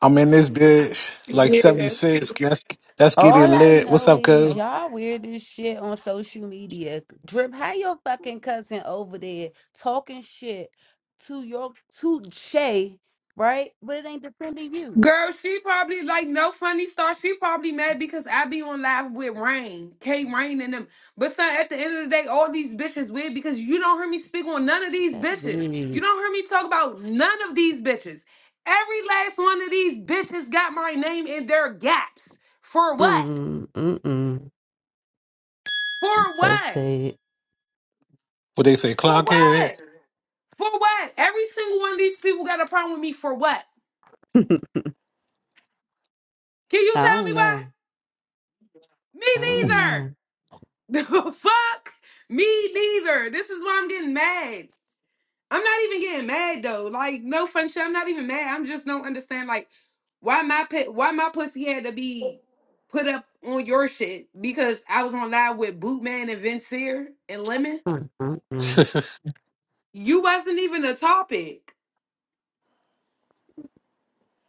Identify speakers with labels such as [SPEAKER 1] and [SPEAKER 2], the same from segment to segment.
[SPEAKER 1] I'm in this bitch like
[SPEAKER 2] Yeah.
[SPEAKER 1] 76. Let's, let's get it
[SPEAKER 3] All I
[SPEAKER 1] lit. What's
[SPEAKER 3] know
[SPEAKER 1] up,
[SPEAKER 3] is
[SPEAKER 1] cuz?
[SPEAKER 3] y'all weird as shit on social media. Drip, how your fucking cousin over there talking shit to your to Shay, right? But it ain't defending you.
[SPEAKER 2] Girl, she probably like no funny star. She probably mad because I be on live with Rain, K Rain and them. But son, at the end of the day, all these bitches weird because you don't hear me speak on none of these
[SPEAKER 3] That's
[SPEAKER 2] bitches. You
[SPEAKER 3] weird.
[SPEAKER 2] don't hear me talk about none of these bitches. Every last one of these bitches got my name in their gaps. For what?
[SPEAKER 3] Mm mm mm. I'm
[SPEAKER 2] For
[SPEAKER 3] so
[SPEAKER 2] what?
[SPEAKER 3] sad.
[SPEAKER 1] What they say,
[SPEAKER 2] For
[SPEAKER 1] clockhead?
[SPEAKER 2] what? For what? Every single one of these people got a problem with me for what?
[SPEAKER 3] I
[SPEAKER 2] Can you tell me
[SPEAKER 3] don't
[SPEAKER 2] why?
[SPEAKER 3] know.
[SPEAKER 2] Me
[SPEAKER 3] I don't
[SPEAKER 2] neither.
[SPEAKER 3] know.
[SPEAKER 2] The fuck? Me neither. This is why I'm getting mad. I'm not even getting mad though. Like no fun shit. I'm not even mad. I'm just don't understand like why my pet why my pussy had to be put up on your shit because I was on live with Bootman and Vincier and Lemon.
[SPEAKER 3] Mm mm mm.
[SPEAKER 2] You wasn't even a topic.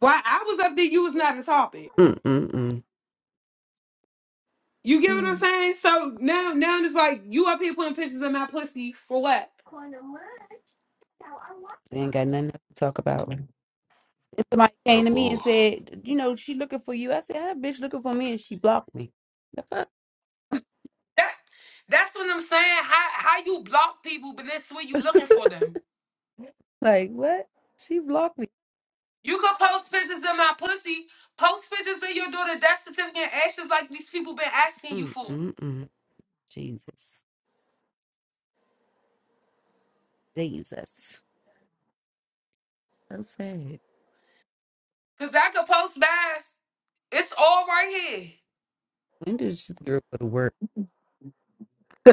[SPEAKER 2] Why I was up there, you was not a topic.
[SPEAKER 3] Mm mm mm.
[SPEAKER 2] You get what I'm
[SPEAKER 3] Mm.
[SPEAKER 2] saying? So now now it's like you up here putting pictures of my pussy for what?
[SPEAKER 3] They ain't got nothing else to talk about. And somebody
[SPEAKER 1] oh,
[SPEAKER 3] came to me and
[SPEAKER 1] whoa.
[SPEAKER 3] said, you know, she looking for you. I said, that bitch looking for me, and she blocked me. The fuck?
[SPEAKER 2] That that's what I'm saying. How how you block people, but that's where you looking for them.
[SPEAKER 3] Like what? She blocked me.
[SPEAKER 2] You could post pictures of my pussy, post pictures of your daughter death certificate and ashes like these people been asking you
[SPEAKER 3] Mm
[SPEAKER 2] for.
[SPEAKER 3] mm mm. Jesus, Jesus. So sad.
[SPEAKER 2] Cause I could post bass. It's all right here.
[SPEAKER 3] When did this girl go to work?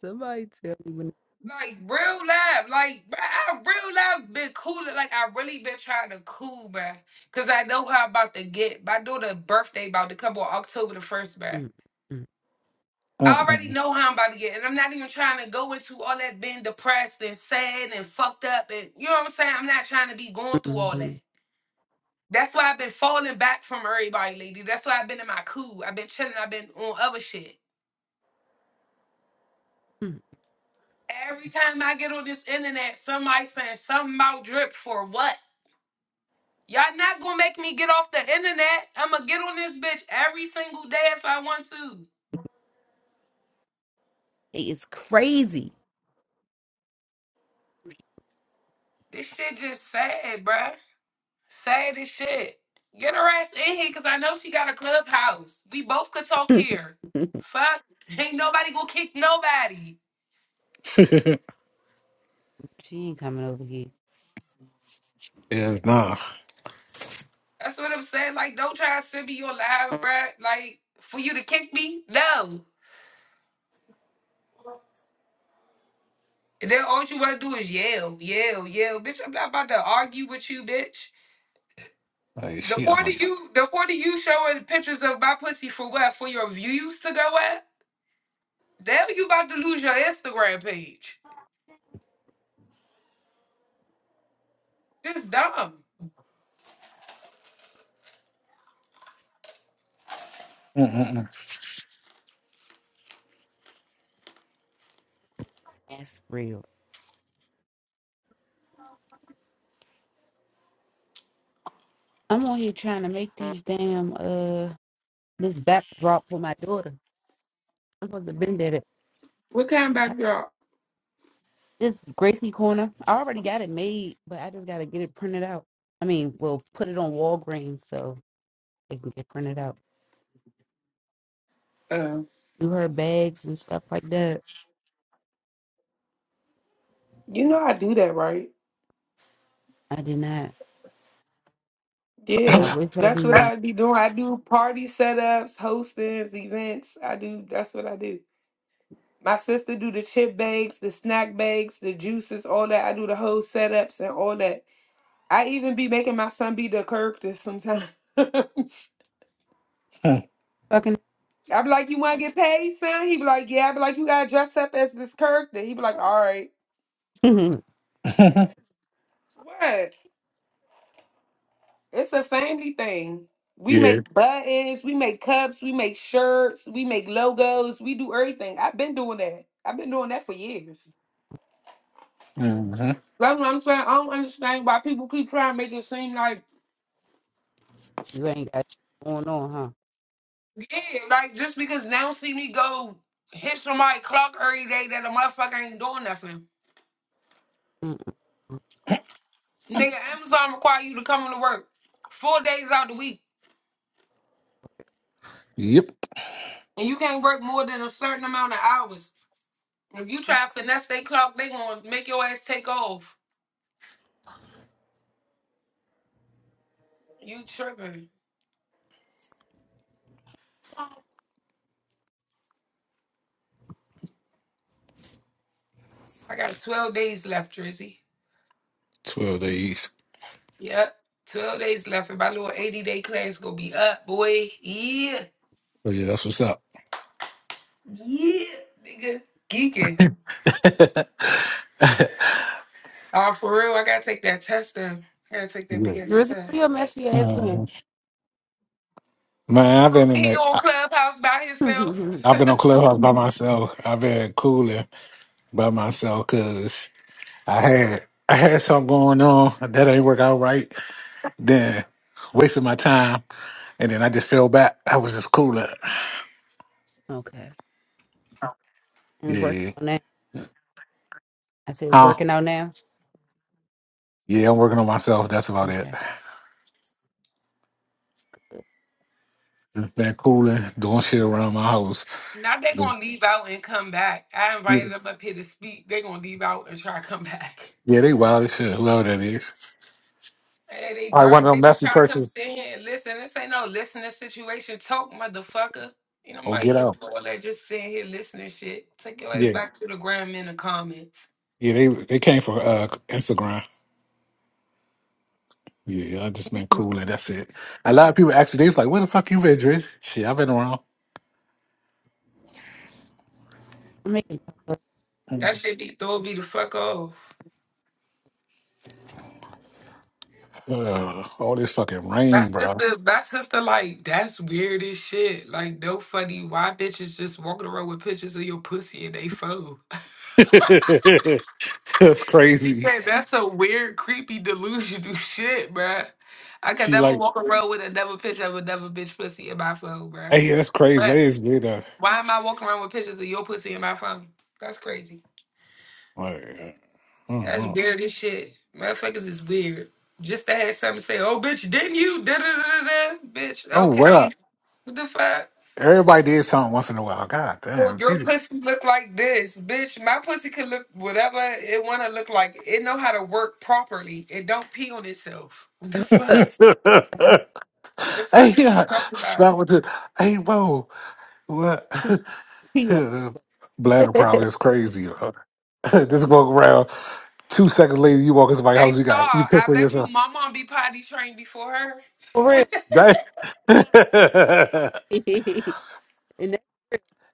[SPEAKER 3] somebody tell me when.
[SPEAKER 2] Like real life. Like bruh, I real life been cool. Like I really been trying to cool, bruh. Cause I know how I'm about to get. My daughter's birthday about to come on October the first, bruh.
[SPEAKER 3] Mm, mm,
[SPEAKER 2] I
[SPEAKER 1] Mm-mm.
[SPEAKER 2] already know how I'm about to get, and I'm not even trying to go into all that being depressed and sad and fucked up, and you know what I'm saying. I'm not trying to be going through
[SPEAKER 3] mm,
[SPEAKER 2] all that.
[SPEAKER 3] mm,
[SPEAKER 2] That's why I've been falling back from everybody, lady. That's why I've been in my cool. I've been chilling. I've been on other shit.
[SPEAKER 3] mm.
[SPEAKER 2] Every time I get on this internet, somebody saying something about drip for what? Y'all not gonna make me get off the internet. I'ma get on this bitch every single day if I want to.
[SPEAKER 3] It's crazy.
[SPEAKER 2] This shit just sad, bruh. Say this shit. Get her ass in here because I know she got a clubhouse. We both could talk here. Fuck. Ain't nobody gonna kick nobody.
[SPEAKER 3] she ain't coming over here.
[SPEAKER 1] Yeah, nah.
[SPEAKER 2] That's what I'm saying. Like, don't try to send me your live, bruh. Like, for you to kick me? No. And then all you wanna do is yell, yell, yell. Bitch, I'm not about to argue with you, bitch.
[SPEAKER 1] Like,
[SPEAKER 2] The
[SPEAKER 1] she
[SPEAKER 2] point
[SPEAKER 1] on.
[SPEAKER 2] of you, the point of you showing pictures of my pussy for what? For your views to go at? Now you about to lose your Instagram page. Just dumb.
[SPEAKER 1] Mm-mm.
[SPEAKER 3] That's real. I'm on here trying to make these damn uh this backdrop for my daughter. I am supposed to been there.
[SPEAKER 2] What kind of backdrop?
[SPEAKER 3] This Gracie corner. I already got it made, but I just gotta get it printed out. I mean, we'll put it on Walgreens so it can get printed out. You heard bags and stuff like that.
[SPEAKER 2] You know I do that, right?
[SPEAKER 3] I did not.
[SPEAKER 2] Yeah,
[SPEAKER 3] I
[SPEAKER 1] Mm-mm.
[SPEAKER 3] wish I
[SPEAKER 2] that's what
[SPEAKER 3] did.
[SPEAKER 2] I be doing. I do party setups, hostings, events. I do. That's what I do. My sister do the chip bags, the snack bags, the juices, all that. I do the whole setups and all that. I even be making my son be the character sometimes. I
[SPEAKER 3] Fucking,
[SPEAKER 2] be like, "You want to get paid, son?" He be like, "Yeah." I be like, "You gotta dress up as this character." He be like, "All right."
[SPEAKER 3] you
[SPEAKER 2] What? It's a family thing. We
[SPEAKER 1] yeah.
[SPEAKER 2] make buttons, we make cups, we make shirts, we make logos, we do everything. I've been doing that. I've been doing that for years.
[SPEAKER 1] hmm
[SPEAKER 2] That's what I'm saying. I don't understand why people keep trying to make it seem like,
[SPEAKER 3] ain't got shit going on, huh?
[SPEAKER 2] yeah, like just because they don't see me go hit somebody clock every day that a motherfucker ain't doing nothing.
[SPEAKER 3] Mm-mm.
[SPEAKER 2] Nigga, Amazon require you to come into work four days out the week,
[SPEAKER 1] Yep.
[SPEAKER 2] and you can't work more than a certain amount of hours. If you try to finesse their clock, they gonna make your ass take off. You tripping. I got 12 days left, Drizzy.
[SPEAKER 1] 12 days.
[SPEAKER 2] Yep. 12 days left. And my little 80 day class gonna be up, boy. Yeah.
[SPEAKER 1] Oh, yeah, that's what's up.
[SPEAKER 2] Yeah. Nigga. Geeking.
[SPEAKER 1] yeah.
[SPEAKER 2] Oh, for real, I gotta take that test then. I gotta take that big
[SPEAKER 1] Mhm.
[SPEAKER 2] ass
[SPEAKER 3] Drizzy,
[SPEAKER 2] test.
[SPEAKER 3] where your messy ass been?
[SPEAKER 1] Man, I've
[SPEAKER 2] Over
[SPEAKER 1] been in
[SPEAKER 2] here
[SPEAKER 1] the,
[SPEAKER 2] on
[SPEAKER 1] I,
[SPEAKER 2] Clubhouse by himself.
[SPEAKER 1] I've been on Clubhouse by myself. I've been cooling by myself because I had I had something going on that ain't work out right. Then wasted my time, and then I just fell back. I was just cooling.
[SPEAKER 3] okay. And it's working
[SPEAKER 1] Yeah.
[SPEAKER 3] out now. I said it's
[SPEAKER 1] Huh?
[SPEAKER 3] working out now.
[SPEAKER 1] Yeah, I'm working on myself. That's about it.
[SPEAKER 3] Okay.
[SPEAKER 1] Just been cooling, doing shit around my house.
[SPEAKER 2] now they
[SPEAKER 1] Just-
[SPEAKER 2] gonna leave out and come back. I
[SPEAKER 1] Yeah,
[SPEAKER 2] invited them up here to speak. they gonna leave out and try to come back.
[SPEAKER 1] yeah, they wild as shit. Whoever that is.
[SPEAKER 2] Hey, they
[SPEAKER 1] All right, one
[SPEAKER 2] burnt.
[SPEAKER 1] of them
[SPEAKER 2] They just
[SPEAKER 1] messy
[SPEAKER 2] try to come
[SPEAKER 1] persons.
[SPEAKER 2] sit here and listen. This ain't no listening situation. Talk, motherfucker. You know,
[SPEAKER 1] Oh,
[SPEAKER 2] my
[SPEAKER 1] get
[SPEAKER 2] here
[SPEAKER 1] out.
[SPEAKER 2] for all that just sitting here listening shit. Take your ass
[SPEAKER 1] Yeah.
[SPEAKER 2] back to the gram in the comments.
[SPEAKER 1] Yeah, they they came from uh, Instagram. Yeah, I just been cooling. That's it. A lot of people actually, they was like, "Where the fuck you been, Driz?" Shit, I've been around.
[SPEAKER 3] I'm making
[SPEAKER 2] That shit be throw be the fuck off.
[SPEAKER 1] Ugh, all this fucking rain,
[SPEAKER 2] That's just
[SPEAKER 1] bro.
[SPEAKER 2] the that's just the like that's weird as shit. Like no funny why bitches just walking around with pictures of your pussy in they phone.
[SPEAKER 1] That's
[SPEAKER 2] She
[SPEAKER 1] crazy.
[SPEAKER 2] said that's a weird, creepy, delusional shit, bruh. I could
[SPEAKER 1] She
[SPEAKER 2] never
[SPEAKER 1] like.
[SPEAKER 2] walk around with another picture of another bitch pussy in my phone, bruh.
[SPEAKER 1] Hey, that's crazy.
[SPEAKER 2] Bruh.
[SPEAKER 1] That is weird. uh,
[SPEAKER 2] Why am I walking around with pictures of your pussy in my phone? That's crazy.
[SPEAKER 1] Like, uh, I don't
[SPEAKER 2] That's
[SPEAKER 1] know.
[SPEAKER 2] weird as shit. Motherfuckers is weird. Just to have something to say, oh bitch, didn't you? Da da da da. da." Bitch,
[SPEAKER 1] Oh
[SPEAKER 2] okay.
[SPEAKER 1] well,
[SPEAKER 2] What the fuck?
[SPEAKER 1] everybody did something once in a while. God
[SPEAKER 2] Oh,
[SPEAKER 1] damn.
[SPEAKER 2] your pussy look like this, bitch. My pussy could look whatever it wanna look like. It know how to work properly. It don't pee on itself. What the
[SPEAKER 3] tough
[SPEAKER 2] fuck?
[SPEAKER 1] hey,
[SPEAKER 2] The fuck is we
[SPEAKER 1] yeah,
[SPEAKER 2] talking about?
[SPEAKER 1] stop with it. Hey, whoa, what?
[SPEAKER 3] tea on-
[SPEAKER 1] Bladder problem is crazy. uh. Just walk around. Two seconds later, you walk into my
[SPEAKER 2] Hey
[SPEAKER 1] house. You
[SPEAKER 2] Star,
[SPEAKER 1] got you
[SPEAKER 2] I
[SPEAKER 1] pissing
[SPEAKER 2] bet you
[SPEAKER 1] yourself.
[SPEAKER 2] my mom be potty trained before her.
[SPEAKER 3] for real.
[SPEAKER 1] Right?
[SPEAKER 3] and that,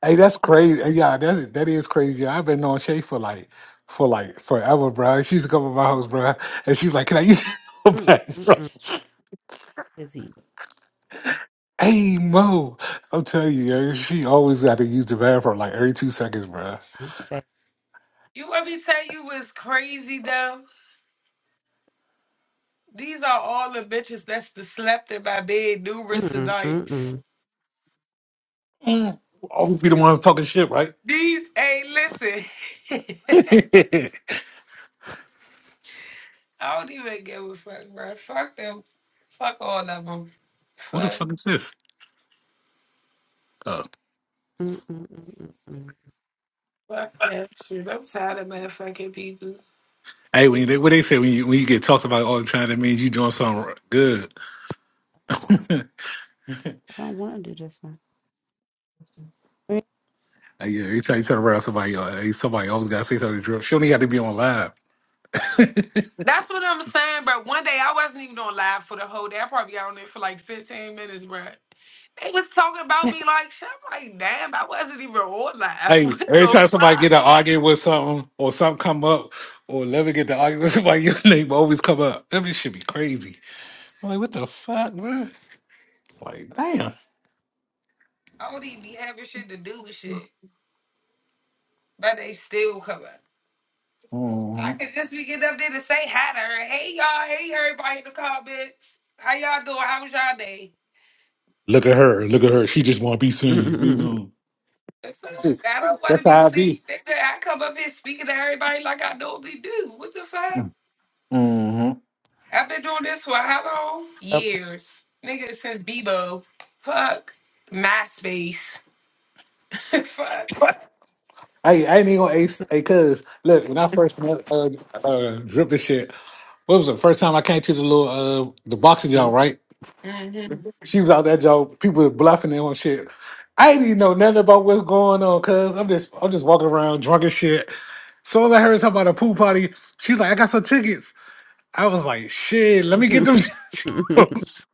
[SPEAKER 1] Hey, that's crazy. Hey, Yeah, that that is crazy. I've been knowing Shay for like for like forever, bro. She used to come to my house, bro, and she was like, "Can I use the
[SPEAKER 3] mm, mm,
[SPEAKER 1] bathroom?"
[SPEAKER 3] mm, busy.
[SPEAKER 1] Hey, Mo, I'm telling you, yo, she always had to use the bathroom like every two seconds, bro.
[SPEAKER 3] Let's say,
[SPEAKER 2] You let me to tell you was crazy though. These are all the bitches that's the slept in my bed
[SPEAKER 3] mm,
[SPEAKER 2] numerous of
[SPEAKER 3] mm, mm,
[SPEAKER 2] nights.
[SPEAKER 3] mm,
[SPEAKER 1] Mm. Always be the ones talking shit, right?
[SPEAKER 2] These ain't listen.
[SPEAKER 1] Who the
[SPEAKER 2] I don't even give a fuck, bro. Fuck them. Fuck all of them. Fuck.
[SPEAKER 1] fuck is this? Uh,
[SPEAKER 3] mm, mm, mm, mm. I
[SPEAKER 2] Fuck that shit. I'm tired of motherfucking people.
[SPEAKER 1] hey, when they, what they say when you when you get talked about all the time, that means you doing something good.
[SPEAKER 3] don't want to do this one. Mm,
[SPEAKER 1] Hey, yeah, anytime you turn around, somebody uh, hey, somebody always gotta say something to drill. She only got to be on live.
[SPEAKER 2] That's what I'm saying, bro. One day I wasn't even on live for the whole day. I probably got on there for like 15 minutes, bro. They was talking about
[SPEAKER 3] mm,
[SPEAKER 2] me like shit. I'm like, damn, I wasn't even on live.
[SPEAKER 1] Hey,
[SPEAKER 2] What
[SPEAKER 1] every
[SPEAKER 2] the
[SPEAKER 1] time somebody get
[SPEAKER 2] fuck?
[SPEAKER 1] to argue with something or something come up, or never get to argue with somebody, your name always come up. That shit should be crazy. I'm like, what the fuck, man? Like, damn.
[SPEAKER 2] I don't even be having shit to do with shit. But they still cover. I
[SPEAKER 1] Mhm.
[SPEAKER 2] could just be getting up there to say hi to her. Hey y'all, hey everybody in the comments. How y'all doing? How was y'all day?
[SPEAKER 1] Look at her. Look at her. She just want to be seen. You
[SPEAKER 3] mm,
[SPEAKER 1] know.
[SPEAKER 2] The fuck?
[SPEAKER 1] Shit,
[SPEAKER 2] I don't want to
[SPEAKER 1] That's
[SPEAKER 2] be
[SPEAKER 1] how I
[SPEAKER 2] sick.
[SPEAKER 1] be.
[SPEAKER 2] Nigga, I come up here speaking to everybody like I normally do. What the fuck?
[SPEAKER 1] hmm
[SPEAKER 2] I've been doing this for how long?
[SPEAKER 3] mm,
[SPEAKER 2] Years. Nigga, since Bebo. Fuck. MySpace. fuck.
[SPEAKER 1] Hey, I ain't even gonna ace. Hey, cuz, look, when I first met uh, uh, Drip and shit, what was the first time I came to the little uh, the boxing joint,
[SPEAKER 3] mm. Mm.
[SPEAKER 1] right?
[SPEAKER 2] hmm
[SPEAKER 1] She was out that joke. People was bluffing it on shit. I didn't even know nothing about what's going on, cuz I'm just I'm just walking around drunk as shit. So I heard something about a pool party. She's like, I got some tickets. I was like, shit, let me get them. tickets.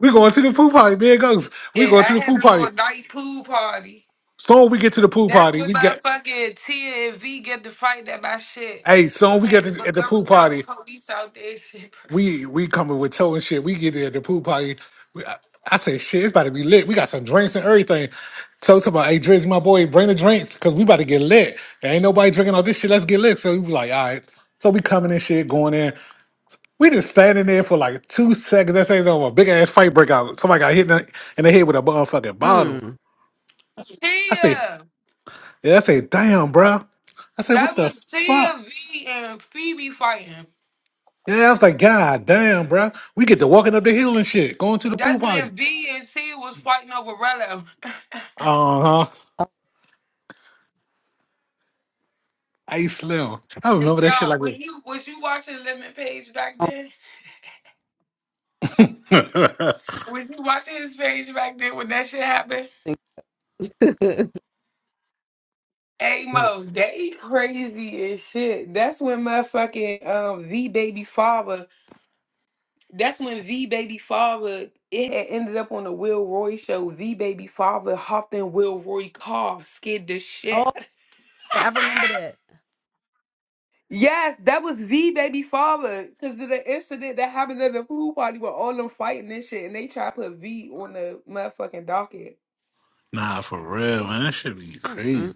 [SPEAKER 1] we going to the pool party. There it goes. We
[SPEAKER 2] Yeah,
[SPEAKER 1] going
[SPEAKER 2] I
[SPEAKER 1] to the
[SPEAKER 2] had
[SPEAKER 1] pool
[SPEAKER 2] a little
[SPEAKER 1] party.
[SPEAKER 2] night pool party.
[SPEAKER 1] Soon we get to the pool
[SPEAKER 2] That's
[SPEAKER 1] party.
[SPEAKER 2] when
[SPEAKER 1] We
[SPEAKER 2] my
[SPEAKER 1] got
[SPEAKER 2] fucking T and V get to fight at my shit.
[SPEAKER 1] hey, soon we get
[SPEAKER 2] Had the
[SPEAKER 1] to, at the
[SPEAKER 2] Montgomery
[SPEAKER 1] pool
[SPEAKER 2] County
[SPEAKER 1] party.
[SPEAKER 2] police out there and shit.
[SPEAKER 1] we we coming with toe and shit. We get there at the pool party. We, I, I say shit, it's about to be lit. We got some drinks and everything. So talk about, hey Driz, my boy, bring the drinks because we about to get lit. There ain't nobody drinking all this shit. Let's get lit. So he was like, all right. So we coming and shit, going in. We just standing there for like two seconds. That's ain't no more. Big ass fight break out. Somebody got hit in the, in the head with a motherfucking bottle.
[SPEAKER 3] Mm.
[SPEAKER 1] I say,
[SPEAKER 2] Tia.
[SPEAKER 1] yeah, I say, damn, bro. I say,
[SPEAKER 2] That
[SPEAKER 1] what the
[SPEAKER 2] was Tia
[SPEAKER 1] fuck?
[SPEAKER 2] V and Phoebe fighting.
[SPEAKER 1] Yeah, I was like, God damn, bro. We get to walking up the hill and shit, going to the
[SPEAKER 2] That's
[SPEAKER 1] pool party.
[SPEAKER 2] when V and Tia was fighting over Rello.
[SPEAKER 1] Uh huh.
[SPEAKER 3] Oh,
[SPEAKER 1] Hey Slim. I
[SPEAKER 2] Hey,
[SPEAKER 1] remember that shit
[SPEAKER 2] stop.
[SPEAKER 1] like
[SPEAKER 2] Were you was you watching Lemon Page back
[SPEAKER 3] I don't
[SPEAKER 2] then?
[SPEAKER 1] it.
[SPEAKER 2] Was you watching his page back then when that shit happened?
[SPEAKER 3] think-
[SPEAKER 2] Hey Mo, they crazy as shit. That's when motherfucking um V baby father. That's when V baby father. It had ended up on the Will Roy show. V baby father hopped in Will Roy car, scared the shit.
[SPEAKER 3] Oh, yeah, I remember
[SPEAKER 2] Yes, that was the baby father. Cause of the incident that happened at the pool party with all them fighting and shit, and they tried to put V on the motherfucking docket.
[SPEAKER 1] nah, for real, man. That shit be
[SPEAKER 3] that.
[SPEAKER 1] crazy.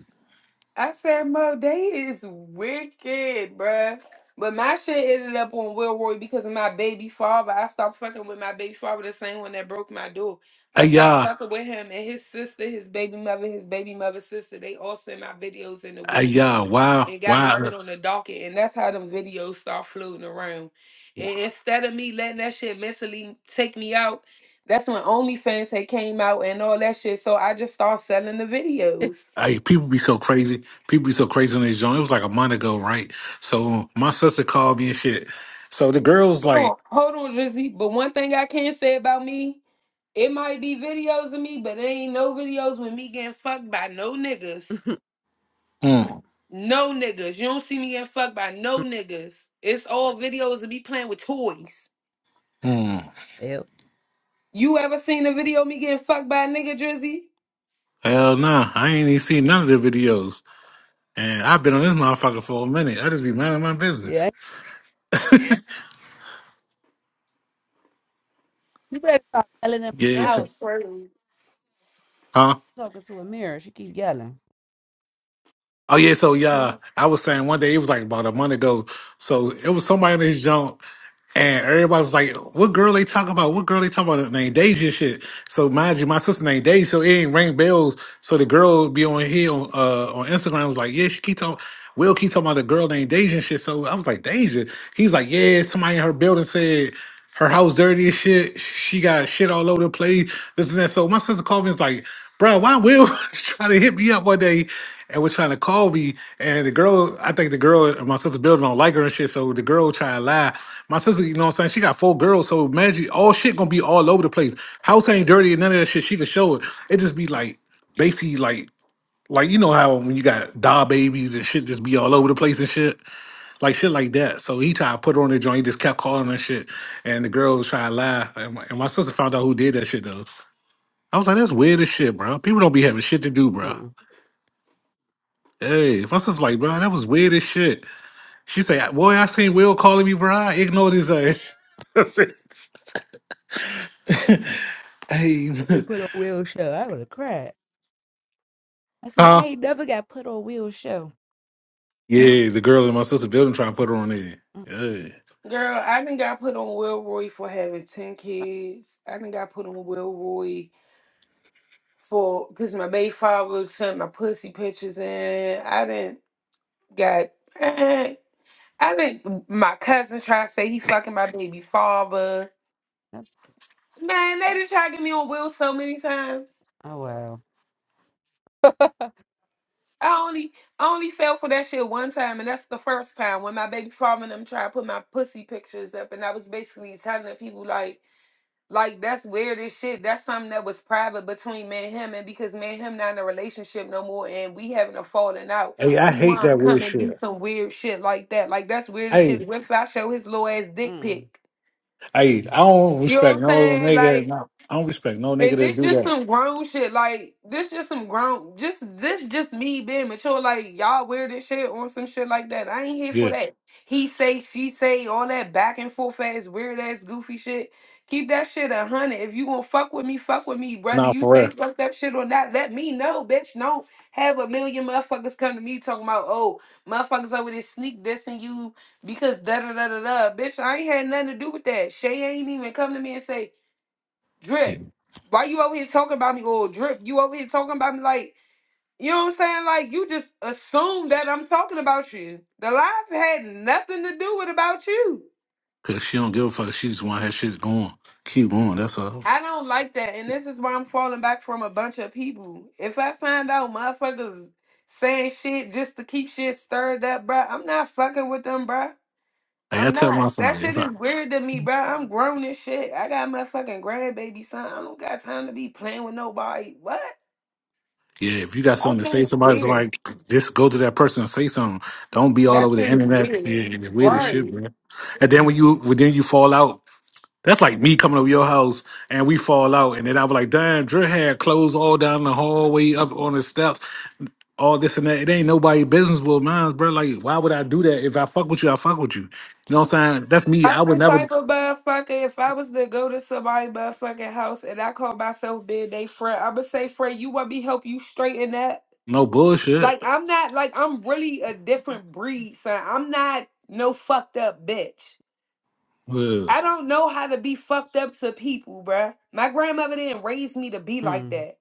[SPEAKER 2] I said, Mo, they is wicked, bruh. But my shit ended up on Will Roy because of my baby father. I stopped fucking with my baby father, the same one that broke my door. I
[SPEAKER 1] Hey
[SPEAKER 2] stopped
[SPEAKER 1] y'all.
[SPEAKER 2] fucking with him and his sister, his baby mother, his baby mother's sister. They all sent my videos into
[SPEAKER 1] Hey
[SPEAKER 2] Will Roy
[SPEAKER 1] y'all. Why,
[SPEAKER 2] and got me
[SPEAKER 1] why?
[SPEAKER 2] put on the docket. And that's how them videos start floating around. And instead of me letting that shit mentally take me out, that's when OnlyFans had came out and all that shit. So I just started selling the videos.
[SPEAKER 1] Hey, people be so crazy. People be so crazy on this joint. It was like a month ago, right? So my sister called me and shit. So the girl was
[SPEAKER 2] Hold on,
[SPEAKER 1] like,
[SPEAKER 2] hold on, Drizzy. But one thing I can say about me, it might be videos of me, but there ain't no videos with me getting fucked by no niggas.
[SPEAKER 1] hmm,
[SPEAKER 2] No niggas. You don't see me getting fucked by no niggas. It's all videos of me playing with toys.
[SPEAKER 1] hmm.
[SPEAKER 3] well,
[SPEAKER 2] You ever seen a video of me getting fucked by a nigga, Drizzy?
[SPEAKER 1] Hell nah. I ain't even seen none of the videos. And I've been on this motherfucker for a minute. I just be minding my business.
[SPEAKER 3] yeah. You better stop yelling in
[SPEAKER 1] Yeah,
[SPEAKER 3] my
[SPEAKER 2] That's
[SPEAKER 1] it's a,
[SPEAKER 2] just
[SPEAKER 3] house.
[SPEAKER 2] crazy.
[SPEAKER 1] huh?
[SPEAKER 3] talking to a mirror. She keep yelling.
[SPEAKER 1] Oh yeah, so yeah, I was saying one day it was like about a month ago. So it was somebody in his junk, and everybody was like, "What girl they talking about? What girl they talking about?" Named Deja and shit. So mind you, my sister named Deja, so it ain't ring bells. So the girl be on here on uh on Instagram was like, "Yeah, she keep talking." Will keep talking about the girl named Deja and shit. So I was like, Deja. He's like, yeah, somebody in her building said her house dirty as shit. She got shit all over the place. This and that. So my sister called me and was like, bro, why Will was trying to hit me up one day and was trying to call me. And the girl, I think the girl and my sister building don't like her and shit. So the girl try to lie. My sister, you know what I'm saying? She got four girls. So imagine all shit gonna be all over the place. House ain't dirty and none of that shit. She could show it. It just be like basically like like you know how when you got doll babies and shit just be all over the place and shit like shit like that. So he tried to put her on the joint. He just kept calling her shit, and the girl was trying to lie. And my, and my sister found out who did that shit though. I was like, that's weird as shit, bro. People don't be having shit to do, bro.
[SPEAKER 3] Hmm.
[SPEAKER 1] Hey, my sister's like, bro, that was weird as shit. She said, boy, I seen Will calling me, bro. I ignored his ass. hey,
[SPEAKER 3] They put on Will show. I would have cried. I said, I
[SPEAKER 1] huh?
[SPEAKER 3] ain't never got put on Will show.
[SPEAKER 1] Yeah, the girl in my sister's building trying to put her on there.
[SPEAKER 3] Mm,
[SPEAKER 1] Yeah.
[SPEAKER 2] Girl, I done got put on Will Roy for having 10 kids. I done got put on Will Roy for because my baby father sent my pussy pictures in. I didn't. got. eh, I think my cousin tried to say he fucking my baby father.
[SPEAKER 3] that's
[SPEAKER 2] Man, they done tried to get me on Will so many times.
[SPEAKER 3] oh wow.
[SPEAKER 2] I only I only fell for that shit one time, and that's the first time when my baby father and them tried to put my pussy pictures up, and I was basically telling the people like, like that's weird as shit. That's something that was private between me and him, and because me and him not in a relationship no more, and we having a falling out,
[SPEAKER 1] Hey, I
[SPEAKER 2] he
[SPEAKER 1] hate
[SPEAKER 2] wanna
[SPEAKER 1] that
[SPEAKER 2] come
[SPEAKER 1] weird
[SPEAKER 2] and do
[SPEAKER 1] shit.
[SPEAKER 2] some weird shit like that. Like that's weird as
[SPEAKER 1] Hey,
[SPEAKER 2] shit. What if I show his little ass dick
[SPEAKER 3] mm,
[SPEAKER 2] pic?
[SPEAKER 1] hey, I don't
[SPEAKER 2] You know what
[SPEAKER 1] respect
[SPEAKER 2] I'm
[SPEAKER 1] no
[SPEAKER 2] saying?
[SPEAKER 1] nigga.
[SPEAKER 2] Like,
[SPEAKER 1] No, I don't respect no nigga
[SPEAKER 2] and
[SPEAKER 1] that
[SPEAKER 2] this
[SPEAKER 1] do
[SPEAKER 2] just
[SPEAKER 1] that.
[SPEAKER 2] some grown shit. Like, this just some grown. Just this just me being mature. Like, y'all wear this shit on some shit like that. I ain't here
[SPEAKER 1] Yeah.
[SPEAKER 2] for that. He say, she say, all that back and forth ass weird ass goofy shit. Keep that shit a hundred. If you gonna fuck with me, fuck with me, brother.
[SPEAKER 1] Nah,
[SPEAKER 2] You
[SPEAKER 1] for
[SPEAKER 2] say
[SPEAKER 1] real.
[SPEAKER 2] fuck that shit or not? Let me know, bitch. Don't have a million motherfuckers come to me talking about oh motherfuckers over there sneak dissing you because da da da da da. Bitch, I ain't had nothing to do with that. Shay ain't even come to me and say
[SPEAKER 1] Yeah.
[SPEAKER 2] Drip, why you over here talking about me? Or Drip, you over here talking about me like, you know what I'm saying? Like, you just assume that I'm talking about you. The life had nothing to do with about you.
[SPEAKER 1] Cause she don't give a fuck. She just want her shit going. Keep going. That's all.
[SPEAKER 2] I don't like that. And this is why I'm falling back from a bunch of people. If I find out motherfuckers saying shit just to keep shit stirred up, bruh, I'm not fucking with them, bruh.
[SPEAKER 1] Like I
[SPEAKER 2] I'm
[SPEAKER 1] tell
[SPEAKER 2] not.
[SPEAKER 1] my son,
[SPEAKER 2] That shit
[SPEAKER 1] it's
[SPEAKER 2] is
[SPEAKER 1] like,
[SPEAKER 2] weird to me, bruh. I'm grown and shit. I got my fucking grandbaby son. I don't got time to be playing with nobody. What?
[SPEAKER 1] yeah, if you got something
[SPEAKER 2] That
[SPEAKER 1] to
[SPEAKER 2] shit
[SPEAKER 1] say to
[SPEAKER 2] is
[SPEAKER 1] somebody, it's
[SPEAKER 2] weird.
[SPEAKER 1] like just go to that person and say something. Don't be all
[SPEAKER 2] That
[SPEAKER 1] over the
[SPEAKER 2] shit is
[SPEAKER 1] internet.
[SPEAKER 2] weird.
[SPEAKER 1] Yeah, and the weirdest
[SPEAKER 3] mm,
[SPEAKER 1] shit,
[SPEAKER 2] Right.
[SPEAKER 1] man. And then when you when then you fall out, that's like me coming over your house and we fall out, and then I was like, damn, Drew had clothes all down the hallway, up on the steps, all this and that. It ain't nobody business with mine, bro. Like, why would I do that? If I fuck with you, I fuck with you. You know what I'm saying? That's me.
[SPEAKER 2] I'm
[SPEAKER 1] I would
[SPEAKER 2] the
[SPEAKER 1] never.
[SPEAKER 2] type of motherfucker, if I was to go to somebody's motherfucking house and I call myself being they friend, I'ma say, friend, you want me help you straighten that?
[SPEAKER 1] No bullshit.
[SPEAKER 2] Like I'm not like I'm really a different breed, son. I'm not no fucked up bitch.
[SPEAKER 1] Yeah.
[SPEAKER 2] I don't know how to be fucked up to people, bruh. My grandmother didn't raise me to be like
[SPEAKER 3] mm.
[SPEAKER 2] that.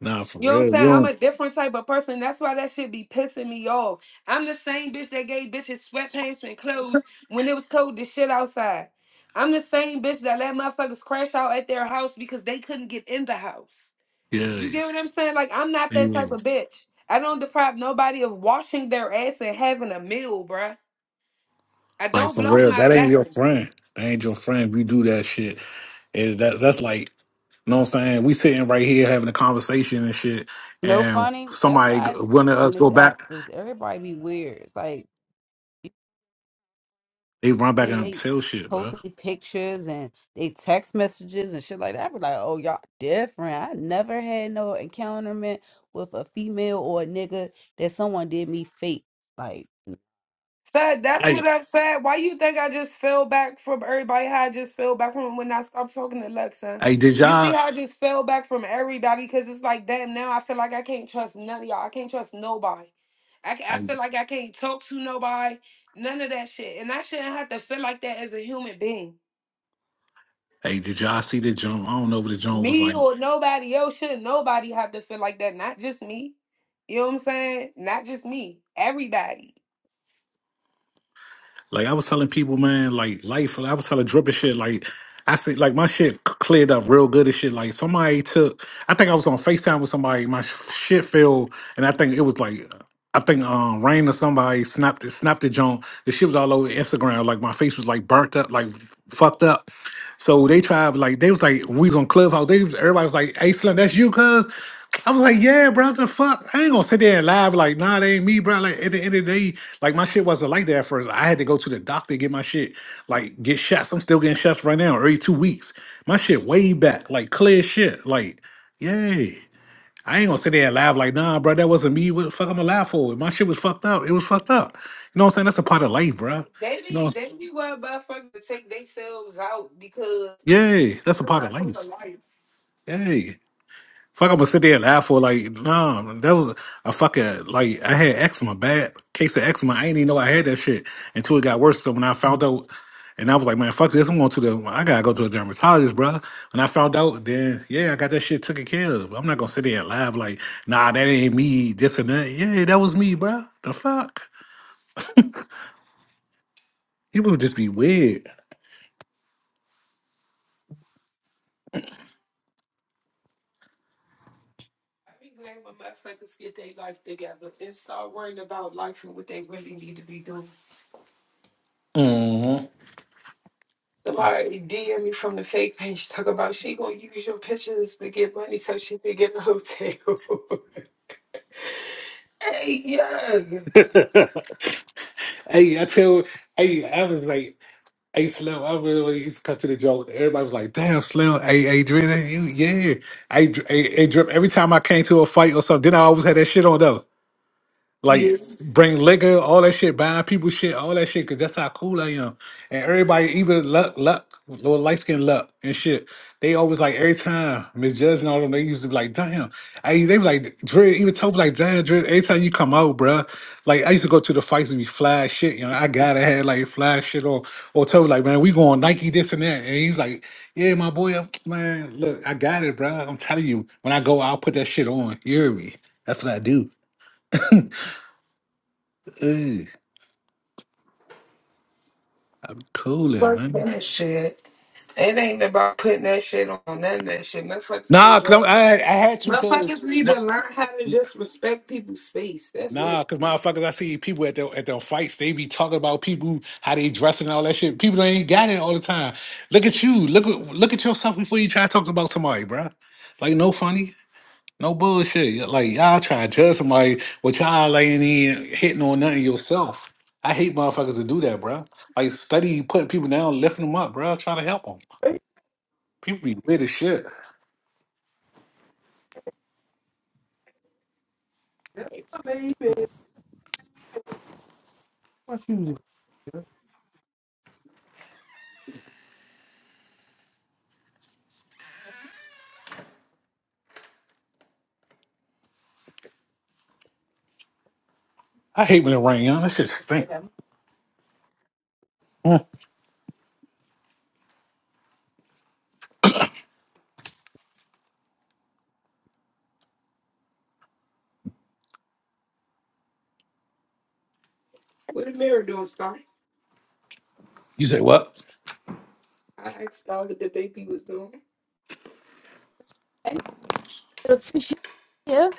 [SPEAKER 1] Nah, for
[SPEAKER 2] You know what I'm
[SPEAKER 1] real. You
[SPEAKER 2] saying? I'm
[SPEAKER 1] don't.
[SPEAKER 2] a different type of person. That's why that shit be pissing me off. I'm the same bitch that gave bitches sweatpants and clothes when it was cold as shit outside. I'm the same bitch that let motherfuckers crash out at their house because they couldn't get in the house.
[SPEAKER 1] Yeah.
[SPEAKER 2] You get what I'm saying? Like, I'm not that type
[SPEAKER 1] You-
[SPEAKER 2] of bitch. I don't deprive nobody of washing their ass and having a meal, bruh. I
[SPEAKER 1] Like
[SPEAKER 2] don't
[SPEAKER 1] for
[SPEAKER 2] block
[SPEAKER 1] real,
[SPEAKER 2] my
[SPEAKER 1] that ain't your
[SPEAKER 2] blessings.
[SPEAKER 1] friend. That ain't your friend. If you do that shit, it, that, that's like You know what I'm saying? We sitting right here having a conversation and shit,
[SPEAKER 3] No
[SPEAKER 1] and
[SPEAKER 3] funny. That's why
[SPEAKER 1] somebody g- one of
[SPEAKER 3] I on
[SPEAKER 1] us go
[SPEAKER 3] this app
[SPEAKER 1] back,
[SPEAKER 3] because everybody be weird. It's like you
[SPEAKER 1] they run back
[SPEAKER 3] think
[SPEAKER 1] and
[SPEAKER 3] they
[SPEAKER 1] tell shit, bro.
[SPEAKER 3] posting pictures and they text messages and shit like that. I be like, oh y'all different. I never had no encounterment with a female or a nigga that someone did me fake. Like
[SPEAKER 2] Said that's
[SPEAKER 1] Hey,
[SPEAKER 2] what I said. Why you think I just fell back from everybody? How I just fell back from when I stopped talking to Lexa.
[SPEAKER 1] hey, did
[SPEAKER 2] You see
[SPEAKER 1] y'all?
[SPEAKER 2] how I just fell back from everybody because it's like, damn, now I feel like I can't trust none of y'all. I can't trust nobody. I, ca- I
[SPEAKER 1] Hey,
[SPEAKER 2] feel like I can't talk to nobody. None of that shit. And I shouldn't have to feel like that as a human being.
[SPEAKER 1] hey, did y'all see the jump? I don't know if the jump was
[SPEAKER 2] Me
[SPEAKER 1] like.
[SPEAKER 2] or nobody else shouldn't nobody have to feel like that. Not just me. You know what I'm saying? Not just me. Everybody.
[SPEAKER 1] Like I was telling people, man, like life. I was telling Drip and shit. Like I said, like my shit c- cleared up real good and shit. Like somebody took. I think I was on Facetime with somebody. My sh- shit fell, and I think it was like. I think um Rain or somebody snapped it, snapped it, John. The shit was all over Instagram. Like my face was like burnt up, like f- fucked up. So they tried like they was like we was on Clubhouse. They was, everybody was like, "Hey, Slim, that's you, cuz." I was like, "Yeah, bro, what the fuck." I ain't gonna sit there and lie. be Like, nah, that ain't me, bro. Like at the end of the day, like my shit wasn't like that at first. I had to go to the doctor to get my shit, like get shots. I'm still getting shots right now, every two weeks. My shit way back, like clear shit, like yay. I ain't gonna sit there and laugh like, nah, bro, that wasn't me. What the fuck I'm gonna laugh for? My shit was fucked up. It was fucked up. You know what I'm saying? That's a part of life, bro.
[SPEAKER 2] They
[SPEAKER 1] You
[SPEAKER 2] be
[SPEAKER 1] know,
[SPEAKER 2] they be wild motherfuckers to take themselves out because
[SPEAKER 1] yeah, that's
[SPEAKER 2] what
[SPEAKER 1] a
[SPEAKER 2] the
[SPEAKER 1] part of
[SPEAKER 2] fuck was a
[SPEAKER 1] life.
[SPEAKER 2] life?
[SPEAKER 1] Yay. Fuck, I'm gonna sit there and laugh for like, nah, that was a fucking like I had eczema, bad case of eczema. I didn't even know I had that shit until it got worse. So when I found out, and I was like, man, fuck this, I'm going to the, I gotta go to a dermatologist, bro. When I found out, then yeah, I got that shit taken care of. I'm not gonna sit there and laugh like, nah, that ain't me, this and that. Yeah, that was me, bro. The fuck, people would just be weird.
[SPEAKER 2] I think glad when motherfuckers get their life together and start worrying about life and what they really need to be doing.
[SPEAKER 1] hmm
[SPEAKER 2] Somebody DM me from the fake page talk about she gonna use your pictures to get money so she can get a hotel. hey yeah.
[SPEAKER 1] Hey, I tell, hey, I was like. Hey Slim, I really really used to cut to the joke. Everybody was like, "Damn, Slim, hey, hey, Drip, hey, you, yeah, hey, Dr- hey, hey, Drip." Every time I came to a fight or something, then I always had that shit on though.
[SPEAKER 2] Yeah.
[SPEAKER 1] Like bring liquor, all that shit, buying people shit, all that shit, cause that's how cool I am. And everybody, even luck, luck, little light skin luck and shit. They always like every time misjudging all them. They used to be like, damn. I they was like Dre, even told me like, damn, Dre, every time you come out, bruh. Like I used to go to the fights and be fly as shit. You know, I gotta have like fly as shit or or tell me like, man, we going Nike this and that. And he was like, yeah, my boy, I'm- man, look, I got it, bruh. I'm telling you, when I go, I'll put that shit on. You hear me? That's what I do. Ugh. I'm coolin',
[SPEAKER 2] Fuck
[SPEAKER 1] man.
[SPEAKER 2] that shit. It ain't about putting that shit on none of that shit. Motherfuckers need
[SPEAKER 1] Nah, cause
[SPEAKER 2] to,
[SPEAKER 1] I'm, I I had to,
[SPEAKER 2] motherfuckers
[SPEAKER 1] cause
[SPEAKER 2] need
[SPEAKER 1] my,
[SPEAKER 2] to learn how to just respect people's space. That's
[SPEAKER 1] nah,
[SPEAKER 2] it.
[SPEAKER 1] cause motherfuckers, I see people at their at their fights. They be talking about people how they dressing and all that shit. People that ain't got it all the time. Look at you. Look at- look at yourself before you try to talk about somebody, bruh. Like no funny, no bullshit. Like y'all try to judge somebody, but y'all like ain't even hitting on nothing yourself. I hate motherfuckers to do that, bruh. Like study putting people down, lifting them up, bruh. Try to help them.
[SPEAKER 3] Hey,
[SPEAKER 1] People be weird as shit.
[SPEAKER 3] that's amazing. My shoes are
[SPEAKER 1] I hate when it rain, y'all. That shit stink.
[SPEAKER 3] good.
[SPEAKER 2] What did mirror doing, Star?
[SPEAKER 1] You say what?
[SPEAKER 2] I asked Star what the baby was doing.
[SPEAKER 3] And Little tissue here.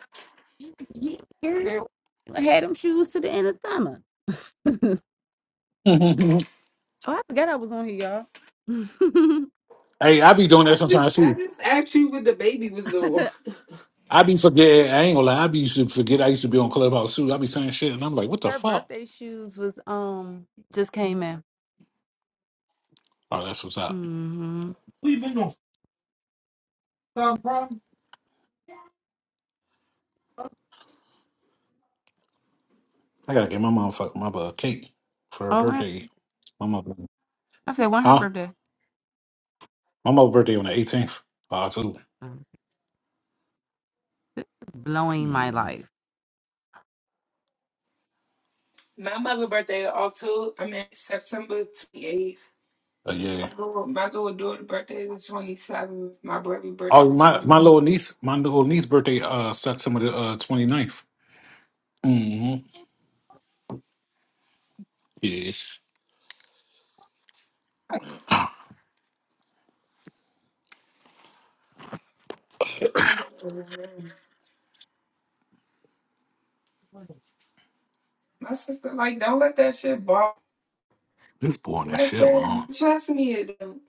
[SPEAKER 3] Yeah. girl. I had them shoes to the end of summer. oh,
[SPEAKER 1] Mhm.
[SPEAKER 3] I forgot I was on here, y'all.
[SPEAKER 1] hey, I be doing
[SPEAKER 2] I
[SPEAKER 1] that
[SPEAKER 2] just,
[SPEAKER 1] sometimes
[SPEAKER 2] I
[SPEAKER 1] too.
[SPEAKER 2] just asked you what the baby was doing.
[SPEAKER 1] I be forgetting. I ain't gonna lie. I be used to forget. I used to be on Clubhouse too. I be saying shit, and I'm like, "What the
[SPEAKER 3] Her
[SPEAKER 1] fuck?"
[SPEAKER 3] birthday shoes was um just came in.
[SPEAKER 1] Oh, that's what's up.
[SPEAKER 3] Mm-hmm. Who you been on? Stop problem?
[SPEAKER 1] I gotta get my motherfucker my mother a cake for her
[SPEAKER 3] Oh, man.
[SPEAKER 1] birthday. My mother,
[SPEAKER 3] I said when her
[SPEAKER 1] huh?
[SPEAKER 3] birthday.
[SPEAKER 1] My mother's birthday on the 18th of October.
[SPEAKER 3] blowing my
[SPEAKER 1] Mm-hmm.
[SPEAKER 3] life.
[SPEAKER 2] My mother's birthday is October, I mean September 28th.
[SPEAKER 1] Uh,
[SPEAKER 2] My
[SPEAKER 1] yeah.
[SPEAKER 2] little my little daughter's birthday is the 27th. My brother's birthday
[SPEAKER 1] Oh,
[SPEAKER 2] is
[SPEAKER 1] my
[SPEAKER 2] the
[SPEAKER 1] my little niece, my little niece' birthday, uh, September the uh, 29th. Mm-hmm. Yeah.
[SPEAKER 2] 23rd. My sister like, don't let that shit ball.
[SPEAKER 1] This boring as
[SPEAKER 2] I
[SPEAKER 1] shit, man.
[SPEAKER 2] said, trust me, it don't.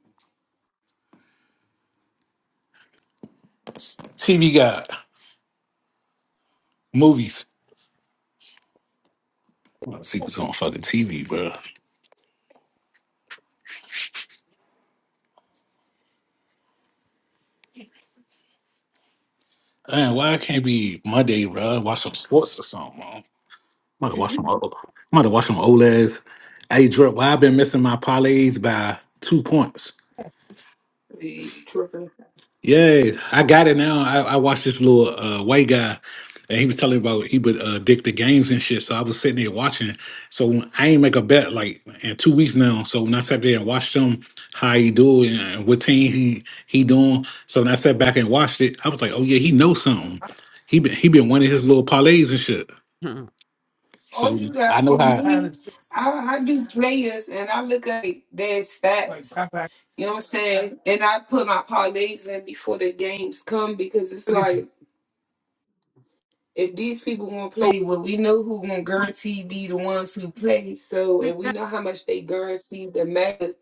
[SPEAKER 1] TV got movies. Let's see what's on fucking TV, bro. Man, why it can't be Monday, bro? Watch some sports or something. Man. I'm gonna watch some. O- I'm gonna watch some OLEDs. Hey, Drip, why i been missing my parlays by two points?
[SPEAKER 2] Hey, tripping.
[SPEAKER 1] Yay, I got it now. I, I watched this little uh, white guy, and he was telling about he would uh, dick the games and shit. So I was sitting there watching. So when- I ain't make a bet like in two weeks now. So when I sat there and watched him, how he do it and what team he he doing. So when I sat back and watched it, I was like, oh yeah, he knows something. He been he been winning his little parlays and shit.
[SPEAKER 3] Hmm.
[SPEAKER 2] All
[SPEAKER 1] So
[SPEAKER 2] you got to
[SPEAKER 1] I
[SPEAKER 2] see
[SPEAKER 1] know how.
[SPEAKER 3] I had
[SPEAKER 2] me,
[SPEAKER 3] to sit
[SPEAKER 2] I, I do players and I look at their
[SPEAKER 3] like
[SPEAKER 2] stats.
[SPEAKER 3] right back.
[SPEAKER 2] You know what I'm saying? And I put my parlays in before the games come because it's
[SPEAKER 3] Look at you.
[SPEAKER 2] like if these people won't
[SPEAKER 3] Go
[SPEAKER 2] play, well, we know who gonna guarantee be the ones who play. So
[SPEAKER 3] sit
[SPEAKER 2] and we
[SPEAKER 3] down.
[SPEAKER 2] know how much they guarantee the matter.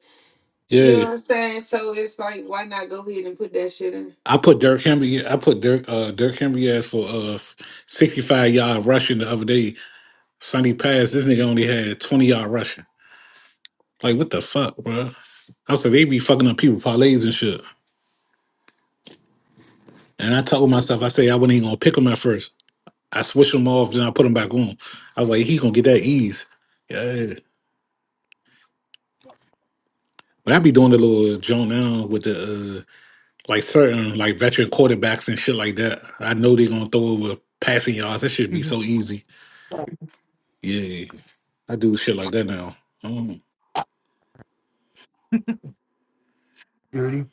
[SPEAKER 2] You know
[SPEAKER 1] Yeah,
[SPEAKER 2] what I'm saying? So it's like why not go ahead and put that shit
[SPEAKER 1] I put Dirk Henry. I put Dirk uh, Dirk Henry as for uh, sixty five yard rushing the other day Sonny Pass, this nigga only had 20 yard rushing. Like, what the fuck, bro? I said, they be fucking up people parlays and shit. And I told
[SPEAKER 2] in?
[SPEAKER 1] myself, I say I wasn't even gonna pick him at first. I switched him off, then I put him back on. I was like, he gonna get that ease. Yeah. But I be doing the little joint now with the uh, like certain like veteran quarterbacks and shit like that. I know they gonna throw over passing yards. That should be
[SPEAKER 3] Mhm.
[SPEAKER 1] so easy. Yeah. I do shit like that now. I don't
[SPEAKER 3] Dirty.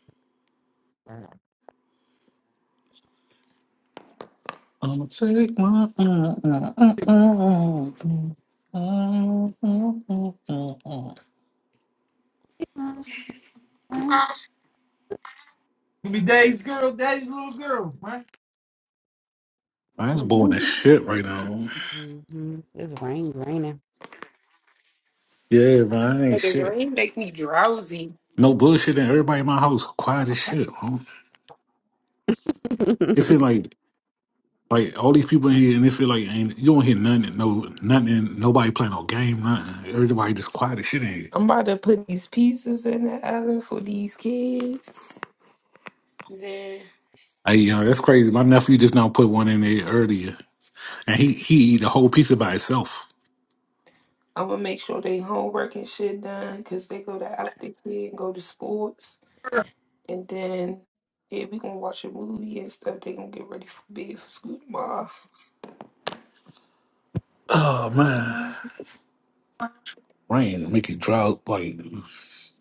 [SPEAKER 1] I'm gonna take my. Uh, uh, uh, uh, uh, uh, uh, uh, uh, uh.
[SPEAKER 3] You be daddy's girl, daddy's little girl, right?
[SPEAKER 1] Man, it's boring as shit right now.
[SPEAKER 3] Mhm. It's rain, raining.
[SPEAKER 1] Yeah, man, I ain't
[SPEAKER 2] the
[SPEAKER 1] shit.
[SPEAKER 2] rain make me drowsy.
[SPEAKER 1] No bullshit, and everybody in my house quiet as shit. Huh? It feel like like all these people in here, and it feel like ain't you don't hear nothing, no nothing, nobody playing no game, nothing. Everybody just quiet as shit in here.
[SPEAKER 2] I'm about to put these pieces in the oven for these kids. Then
[SPEAKER 1] Hey, you know, that's crazy. My nephew just now put one in there earlier, and he he eat a whole piece of by itself.
[SPEAKER 2] I'm gonna make sure they homework and shit done because they go to after kid and go to sports. And then, yeah, we gonna watch a movie and stuff. They gonna get ready for bed for school tomorrow.
[SPEAKER 1] Oh man. rain, make it drought, like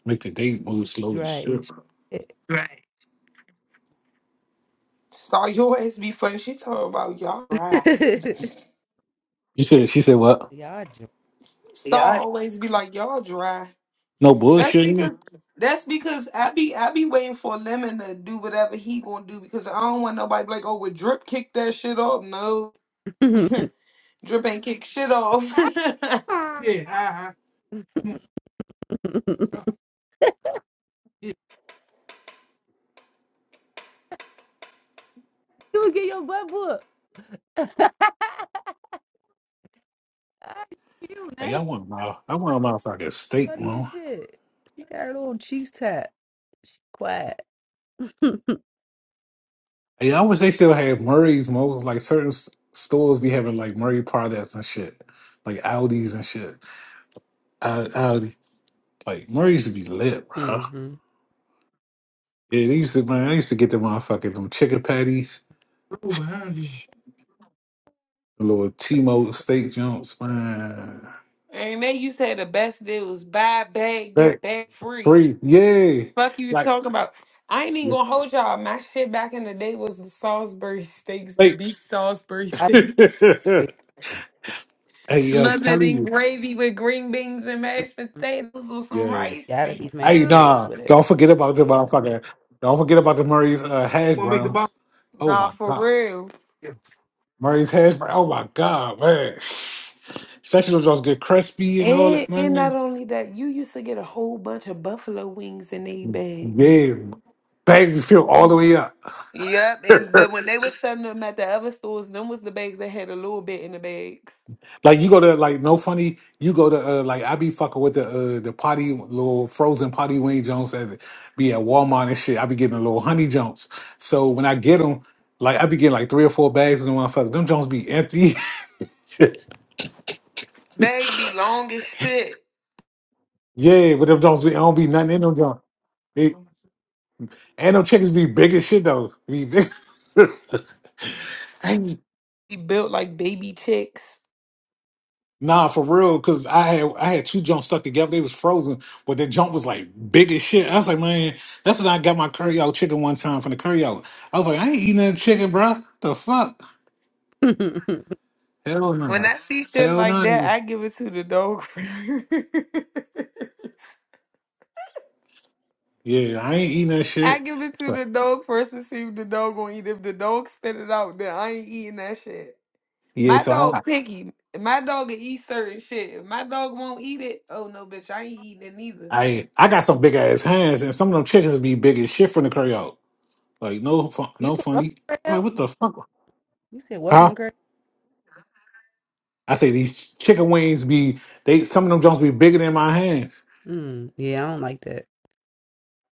[SPEAKER 1] make the date move slow as
[SPEAKER 3] Dry
[SPEAKER 1] shit.
[SPEAKER 3] as
[SPEAKER 2] Star, you always be funny. She talking about y'all dry.
[SPEAKER 3] shit.
[SPEAKER 1] You said she said what?
[SPEAKER 3] Y'all drunk.
[SPEAKER 2] Star always be like y'all dry.
[SPEAKER 1] No
[SPEAKER 2] That's because
[SPEAKER 1] bullshit.
[SPEAKER 2] that's because I be I be waiting for Lemon to do whatever he gonna do because I don't want nobody be like oh would Drip kick that shit off? No, Drip ain't kick shit off.
[SPEAKER 3] Yeah, uh-huh. Yeah. you would get your butt book. you
[SPEAKER 1] Hey, I
[SPEAKER 3] man,
[SPEAKER 1] want my I want my fucking steak,
[SPEAKER 3] funny as
[SPEAKER 1] man.
[SPEAKER 3] shit. She got her little cheeks tat. She quiet. hmm
[SPEAKER 1] Hey, I wish they still had Murray's, mo. Like certain s- stores be having like Murray products and shit, like Aldi's and shit. Al- Aldi, like Murray's used to be lit, bro.
[SPEAKER 3] Roll
[SPEAKER 1] Yeah, they used to man. I used to get them motherfucking them chicken patties,
[SPEAKER 3] behind you.
[SPEAKER 1] the little Timo steak jumps, man.
[SPEAKER 2] and they used to have the best deals: buy a bag, get a
[SPEAKER 1] Back
[SPEAKER 2] bag free.
[SPEAKER 1] free, yeah.
[SPEAKER 2] fuck you
[SPEAKER 1] Like
[SPEAKER 2] talking about? I ain't even
[SPEAKER 1] yeah,
[SPEAKER 2] gonna hold y'all. My shit back in the day was the Salisbury steaks, the beef
[SPEAKER 1] steaks.
[SPEAKER 2] Salisbury
[SPEAKER 3] I
[SPEAKER 1] hey,
[SPEAKER 2] steaks,
[SPEAKER 1] yo, it's
[SPEAKER 2] smothered
[SPEAKER 1] telling
[SPEAKER 2] in
[SPEAKER 1] you.
[SPEAKER 2] gravy with green beans and mashed potatoes with some
[SPEAKER 1] Yeah.
[SPEAKER 2] rice.
[SPEAKER 3] gotta
[SPEAKER 2] Thank
[SPEAKER 3] be smashed
[SPEAKER 1] Hey,
[SPEAKER 2] you.
[SPEAKER 3] potatoes
[SPEAKER 1] nah.
[SPEAKER 3] with it.
[SPEAKER 1] Don't forget about the motherfucker. Don't forget about the Murray's uh, hash
[SPEAKER 3] Wanna make the ball?
[SPEAKER 1] browns. Oh
[SPEAKER 2] Nah,
[SPEAKER 1] my
[SPEAKER 2] for
[SPEAKER 1] god.
[SPEAKER 2] real.
[SPEAKER 3] Yeah.
[SPEAKER 1] Murray's hash brown. Oh my god, man. Especially those get crispy and all
[SPEAKER 2] And
[SPEAKER 1] that,
[SPEAKER 2] and not
[SPEAKER 1] man.
[SPEAKER 2] only that, you used to get a whole bunch of buffalo wings in they bags.
[SPEAKER 1] Yeah. Bang, you feel all the way up.
[SPEAKER 2] Yep, and but when they was selling them at the other stores, them was the bags that had a little bit in the bags.
[SPEAKER 1] Like you go to like no funny, you go to uh, like I be fucking with the uh, the potty little frozen potty wing Jones that be at Walmart and shit. I be getting the little honey Jones. So when I get them, like I be getting like three or four bags of them motherfucker. Them Jones be empty.
[SPEAKER 2] Bag be long as shit.
[SPEAKER 1] yeah, but them Jones be don't be nothing in them Jones. They- and them chickens be big as shit though. Be big. Hey,
[SPEAKER 2] Be built like baby chicks.
[SPEAKER 1] Nah, for real, cause I had I had two jumps stuck together. They was frozen, but the jump was like big as shit. I was like, man, that's when I got my curry out chicken one time from the curry out. I was like, I ain't eating that chicken, bro. The fuck?
[SPEAKER 3] you
[SPEAKER 1] Hell
[SPEAKER 2] When
[SPEAKER 1] no.
[SPEAKER 2] I see shit
[SPEAKER 1] Hell
[SPEAKER 2] like that,
[SPEAKER 1] no.
[SPEAKER 2] I give it to the dog.
[SPEAKER 1] Yeah, I ain't eating that
[SPEAKER 2] I
[SPEAKER 1] shit.
[SPEAKER 2] give it to
[SPEAKER 1] So
[SPEAKER 2] the dog first and see if the dog gonna eat. If the dog spit it out, then I ain't eating that shit.
[SPEAKER 1] yeah,
[SPEAKER 2] My
[SPEAKER 1] so I
[SPEAKER 2] dog picky. My dog will eat certain shit. If my dog won't eat it, oh no, bitch, I ain't eating it neither.
[SPEAKER 1] I I got some big ass hands, and some of them chickens be big as shit from the curry out. Like no fun, no
[SPEAKER 3] said welcome
[SPEAKER 1] funny.
[SPEAKER 3] to the
[SPEAKER 1] Like
[SPEAKER 3] crowd.
[SPEAKER 1] what the fuck?
[SPEAKER 3] You said welcome to
[SPEAKER 1] Huh?
[SPEAKER 3] the crowd.
[SPEAKER 1] I say these chicken wings be they some of them jumps be bigger than my hands.
[SPEAKER 3] Mm, yeah, I don't like that.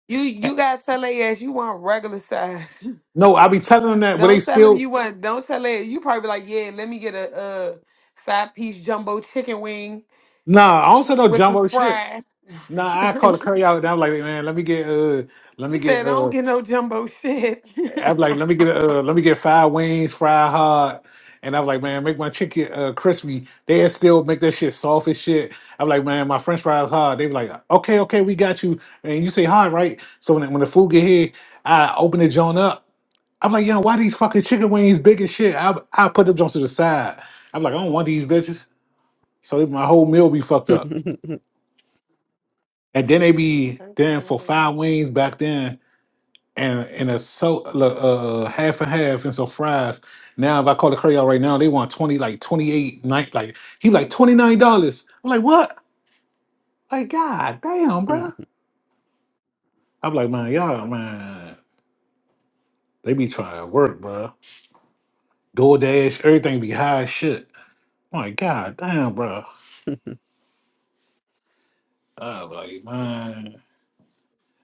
[SPEAKER 2] You you gotta tell her ass you want regular size.
[SPEAKER 1] No, I be telling them that, but they
[SPEAKER 2] don't tell them
[SPEAKER 1] still
[SPEAKER 2] you want. Don't tell her you probably be like yeah. Let me get a uh five piece jumbo chicken wing
[SPEAKER 1] nah. I don't say no
[SPEAKER 2] with some
[SPEAKER 1] jumbo shit.
[SPEAKER 2] fries.
[SPEAKER 1] Nah, I call the curry out and I'm like, man, let me get uh, let me
[SPEAKER 2] He said,
[SPEAKER 1] get
[SPEAKER 2] I don't
[SPEAKER 1] uh,
[SPEAKER 2] get no jumbo shit.
[SPEAKER 1] I'm like, let me get uh, let me get five wings, fried hard, and I'm like, man, make my chicken uh crispy. They still make that shit soft as shit. I'm like, man, my French fries hard. They be like, okay, okay, we got you, and you say hard, right? So when when the food get here, I open the joint up. I'm like, yo, why these fucking chicken wings big as shit? I I put them joints to the side. I'm like, I don't want these bitches. So my whole meal be fucked up. And then they be then for five wings back then and and a so uh half and half and some fries. Now if I call the curry out right now, they want twenty like twenty eight night like he like twenty nine dollars. I'm like what? Like god damn, bruh. I'm like man, y'all man, they be trying to work, bruh. DoorDash, everything be high as shit. I'm like god damn, bruh. I'm like man.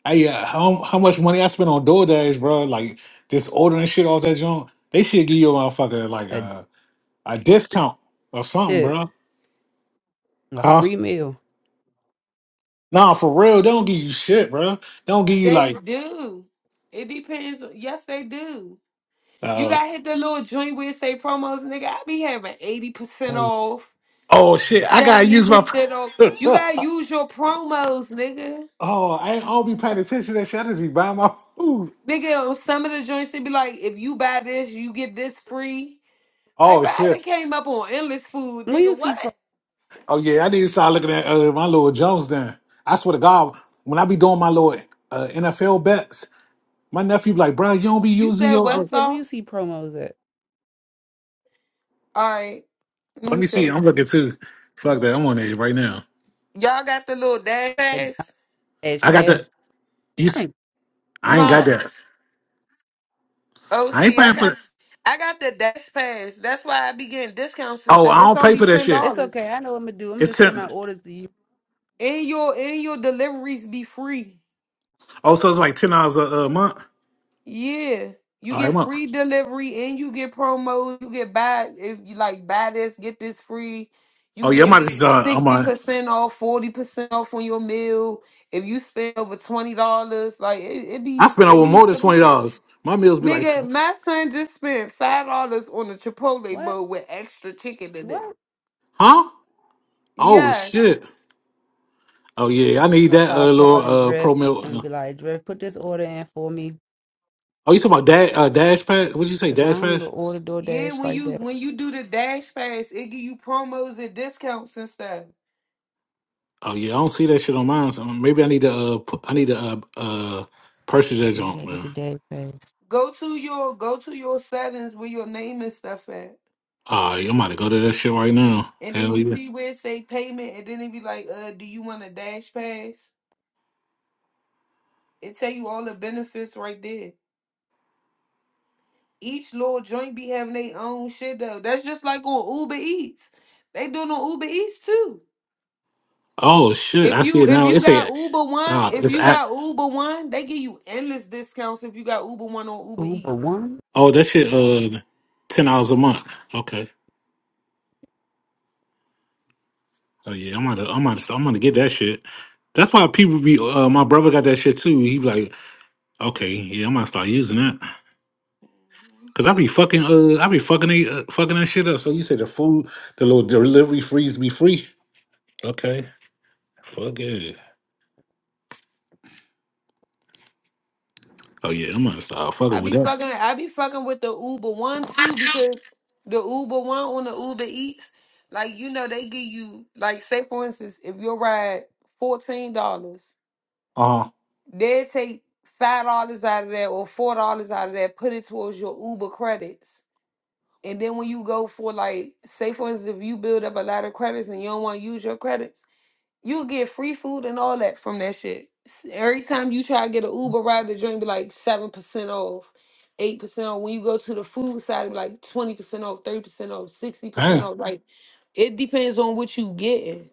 [SPEAKER 1] I uh, how how much money I spent on DoorDash, bro? Like just ordering shit off that joint. They should give you a motherfucker
[SPEAKER 3] Oh,
[SPEAKER 1] like
[SPEAKER 3] That
[SPEAKER 1] a a discount or something,
[SPEAKER 3] shit.
[SPEAKER 1] bro.
[SPEAKER 3] A
[SPEAKER 1] Huh?
[SPEAKER 3] free meal.
[SPEAKER 1] Nah, for real, they don't give you shit, bro. They don't give you
[SPEAKER 2] they
[SPEAKER 1] like
[SPEAKER 2] do. It depends. Yes, they do. You
[SPEAKER 1] uh
[SPEAKER 2] got hit the little joint where it say promos, nigga. I be having 80%
[SPEAKER 3] Oh,
[SPEAKER 2] off,
[SPEAKER 1] oh shit, I gotta use my.
[SPEAKER 2] 70% off. You
[SPEAKER 1] oh,
[SPEAKER 2] gotta use your promos, nigga.
[SPEAKER 1] I ain't- I don't be paying attention to that shit. I just be buying my food.
[SPEAKER 2] Nigga, on some of the joints, they be like, if you buy this, you get this free. Like,
[SPEAKER 1] Oh
[SPEAKER 2] bro, I
[SPEAKER 1] shit.
[SPEAKER 2] done came up on endless food,
[SPEAKER 3] where you
[SPEAKER 2] nigga.
[SPEAKER 3] see?
[SPEAKER 2] What?
[SPEAKER 3] Pro-
[SPEAKER 1] Oh yeah, I need to start looking at uh, my little Jones. Then I swear to God, when I be doing my little uh, NFL bets, my nephew be like, bro, you don't be
[SPEAKER 2] You
[SPEAKER 1] using
[SPEAKER 2] said
[SPEAKER 1] your
[SPEAKER 3] I
[SPEAKER 1] uh,
[SPEAKER 3] said, where
[SPEAKER 2] Westall?
[SPEAKER 3] you see promos at?
[SPEAKER 2] All right, let
[SPEAKER 1] Let
[SPEAKER 2] me
[SPEAKER 1] me
[SPEAKER 2] show
[SPEAKER 1] see. I'm
[SPEAKER 2] you.
[SPEAKER 1] looking too. Fuck that. I'm on it right now.
[SPEAKER 2] Y'all got the little dash
[SPEAKER 3] At
[SPEAKER 2] pass,
[SPEAKER 3] Dash
[SPEAKER 1] I got
[SPEAKER 3] Pad?
[SPEAKER 1] the. You.
[SPEAKER 3] I
[SPEAKER 1] s-
[SPEAKER 3] ain't-
[SPEAKER 1] I ain't got
[SPEAKER 2] huh?
[SPEAKER 3] Nah,
[SPEAKER 1] that.
[SPEAKER 2] Oh,
[SPEAKER 1] I ain't
[SPEAKER 2] see, I
[SPEAKER 1] paying
[SPEAKER 2] got,
[SPEAKER 1] for.
[SPEAKER 2] I got the dash pass. That's why I be getting discounts and
[SPEAKER 1] Oh,
[SPEAKER 2] stuff.
[SPEAKER 1] I
[SPEAKER 2] It's
[SPEAKER 1] don't pay
[SPEAKER 2] only
[SPEAKER 1] for that
[SPEAKER 2] ten
[SPEAKER 1] shit.
[SPEAKER 3] it's
[SPEAKER 2] dollars,
[SPEAKER 3] okay. I know what I'm gonna do. I'm
[SPEAKER 1] It's
[SPEAKER 3] just send
[SPEAKER 1] ten.
[SPEAKER 3] my orders to you.
[SPEAKER 2] and your and your deliveries be free.
[SPEAKER 1] Oh, so it's like ten dollars a, a month.
[SPEAKER 2] Yeah, you
[SPEAKER 1] All
[SPEAKER 2] get
[SPEAKER 1] right, month.
[SPEAKER 2] free delivery, and you get promos. You get buy if you like buy this, get this free. You
[SPEAKER 1] Oh yeah, my.
[SPEAKER 2] get
[SPEAKER 1] Uh, I'm
[SPEAKER 2] sixty
[SPEAKER 1] on.
[SPEAKER 2] percent off, forty percent off on your meal if you spend over twenty dollars. Like it, it
[SPEAKER 1] I
[SPEAKER 2] be,
[SPEAKER 1] spent
[SPEAKER 2] it
[SPEAKER 1] over
[SPEAKER 2] be
[SPEAKER 1] more than
[SPEAKER 2] some
[SPEAKER 1] twenty
[SPEAKER 2] shit.
[SPEAKER 1] dollars. My meals be like,
[SPEAKER 2] Nigga,
[SPEAKER 1] tw-
[SPEAKER 2] my son just spent five dollars on a Chipotle
[SPEAKER 3] What?
[SPEAKER 2] bowl with extra chicken in it.
[SPEAKER 3] What?
[SPEAKER 1] huh? Oh
[SPEAKER 2] Yes.
[SPEAKER 1] shit. Oh yeah,
[SPEAKER 3] I'm
[SPEAKER 1] I
[SPEAKER 3] just
[SPEAKER 1] need
[SPEAKER 3] gonna
[SPEAKER 1] that
[SPEAKER 3] start
[SPEAKER 1] uh,
[SPEAKER 3] calling
[SPEAKER 1] little uh, pro
[SPEAKER 3] Drip
[SPEAKER 1] meal.
[SPEAKER 3] and
[SPEAKER 1] Uh,
[SPEAKER 3] be like, Drip, put this order in for me,
[SPEAKER 1] Oh, you talking about dash uh, dash pass? What did you say,
[SPEAKER 3] cause I
[SPEAKER 1] dash
[SPEAKER 3] don't even
[SPEAKER 1] pass?
[SPEAKER 3] order
[SPEAKER 2] Yeah,
[SPEAKER 3] DoorDash
[SPEAKER 2] when
[SPEAKER 3] like
[SPEAKER 2] you
[SPEAKER 3] that.
[SPEAKER 2] when you do the dash pass, it give you promos and discounts and stuff.
[SPEAKER 1] Oh yeah, I don't see that shit on mine. So maybe I need to. Uh, pu- I need to uh, uh, purchase that
[SPEAKER 3] Yeah, you
[SPEAKER 1] junk,
[SPEAKER 3] gotta get
[SPEAKER 1] man.
[SPEAKER 3] the Dash Pad.
[SPEAKER 2] Go to your go to your settings where your name and stuff at.
[SPEAKER 1] Oh, am about to go to that shit right now.
[SPEAKER 2] And then
[SPEAKER 1] Hell
[SPEAKER 2] you
[SPEAKER 1] yeah.
[SPEAKER 2] see where it say payment and then it be like, uh, do you want a dash pass? It tell you all the benefits right there. Each little joint be having their own shit though. That's just like on Uber Eats. They doing on Uber Eats too.
[SPEAKER 1] Oh shit,
[SPEAKER 2] If
[SPEAKER 1] I see
[SPEAKER 2] you
[SPEAKER 1] it
[SPEAKER 2] if
[SPEAKER 1] now.
[SPEAKER 2] you
[SPEAKER 1] It's a
[SPEAKER 2] got Uber One,
[SPEAKER 1] stop.
[SPEAKER 2] if
[SPEAKER 1] It's
[SPEAKER 2] you
[SPEAKER 1] at
[SPEAKER 2] got Uber One, they give you endless discounts if you got Uber One on Uber
[SPEAKER 3] Uber
[SPEAKER 2] Eats.
[SPEAKER 3] one.
[SPEAKER 1] oh that shit uh ten dollars a month. Okay. Oh yeah, I'm gonna I'm gonna I'm gonna get that shit. That's why people be uh my brother got that shit too. He be like, okay, yeah, I'm gonna start using that. Cause I be fucking uh I be fucking they, uh, fucking that shit up. So you say the food, the little delivery freeze be free. Okay. Fuck it. Oh yeah, I'm gonna start
[SPEAKER 2] I
[SPEAKER 1] fucking
[SPEAKER 2] be
[SPEAKER 1] with that.
[SPEAKER 2] fucking I be fucking with the Uber One too because the Uber One on the Uber Eats, like you know they give you like say for instance if your ride fourteen dollars,
[SPEAKER 1] Uh-huh.
[SPEAKER 2] they take five dollars out of that or four dollars out of that, put it towards your Uber credits. And then when you go for like say for instance if you build up a lot of credits and you don't want to use your credits You'll get free food and all that from that shit. S- Every time you try to get an Uber ride, the drink be like seven percent off, eight percent off. When you go to the food side, it be like twenty percent off, thirty percent off, sixty percent off. Like it depends on what you getting.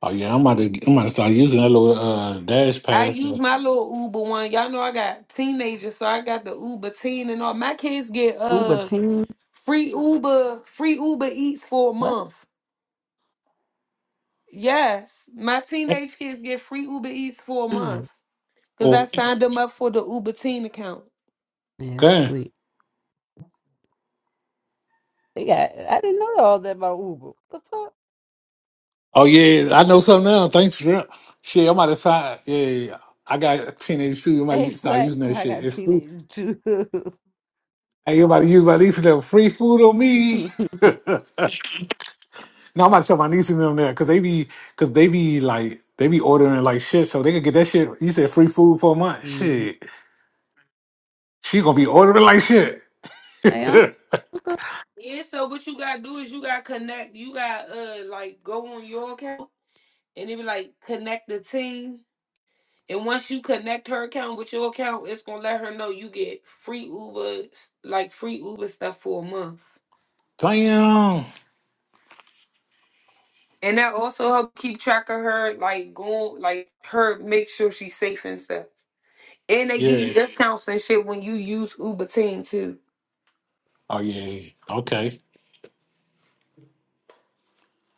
[SPEAKER 1] Oh yeah, I'm about to I'm about to start using that little uh, dash
[SPEAKER 2] I
[SPEAKER 1] pass.
[SPEAKER 2] use my little Uber one. Y'all know I got teenagers, so I got the Uber teen and all. My kids get
[SPEAKER 3] Uber
[SPEAKER 2] uh
[SPEAKER 3] team.
[SPEAKER 2] free Uber, free Uber Eats for a
[SPEAKER 3] What?
[SPEAKER 2] month. Yes, my teenage kids get free Uber Eats for a month.
[SPEAKER 3] Mm.
[SPEAKER 2] Cause I
[SPEAKER 1] Oh,
[SPEAKER 2] signed them up for the Uber Teen account.
[SPEAKER 3] Yeah, that's
[SPEAKER 1] okay.
[SPEAKER 3] sweet. They got I didn't know all that about Uber. The fuck?
[SPEAKER 1] Oh yeah, I know something now. Thanks, bro. Shit, I'm about to sign. Yeah, yeah, yeah. I got teenage shoes. I'm about
[SPEAKER 3] Hey,
[SPEAKER 1] to start
[SPEAKER 3] what?
[SPEAKER 1] using
[SPEAKER 3] So
[SPEAKER 1] that
[SPEAKER 3] I
[SPEAKER 1] shit.
[SPEAKER 3] got
[SPEAKER 1] It's free.
[SPEAKER 3] teenagers too.
[SPEAKER 1] Hey, you about to use my niece and them free food on me? No, I'm about to tell my niece and them there because they be because they be like they be ordering like shit, so they could get that shit. You said free food for a month.
[SPEAKER 3] Mhm.
[SPEAKER 1] Shit, she gonna be ordering like shit.
[SPEAKER 3] Hey, I'm okay.
[SPEAKER 2] Yeah, so what you gotta do is you gotta connect. You gotta uh like go on your account and it be like connect the team. And once you connect her account with your account, it's gonna let her know you get free Uber, like free Uber stuff for a month.
[SPEAKER 1] Damn.
[SPEAKER 2] And that also help keep track of her, like going, like her make sure she's safe and stuff. And they give you
[SPEAKER 1] Yeah.
[SPEAKER 2] discounts and shit when you use Uber Teen too.
[SPEAKER 1] Oh yeah. yeah. Okay.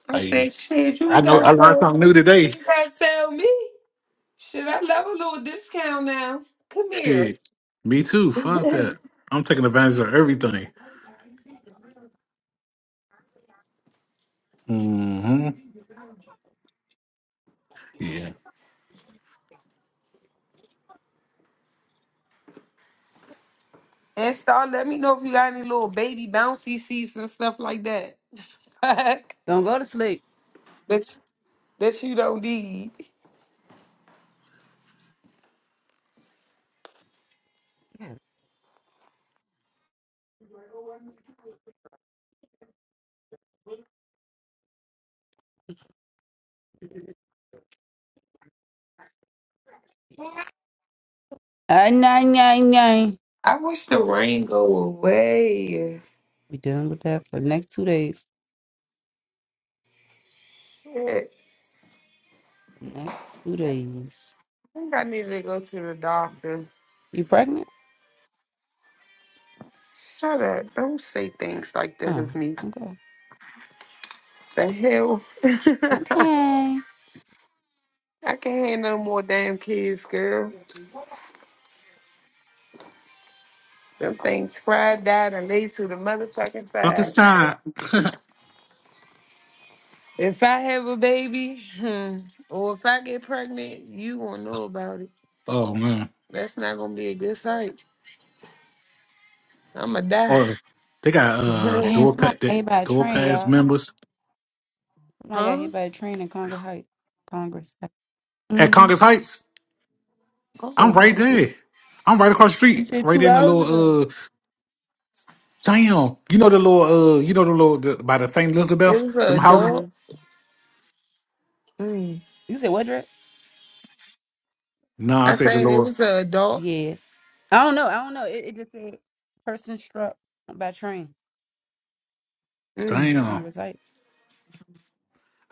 [SPEAKER 2] I
[SPEAKER 1] Hey.
[SPEAKER 2] said, shit, you
[SPEAKER 1] I
[SPEAKER 2] ain't
[SPEAKER 1] know
[SPEAKER 2] gotta
[SPEAKER 1] I learned
[SPEAKER 2] sell,
[SPEAKER 1] something new
[SPEAKER 2] you
[SPEAKER 1] today.
[SPEAKER 2] ain't gotta sell me. Should I love a little discount now? Come here.
[SPEAKER 1] Shit. Me too. Fuck that.
[SPEAKER 2] and
[SPEAKER 1] I'm taking advantage of everything. hmm Yeah.
[SPEAKER 2] start let me know if you got any little baby bouncy seats and stuff like that. Fuck.
[SPEAKER 3] Don't go to sleep.
[SPEAKER 2] that that you don't need.
[SPEAKER 3] Ay, nine, nine, nine.
[SPEAKER 2] I wish the rain go away.
[SPEAKER 3] We dealing with that for the next two days.
[SPEAKER 2] Shit.
[SPEAKER 3] Next two days.
[SPEAKER 2] I think I need to go to the doctor.
[SPEAKER 3] You pregnant?
[SPEAKER 2] Shut up. Don't say things like that
[SPEAKER 3] Oh,
[SPEAKER 2] of me.
[SPEAKER 3] okay.
[SPEAKER 2] The hell?
[SPEAKER 3] Okay.
[SPEAKER 2] I can't handle no more damn kids, girl. Them things fried, died, and laid to the motherfucking
[SPEAKER 1] Fuck
[SPEAKER 2] side.
[SPEAKER 1] aside.
[SPEAKER 2] If I have a baby, hmm, or if I get pregnant, you won't know about it.
[SPEAKER 1] oh man.
[SPEAKER 2] That's not gonna be a good sight. I'ma die.
[SPEAKER 1] Oh, they got uh
[SPEAKER 3] Damn,
[SPEAKER 1] door pa-
[SPEAKER 3] somebody got
[SPEAKER 1] they,
[SPEAKER 3] hit by a
[SPEAKER 1] door
[SPEAKER 3] train,
[SPEAKER 1] pass
[SPEAKER 3] y'all.
[SPEAKER 1] members
[SPEAKER 3] Somebody got
[SPEAKER 2] huh?
[SPEAKER 3] hit by a train in Congress Heights. Congress.
[SPEAKER 1] at
[SPEAKER 3] Mm-hmm.
[SPEAKER 1] Congress Heights.
[SPEAKER 2] Oh,
[SPEAKER 1] I'm right
[SPEAKER 2] what?
[SPEAKER 1] there. I'm right across the
[SPEAKER 3] You
[SPEAKER 1] street.
[SPEAKER 3] said
[SPEAKER 1] Right
[SPEAKER 3] two
[SPEAKER 1] there in the
[SPEAKER 3] hours ago.
[SPEAKER 1] little uh damn. You know the little uh you know the little the, by the Saint
[SPEAKER 2] It
[SPEAKER 1] Elizabeth,
[SPEAKER 2] was an
[SPEAKER 1] them houses?
[SPEAKER 3] Mm-hmm.
[SPEAKER 2] adult. Mm.
[SPEAKER 3] You said what, Dre?
[SPEAKER 1] Nah, I
[SPEAKER 2] I
[SPEAKER 1] say the
[SPEAKER 2] said it
[SPEAKER 1] little
[SPEAKER 2] was an adult.
[SPEAKER 3] Yeah. I don't know. I don't know. It, it just said person struck by train
[SPEAKER 2] Mm.
[SPEAKER 3] at
[SPEAKER 1] damn.
[SPEAKER 3] Congress Heights.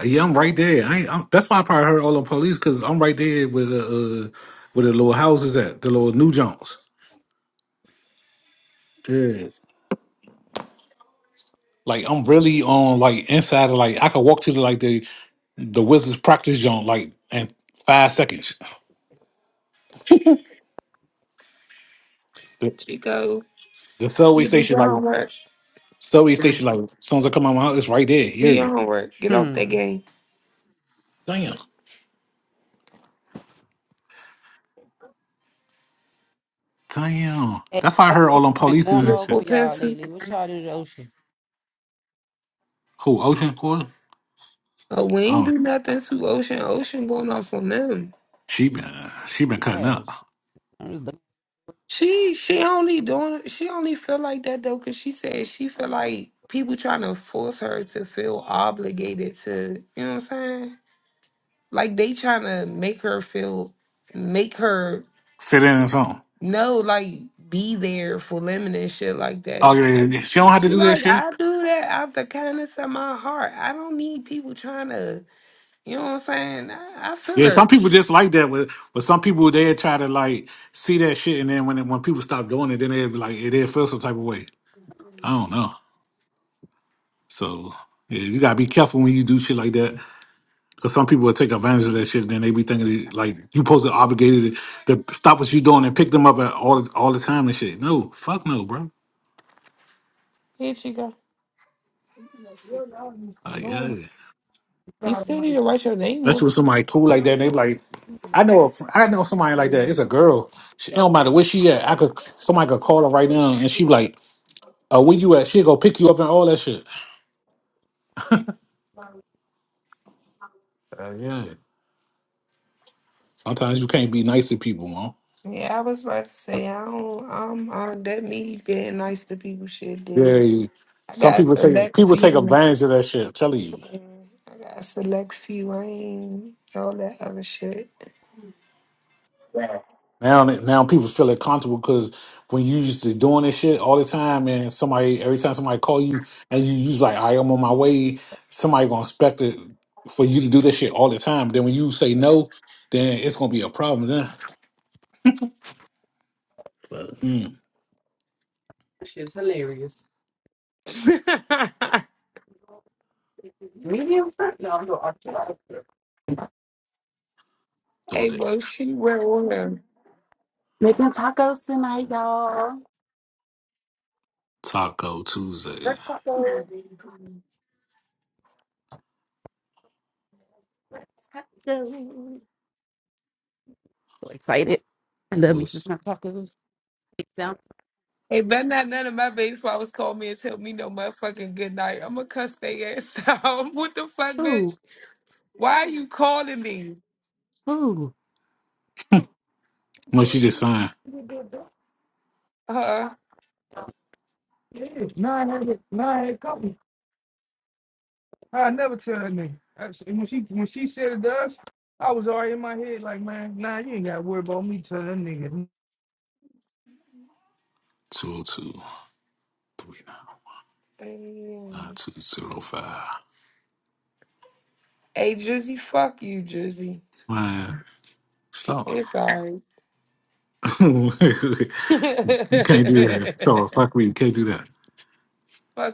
[SPEAKER 1] Yeah, I'm right there. I ain't, I'm, that's why I probably heard all the police because I'm right there with the uh, with the little houses at the little New Jones. Yeah, like I'm really on like inside of like I could walk to the like the the Wizards practice zone like in five seconds. The,
[SPEAKER 2] Chico,
[SPEAKER 1] the subway
[SPEAKER 2] you did
[SPEAKER 1] station
[SPEAKER 2] your
[SPEAKER 1] like
[SPEAKER 2] homework.
[SPEAKER 1] subway
[SPEAKER 2] Mm.
[SPEAKER 1] station like as soon as I come out my house, it's right there. You
[SPEAKER 2] Do
[SPEAKER 1] hear
[SPEAKER 2] your
[SPEAKER 1] me?
[SPEAKER 2] homework. Get off that
[SPEAKER 3] Hmm.
[SPEAKER 2] game.
[SPEAKER 1] Damn, damn.
[SPEAKER 3] Hey,
[SPEAKER 1] That's why I
[SPEAKER 3] o-
[SPEAKER 1] heard all
[SPEAKER 3] ocean
[SPEAKER 1] them
[SPEAKER 3] been
[SPEAKER 1] police
[SPEAKER 3] going
[SPEAKER 1] and
[SPEAKER 2] Look
[SPEAKER 3] off
[SPEAKER 2] for
[SPEAKER 1] shit.
[SPEAKER 2] a
[SPEAKER 3] with y'all
[SPEAKER 2] pencil.
[SPEAKER 3] lately. What y'all do to the ocean?
[SPEAKER 1] Who Ocean Quarter?
[SPEAKER 2] Oh, we ain't
[SPEAKER 1] Oh,
[SPEAKER 2] do nothing to Ocean. Ocean going off on them.
[SPEAKER 1] she been she been cutting up.
[SPEAKER 3] Gosh, I'm just
[SPEAKER 2] She she only doing she only feel like that though because she said she feel like people trying to force her to feel obligated to you know what I'm saying like they trying to make her feel make her
[SPEAKER 1] Fit in and something.
[SPEAKER 2] know like be there for lemon and shit like that
[SPEAKER 1] Oh
[SPEAKER 2] she
[SPEAKER 1] yeah, yeah,
[SPEAKER 2] like
[SPEAKER 1] yeah. she don't have to
[SPEAKER 2] she
[SPEAKER 1] do that
[SPEAKER 2] like
[SPEAKER 1] shit.
[SPEAKER 2] I do that out the kindness of my heart I don't need people trying to you know what I'm saying I, I feel
[SPEAKER 1] Yeah, some
[SPEAKER 2] her
[SPEAKER 1] people just like that. With but some people they try to like see that shit, and then when it, when people stop doing it, then they be like it they feel some type of way. I don't know. So yeah, you gotta be careful when you do shit like that, because some people will take advantage of that shit. And then they be thinking that, like you supposed to be obligated to to stop what you doing and pick them up at all all the time and shit. No, fuck no, bro.
[SPEAKER 2] here she go
[SPEAKER 1] Uh, yeah,
[SPEAKER 3] looking.
[SPEAKER 2] you still need to write your name on it.
[SPEAKER 1] especially with somebody cool like that,
[SPEAKER 3] That
[SPEAKER 1] they be like. I know, a fr- I know somebody like that. It's a girl. She, it don't matter where she at. I could somebody could call her right now, and she be like, Uh, where you at? She go pick you up and all that shit. Uh, yeah. Sometimes you can't be nice to people, man.
[SPEAKER 2] Yeah, I was about to say I don't. I'm I, that me being nice to people shit,
[SPEAKER 1] Yeah.
[SPEAKER 2] dude.
[SPEAKER 1] you-
[SPEAKER 2] I
[SPEAKER 1] Some
[SPEAKER 2] got a
[SPEAKER 1] people take
[SPEAKER 2] select
[SPEAKER 1] people take
[SPEAKER 2] few.
[SPEAKER 1] advantage of that shit. I'm telling you.
[SPEAKER 2] Yeah, I got a select few. I ain't all that other shit. Wow.
[SPEAKER 1] Now, now people feel uncomfortable because when you used to doing this shit all the time, and somebody every time somebody call you and you use like I am on my way, somebody gonna expect it for you to do this shit all the time. Then when you say no, then it's gonna be a problem. Then. But, mm.
[SPEAKER 3] shit's hilarious. Medium front? No, I'm doing artichoke.
[SPEAKER 1] So
[SPEAKER 2] hey,
[SPEAKER 1] the
[SPEAKER 2] bro, she went with him.
[SPEAKER 3] Making tacos tonight, y'all.
[SPEAKER 1] Taco Tuesday
[SPEAKER 3] Red tacos. red Tacos. So excited. I love me some
[SPEAKER 1] was
[SPEAKER 3] shrimp tacos. It sounds
[SPEAKER 2] Hey, better not none of my baby fathers call me and tell me no motherfucking good night. I'm gonna cuss they ass out. what the fuck, bitch?
[SPEAKER 3] ooh,
[SPEAKER 2] Why are you calling me?
[SPEAKER 3] ooh.
[SPEAKER 1] once you just sign
[SPEAKER 2] Huh?
[SPEAKER 3] Nine hundred, nine hundred. I never tell that nigga. That's- and when she when she said it to us, I was already in my head like, man, nah, you ain't gotta worry about me telling that nigga.
[SPEAKER 1] two oh two. three now.
[SPEAKER 2] Hey,
[SPEAKER 1] Nine two zero five.
[SPEAKER 2] Drizzy, fuck you, Drizzy.
[SPEAKER 1] Man, stop.
[SPEAKER 2] It's alright.
[SPEAKER 1] you
[SPEAKER 2] Fuck
[SPEAKER 1] can't do that. So fuck me. You can't do that.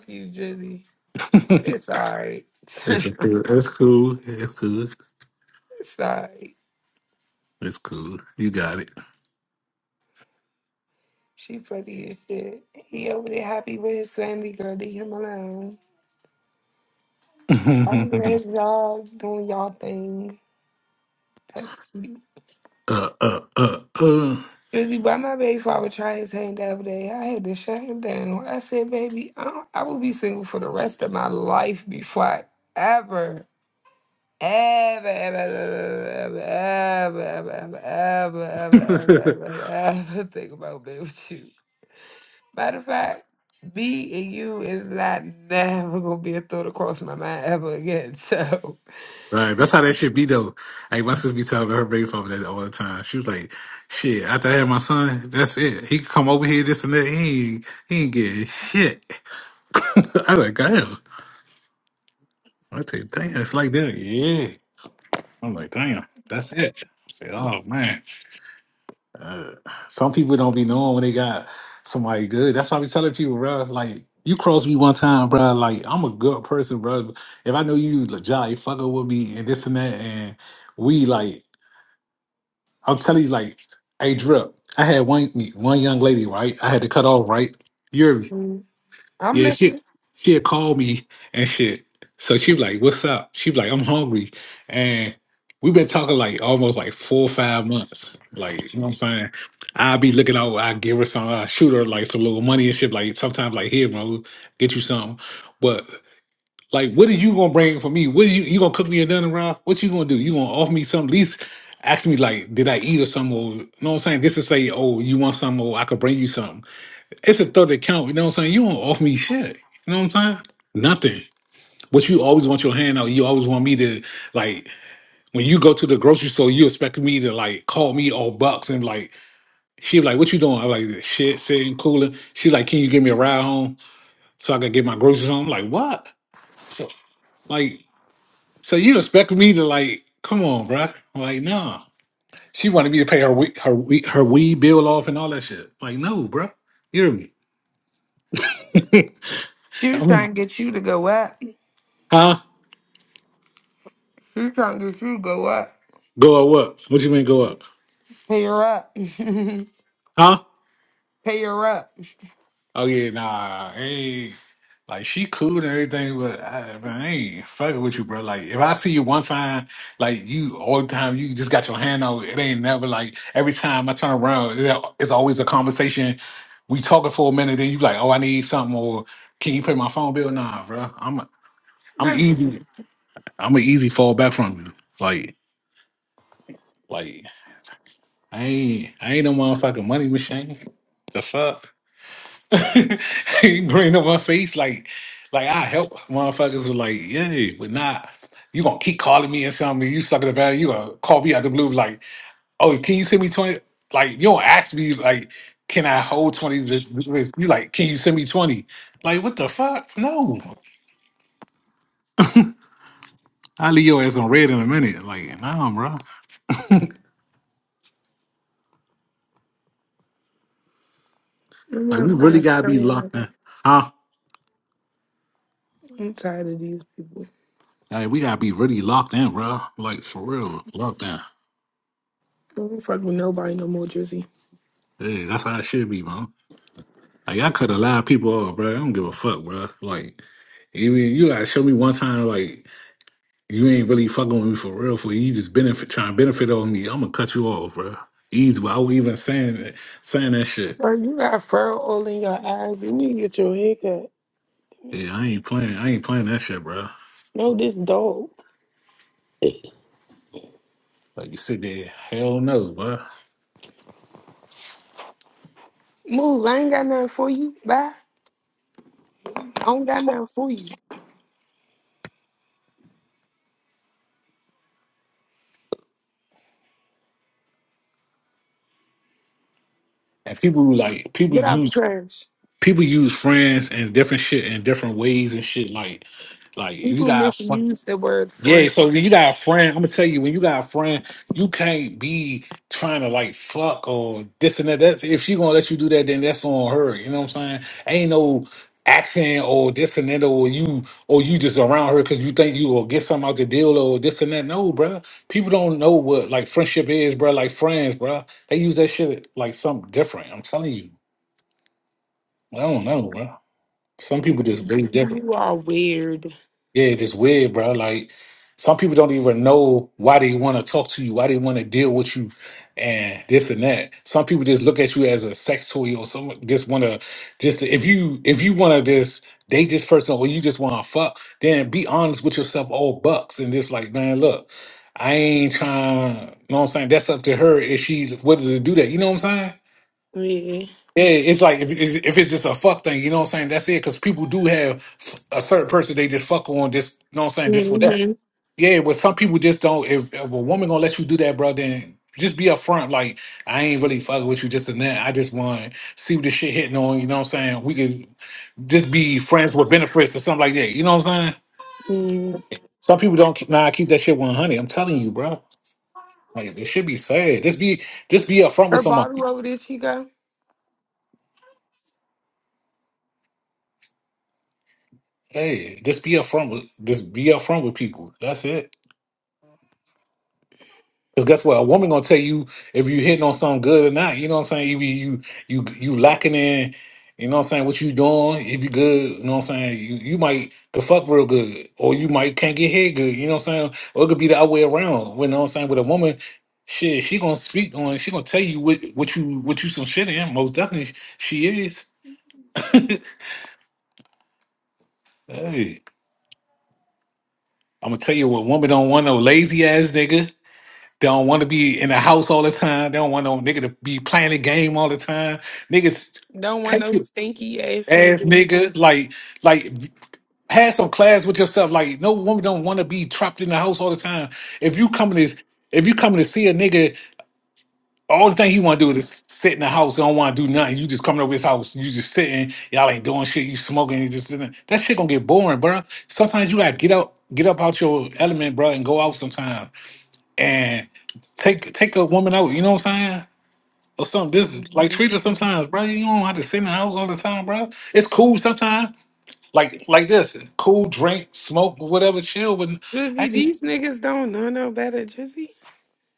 [SPEAKER 2] you, Drizzy. It's alright.
[SPEAKER 1] it's
[SPEAKER 2] it's
[SPEAKER 1] cool. it's cool. It's cool.
[SPEAKER 2] alright.
[SPEAKER 1] It's cool. You got it.
[SPEAKER 2] She funny as shit. He over there happy with his family, girl. Leave him alone. I'm glad y'all doing y'all thing. That's cute.
[SPEAKER 1] uh uh uh uh.
[SPEAKER 2] Drizzy, why my baby father tried his hand the other day? I had to shut him down. I said, baby, I, don't, I will be single for the rest of my life before I ever Ever, ever, ever, ever, ever, ever, ever, ever, ever, ever, ever, think about being with you. Matter of fact, me and you is not never gonna be a thought across my mind ever again. So
[SPEAKER 1] right. That's how that should be though. Like my sister be telling her baby father that all the time. She was like, "Shit, after I had my son, that's it. He could come over here, this and that. He ain't, he ain't getting shit." I like, damn. I say, damn, it's like that. Yeah. I'm like, damn, that's it. I said, oh man. Uh, some people don't be knowing when they got somebody good. That's why I be telling people, bro. Like, you crossed me one time, bro. Like, I'm a good person, bro. If I know you like, jolly fucking with me and this and that, and we like, I'm telling you, like, hey, drip. I had one one young lady, right? I had to cut off, right? You're
[SPEAKER 2] Mm. I'm
[SPEAKER 1] yeah, she
[SPEAKER 2] listening.
[SPEAKER 1] she'd call me and shit. So she was like, What's up? She was like, I'm hungry. And we've been talking like almost like four or five months. Like, you know what I'm saying? I'll be looking out, I give her some, I shoot her like some little money and shit. Like sometimes like here, bro, get you something. But like what are you gonna bring for me? What are you you gonna cook me a dinner, Rob? What you gonna do? You gonna offer me something? At least ask me like, did I eat or something? Or, you know what I'm saying? This is say, oh, you want something, or I could bring you something it's a third account. You know what I'm saying? You don't offer me shit. You know what I'm saying? Nothing. But you always want your hand out. You always want me to like when you go to the grocery store, you expect me to like call me all bucks and like she like, what you doing? I'm like shit, sitting cooling. She like, can you give me a ride home so I can get my groceries home? I'm like, what? So like so you expect me to like, come on, bruh. I'm like, nah. She wanted me to pay her week her week her weed bill off and all that shit. Like, no, bruh. You hear me?
[SPEAKER 2] She was trying to get you to go up.
[SPEAKER 1] huh?
[SPEAKER 2] She was trying to get you to go up.
[SPEAKER 1] Go up what? What you mean go up?
[SPEAKER 2] Pay her up. Pay
[SPEAKER 1] Huh?
[SPEAKER 2] her up.
[SPEAKER 1] Oh yeah, nah. Hey, like she cool and everything, but I, man, I ain't fucking with you, bro. Like if I see you one time, like you all the time, you just got your hand out. It ain't never like every time I turn around, it- it's always a conversation. We talking for a minute, then you like, oh, I need something, or can you pay my phone bill? Nah, bro. I'm
[SPEAKER 2] No,
[SPEAKER 1] I'm
[SPEAKER 2] you wasn't.
[SPEAKER 1] easy. I'm an easy fall back from you. Like like I ain't I ain't no motherfucking money machine. The fuck. he grin on my face like like I help motherfuckers was like, yeah, but not you gonna keep calling me and telling me you suck at the value, you gonna call me out the blue like, oh, can you send me twenty? Like you don't ask me like, can I hold twenty? this- this? You like, can you send me twenty? Like what the fuck? No, I will leave your ass on red in a minute. Like nah, bro.
[SPEAKER 2] You
[SPEAKER 1] Like we really gotta be
[SPEAKER 2] motherfucking-
[SPEAKER 1] locked in, huh?
[SPEAKER 2] I'm tired of these people.
[SPEAKER 1] Like we gotta be really locked in, bro. Like for real, locked in.
[SPEAKER 2] I don't fuck with nobody no more, Drizzy.
[SPEAKER 1] Hey, that's how it should be, man. Like I cut a lot of people off, bro. I don't give a fuck, bro. Like even you gotta show me one time, like you ain't really fucking with me for real. For you just benefit trying to benefit on me, I'm gonna cut you off, bro. Easy, but I even saying that, saying that shit.
[SPEAKER 2] Girl, you got fur all in your eyes. You need to get your hair cut.
[SPEAKER 1] Yeah,
[SPEAKER 2] Man.
[SPEAKER 1] I ain't playing. I ain't playing that shit, bro.
[SPEAKER 2] No, this dog.
[SPEAKER 1] Like you sit there, hell no, bro.
[SPEAKER 2] Move. I ain't got nothing for you. Bye. I don't got nothing for you.
[SPEAKER 1] And people who, like people
[SPEAKER 2] Get out
[SPEAKER 1] use
[SPEAKER 2] trash.
[SPEAKER 1] people use friends and different shit in different ways and shit. Like like you
[SPEAKER 2] People
[SPEAKER 1] got fr-
[SPEAKER 2] misuse the word
[SPEAKER 1] Yeah,
[SPEAKER 2] friend.
[SPEAKER 1] so when you got a friend, I'm gonna tell you, when you got a friend, you can't be trying to like fuck or this and that. That's if she gonna let you do that, then that's on her. You know what I'm saying? Ain't no accent or this and that, or you or you just around her because you think you will get something out the deal or this and that. No, bruh. People don't know what like friendship is, bruh. Like friends, bruh. They use that shit like something different. I'm telling you, I don't know, bruh. Some people just very different.
[SPEAKER 2] You are weird.
[SPEAKER 1] Yeah, it's just weird, bro. Like some people don't even know why they want to talk to you, why they want to deal with you, and this and that. Some people just look at you as a sex toy or someone just want to just if you if you want to just date this person or you just want to fuck, then be honest with yourself, all bucks, and just like, man, look, I ain't trying. You know what I'm saying? That's up to her if she whether to do that. You know what I'm saying?
[SPEAKER 2] Yeah.
[SPEAKER 1] Yeah, it's like if if if it's just a fuck thing, you know what I'm saying? That's it, because people do have a certain person they just fuck on. This, you know what I'm saying? This for that.
[SPEAKER 2] Mm-hmm.
[SPEAKER 1] Yeah, but some people just don't. If, if a woman gonna let you do that, bro, then just be upfront. Like I ain't really fucking with you, just and that. I just want to see what this shit hitting on. You know what I'm saying? We can just be friends with benefits or something like that. You know what I'm saying?
[SPEAKER 2] Mm.
[SPEAKER 1] Some people don't. keep- Nah, keep that shit 100. I'm telling you, bro. Like it should be said. Just be just be upfront
[SPEAKER 2] Her
[SPEAKER 1] with
[SPEAKER 2] bottle
[SPEAKER 1] somebody.
[SPEAKER 2] over there, she go.
[SPEAKER 1] Hey, just be upfront with just be upfront with people. That's it. Because guess what? A woman gonna tell you if you hitting on something good or not. You know what I'm saying? If you you you, you lacking in, you know what I'm saying, what you doing, if you good, you know what I'm saying? You you might the fuck real good. Or you might can't get head good, you know what I'm saying? Or it could be the other way around. You know what I'm saying? With a woman, shit, she gonna speak on she gonna tell you what what you what you some shit in. Most definitely she is. hey. I'm gonna tell you what woman don't want no lazy ass nigga. They don't want to be in the house all the time. They don't want no nigga to be playing the game all the time. Niggas,
[SPEAKER 2] Don't want
[SPEAKER 1] take
[SPEAKER 2] no
[SPEAKER 1] your
[SPEAKER 2] stinky ass
[SPEAKER 1] ass,
[SPEAKER 2] nigga.
[SPEAKER 1] nigga. Like, like, have some class with yourself. Like, no woman don't want to be trapped in the house all the time. If you coming to, if you coming to see a nigga, all the thing he want to do is sit in the house. He Don't want to do nothing. You just coming over his house. You just sitting. Y'all ain't doing shit. You smoking. You just sitting. That shit gonna get boring, bro. Sometimes you gotta get out, get up out your element, bro, and go out sometime and take take a woman out, you know what I'm saying? Or something. This is like
[SPEAKER 2] Mhm.
[SPEAKER 1] treat her sometimes, bro. You don't have to sit in the house all the time, bro. It's cool sometimes. Like like this. Cool drink, smoke, whatever, chill
[SPEAKER 2] Drizzy,
[SPEAKER 1] with
[SPEAKER 2] these niggas don't know no better, Drizzy.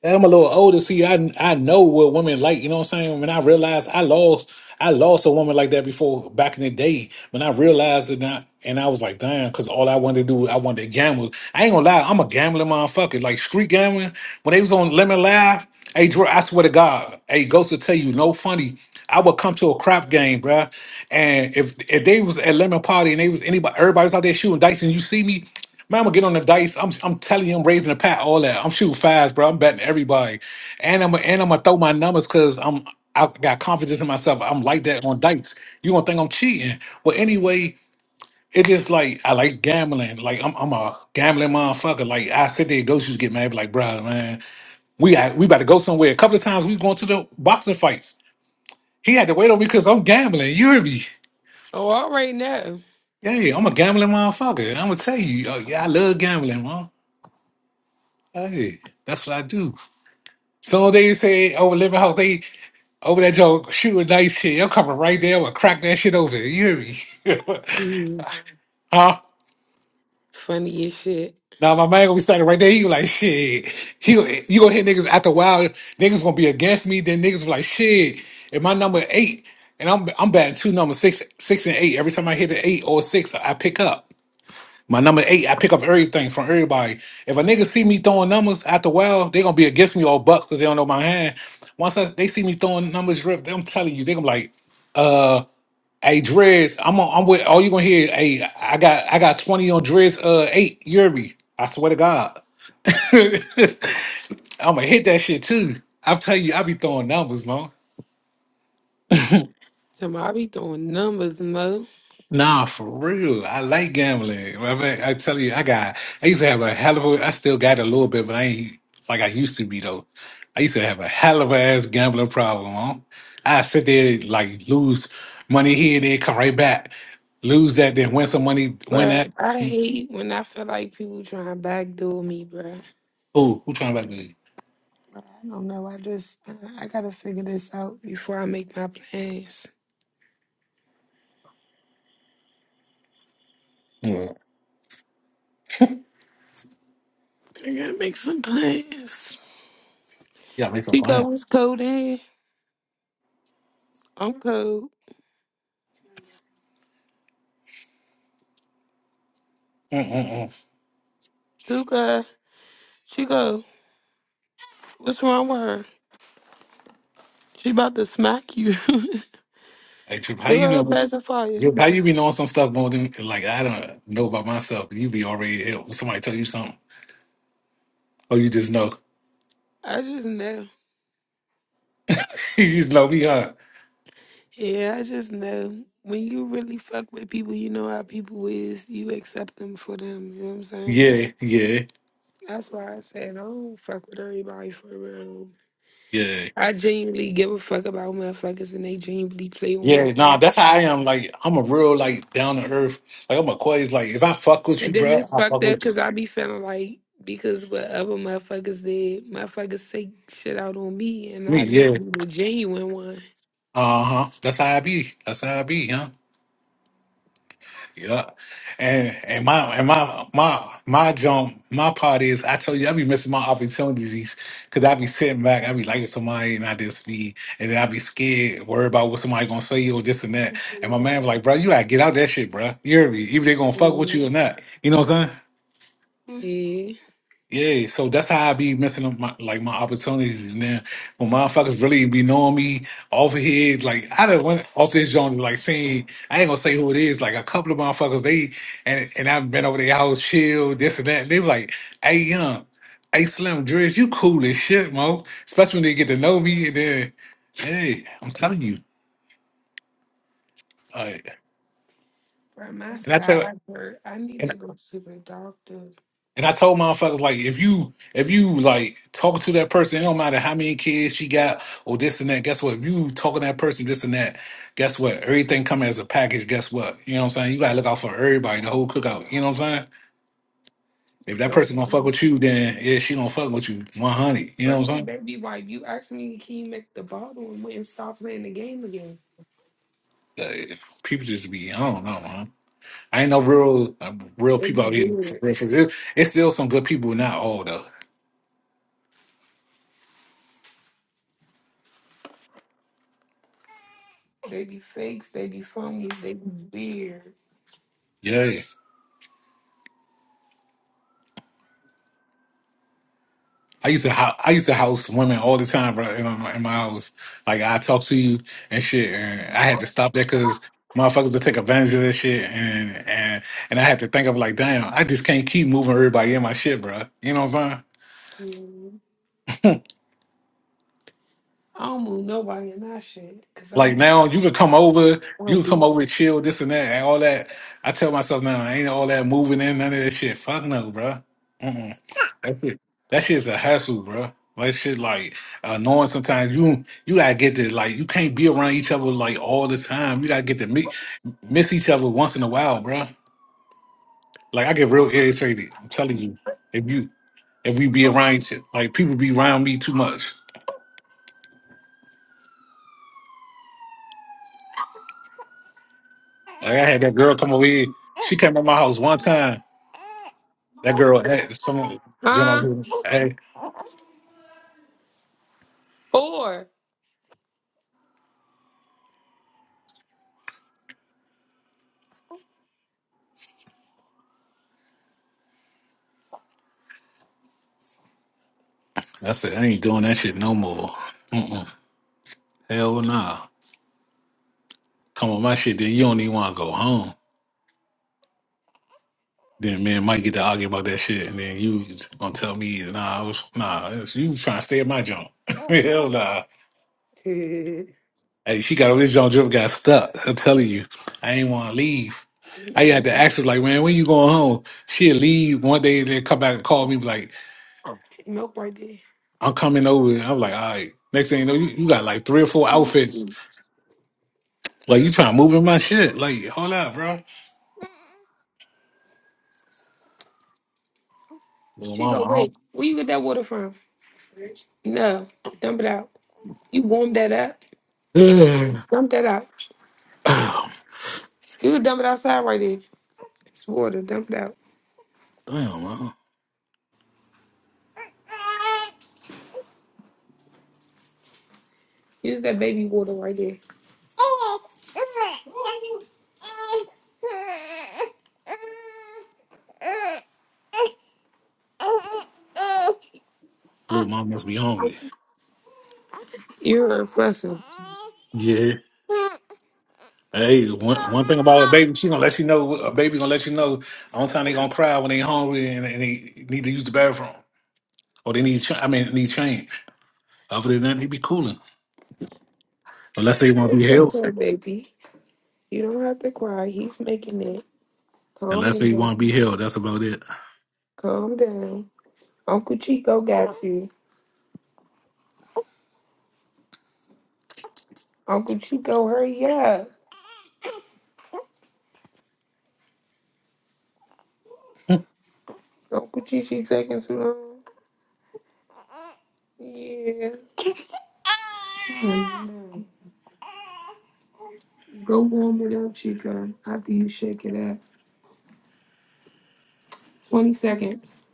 [SPEAKER 1] I'm a little older. See, I I know what women like. You know what I'm saying? When I realized I lost, I lost a woman like that before back in the day. When I realized it, not, and I was like, damn, because all I wanted to do, I wanted to gamble. I ain't gonna lie, I'm a gambling motherfucker. Like street gambling. When they was on Lemon Live, hey, Dre, I swear to God, hey, Ghost will tell you, no funny. I would come to a crap game, bruh. And if if they was at Lemon Party and they was anybody, everybody's out there shooting dice, and you see me. Man, I'm gonna get on the dice. I'm I'm telling you, I'm raising the pat, all that. I'm shooting fast, bro. I'm betting everybody, and I'm and I'm gonna throw my numbers because I'm I got confidence in myself. I'm like that on dice. You gonna think I'm cheating? Well, anyway, it's just like I like gambling. Like I'm I'm a gambling motherfucker. Like I sit there, ghosts used to get mad, be like, bro, man, we got, we about to go somewhere. A couple of times we was going to the boxing fights. He had to wait on me because I'm gambling. You hear me?
[SPEAKER 2] Oh, all right now.
[SPEAKER 1] Yeah, I'm a gambling motherfucker. And I'm gonna tell you, oh, yeah, I love gambling, man. Hey, that's what I do. Soon as they say over living house, they over that joke shooting nice shit. I'm coming right there and crack that shit over. You hear me?
[SPEAKER 2] Mm.
[SPEAKER 1] huh?
[SPEAKER 2] Funny as shit.
[SPEAKER 1] Now my man gonna be standing right there. He gonna like shit. He gonna- you gonna hit niggas after a while. Niggas gonna be against me. Then niggas be like shit. If my number eight and I'm I'm batting two numbers six six and eight. Every time I hit an eight or a six, I pick up. My number eight, I pick up everything from everybody. If a nigga see me throwing numbers, after a while, they gonna be against me all bucks because they don't know my hand. Once I, they see me throwing numbers, Rip, I'm telling you, they gonna be like, uh, hey Dreads, I'm on, I'm with all you gonna hear, is, hey, I got I got 20 on Dreads uh eight, Yuri. I swear to God. I'ma hit that shit too. I'm telling you, I be throwing numbers, man.
[SPEAKER 2] So I be throwing numbers, Mo.
[SPEAKER 1] Nah, for real. I like gambling. I, mean, I tell you, I got. I used to have a hell of a. I still got a little bit, but I ain't like I used to be though. I used to have a hell of a ass gambling problem. Huh? I sit there like lose money here and there, come right back, lose that, then win some money, win
[SPEAKER 2] Bruh,
[SPEAKER 1] that.
[SPEAKER 2] I hate when I feel like people trying to backdoor me, bruh.
[SPEAKER 1] Oh, who trying to me?
[SPEAKER 2] Bruh, I don't know. I just, I I gotta figure this out before I make my plans.
[SPEAKER 1] Yeah.
[SPEAKER 2] I gotta make some plans. Chico, what's cold in? I'm cold.
[SPEAKER 1] Mm-mm-mm.
[SPEAKER 2] Tuka, Chico, what's wrong with her? She about to smack you.
[SPEAKER 1] Hey, Trip, how
[SPEAKER 2] Give
[SPEAKER 1] you
[SPEAKER 2] her a
[SPEAKER 1] know?
[SPEAKER 2] pacifier.
[SPEAKER 1] How you be knowing some stuff more than like I don't know about myself? You be already ill. Somebody tell you something, or you just know.
[SPEAKER 2] I just know.
[SPEAKER 1] you just know me, huh?
[SPEAKER 2] Yeah, I just know when you really fuck with people, you know how people is, you accept them for them. You know what I'm saying?
[SPEAKER 1] Yeah, yeah,
[SPEAKER 2] That's why I said I don't fuck with everybody for real.
[SPEAKER 1] yeah.
[SPEAKER 2] I genuinely give a fuck about motherfuckers and they genuinely play on
[SPEAKER 1] Yeah,
[SPEAKER 2] my
[SPEAKER 1] nah, that's
[SPEAKER 2] thoughts.
[SPEAKER 1] how I
[SPEAKER 2] man.
[SPEAKER 1] am. Like, I'm a real, like, down to earth. Like, I'm a Aquarius. Like, if I fuck with
[SPEAKER 2] And
[SPEAKER 1] you,
[SPEAKER 2] then
[SPEAKER 1] bro,
[SPEAKER 2] it's
[SPEAKER 1] I
[SPEAKER 2] fucked
[SPEAKER 1] fuck
[SPEAKER 2] up
[SPEAKER 1] with you.
[SPEAKER 2] because I be feeling like because what other motherfuckers did, motherfuckers take shit out on me and
[SPEAKER 1] Me,
[SPEAKER 2] I
[SPEAKER 1] yeah.
[SPEAKER 2] just be the genuine one.
[SPEAKER 1] Uh huh. That's how I be. That's how I be, huh? Yeah. And and my and my my my jump, my part is I tell you I be missing my opportunities because I be sitting back, I be liking somebody and I just be and then I be scared, worried about what somebody gonna say or this and that. And my man was like, bro, you gotta get out that shit, bro. You hear me? Either they gonna fuck with you or not. You know what I'm saying?
[SPEAKER 2] Yeah.
[SPEAKER 1] Yeah, so that's how I be missing up my like my opportunities. And then when motherfuckers really be knowing me over here, like I done went off this joint, like seeing I ain't gonna say who it is, like a couple of motherfuckers they and and I've been over their house, chill, this and that. And they was like, hey young, hey Slim Driz, you cool as shit, Mo. Especially when they get to know me and then hey, I'm telling you. like,
[SPEAKER 2] From my side hurt. I need to go to the doctor.
[SPEAKER 1] And I told motherfuckers like, if you if you like talk to that person, it don't matter how many kids she got or this and that. Guess what? If you talking to that person, this and that, guess what? Everything coming as a package. Guess what? You know what I'm saying? You gotta look out for everybody, the whole cookout. You know what I'm saying? If that person gonna fuck
[SPEAKER 2] Um,
[SPEAKER 1] with you, then yeah, she gonna fuck with you 100. You know what I'm saying?
[SPEAKER 2] Baby wife, you asked me can you make the bottle and went and stop playing the game again.
[SPEAKER 1] Like, people just be, I don't know, man. I ain't no real uh, real
[SPEAKER 2] They
[SPEAKER 1] people
[SPEAKER 2] be
[SPEAKER 1] out here for
[SPEAKER 2] weird.
[SPEAKER 1] real. For real. It's still some good people, not all though.
[SPEAKER 2] They be fakes, they be phonies, they be weird.
[SPEAKER 1] Yeah. yeah. I used to ho- I used to house women all the time, bro, in my, in my house. Like I talk to you and shit, and I had to stop that because motherfuckers would take advantage of that shit, and and and I had to think of like, damn, I just can't keep moving everybody in my shit, bro. You know what I'm saying?
[SPEAKER 2] Mm. I don't move nobody in that shit. Cause
[SPEAKER 1] Like
[SPEAKER 2] I'm
[SPEAKER 1] now, you could come over,
[SPEAKER 2] I'm
[SPEAKER 1] you could
[SPEAKER 2] be-
[SPEAKER 1] come over and chill, this and that, and all that. I tell myself now, I ain't all that moving in none of that shit. Fuck no, bro. That shit, that shit's a hassle, bro. That shit like annoying sometimes. You you gotta get to like you can't be around each other like all the time. You gotta get to meet miss each other once in a while, bro. Like I get real irritated. I'm telling you, if you if we be around each like people be around me too much. Like I had that girl come over here. She came to my house one time. That girl, hey, someone jumped up.
[SPEAKER 2] Huh?
[SPEAKER 1] with- Hey,
[SPEAKER 2] Four.
[SPEAKER 1] I said I ain't doing that shit no more. Mm-mm. Hell nah. Come on, my shit. Then you don't even want to go home. Then me and Mike get to argue about that shit, and then you gonna tell me, nah, I was, nah, it's- you trying to stay at my joint. Hell nah. Hey, she got on this joint, drip got stuck. I'm telling you, I ain't want to leave. I had to ask her, like, man, when you going home? She'll leave one day, then come back and call me, be like,
[SPEAKER 2] milk right there.
[SPEAKER 1] I'm coming over. And I'm like, all right. Next thing you know, you, you got like three or four outfits. Like, you trying to move in my shit. Like, hold up, bro. Little
[SPEAKER 2] She go,
[SPEAKER 1] mama, I
[SPEAKER 2] wait, where you get that water from? No, dump it out. You warm that up.
[SPEAKER 1] don't-
[SPEAKER 2] Dump that out. You can dump it outside right there. It's water. Dump it out.
[SPEAKER 1] Damn, man.
[SPEAKER 2] Use that baby water right there.
[SPEAKER 1] Little mama must be hungry.
[SPEAKER 2] You're a fussing.
[SPEAKER 1] Yeah. Hey, one, one thing about a baby, she gonna let you know. A baby gonna let you know. Only time they gonna cry when they hungry and, and they need to use the bathroom or they need. Ch- I mean, need change. Other than that, they be cooling unless they want to be
[SPEAKER 2] What's up,
[SPEAKER 1] held.
[SPEAKER 2] little baby? You don't have to cry. He's making it. Calm
[SPEAKER 1] Unless they
[SPEAKER 2] down.
[SPEAKER 1] want to be held, that's about it.
[SPEAKER 2] Calm down. Uncle Chico got you. Uncle Chico, hurry up. Uncle Chichi taking too long. Yeah. Oh, no. Go warm it up, Chico, after you shake it up. 20 seconds.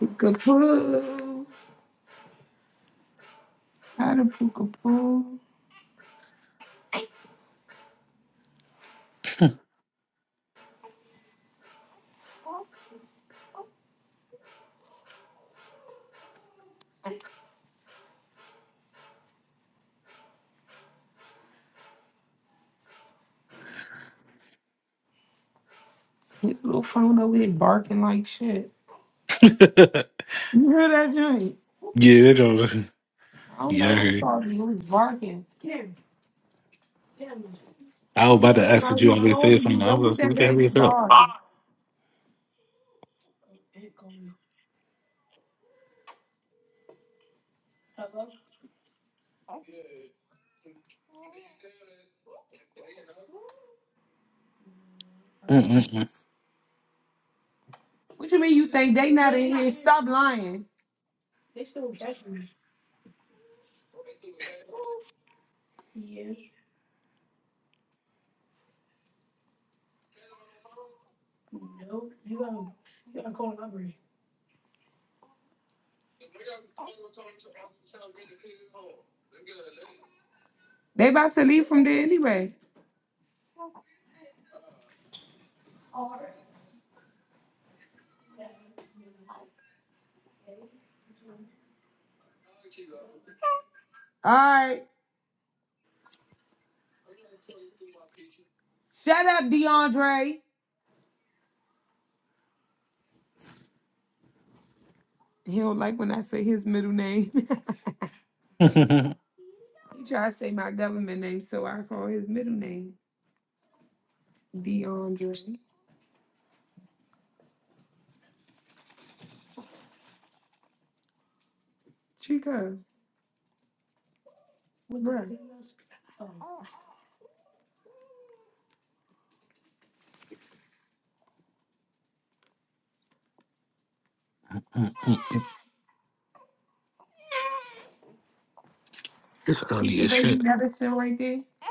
[SPEAKER 2] Poo. How to poo. His little phone over there barking like shit. You hear that joint?
[SPEAKER 1] yeah, that's all.
[SPEAKER 2] I don't
[SPEAKER 1] yeah.
[SPEAKER 2] know
[SPEAKER 1] I
[SPEAKER 2] what
[SPEAKER 1] heard.
[SPEAKER 2] caused you. It was barking. Kim,
[SPEAKER 1] I was
[SPEAKER 2] you
[SPEAKER 1] about to
[SPEAKER 2] heard
[SPEAKER 1] ask what
[SPEAKER 2] about
[SPEAKER 1] you
[SPEAKER 2] who
[SPEAKER 1] always say
[SPEAKER 2] calling you.
[SPEAKER 1] something. I was
[SPEAKER 2] Go
[SPEAKER 1] gonna
[SPEAKER 2] get
[SPEAKER 1] say,
[SPEAKER 2] that
[SPEAKER 1] what the hell
[SPEAKER 2] baby
[SPEAKER 1] is up?
[SPEAKER 2] bars.
[SPEAKER 1] Mm, mm,
[SPEAKER 2] What you mean you think they not in here? Stop lying. They still catch me. Yeah. No. You gotta, You gotta call the library. They about to leave from there anyway. All right. Shut up, DeAndre. He don't like when I say his middle name.
[SPEAKER 1] mm. Mm,
[SPEAKER 2] he try to say my government name, so I call his middle name DeAndre. Chica, bruh. Oh.
[SPEAKER 1] mm. it's
[SPEAKER 2] You
[SPEAKER 1] early
[SPEAKER 2] the
[SPEAKER 1] as
[SPEAKER 2] baby
[SPEAKER 1] shit.
[SPEAKER 2] medicine right there?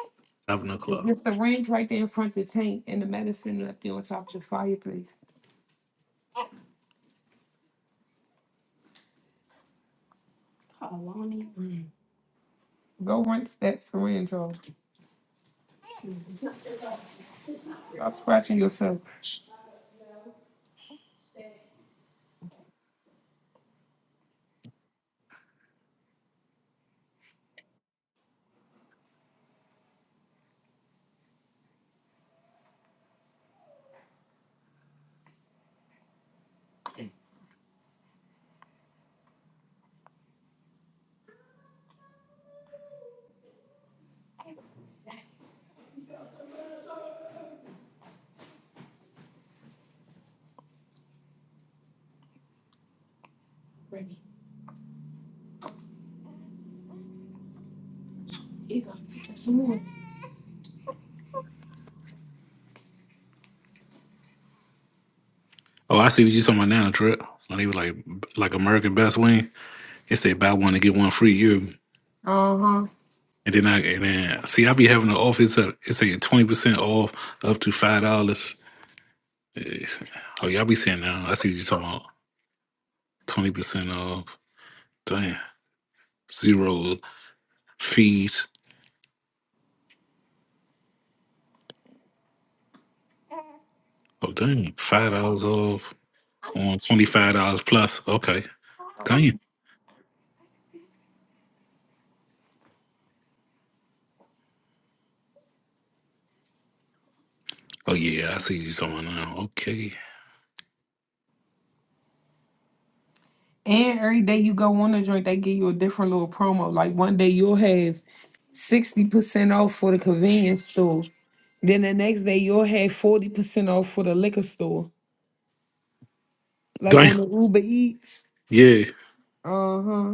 [SPEAKER 1] Seven o'clock.
[SPEAKER 2] The syringe right there in front of the tank and the medicine left there on top of the fireplace. Call on it. Mm. Go rinse that syringe off. Stop scratching yourself. Ready. Here you go. Some more.
[SPEAKER 1] Oh, I see what you talking about now, Trip. When he was like, like American Best Wing. It say buy one and get one free. You
[SPEAKER 2] Uh huh.
[SPEAKER 1] and then I and then see I be having an offer. It's a it's a twenty percent off up to five dollars. Eh, Oh y'all be saying now. I see what you talking about twenty percent off. Damn zero fees. Oh dang five dollars off on twenty five dollars plus. Okay damn. Oh yeah I see what you talking about now. Okay
[SPEAKER 2] And every day you go on a joint, they give you a different little promo. Like one day you'll have 60% off for the convenience store. Then the next day you'll have 40% off for the liquor store. Like
[SPEAKER 1] damn
[SPEAKER 2] on the Uber Eats.
[SPEAKER 1] yeah.
[SPEAKER 2] Uh huh.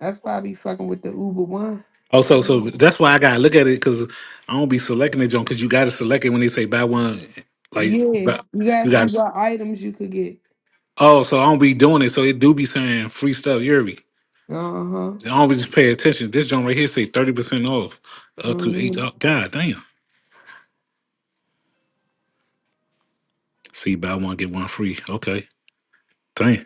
[SPEAKER 2] That's why I be fucking with the Uber One.
[SPEAKER 1] Also, so so that's why I gotta look at it because I don't be selecting it, John. Because you gotta select it when they say buy one. Like,
[SPEAKER 2] Yeah,
[SPEAKER 1] buy,
[SPEAKER 2] you gotta
[SPEAKER 1] you
[SPEAKER 2] see
[SPEAKER 1] got.
[SPEAKER 2] what items you could get.
[SPEAKER 1] Oh, so I don't be doing it. So it do be saying free stuff yearly.
[SPEAKER 2] Uh huh.
[SPEAKER 1] I don't be just pay attention. This joint right here say thirty percent off, up to eight.
[SPEAKER 2] hmm
[SPEAKER 1] Oh, God damn. See, buy one get one free. Okay, damn.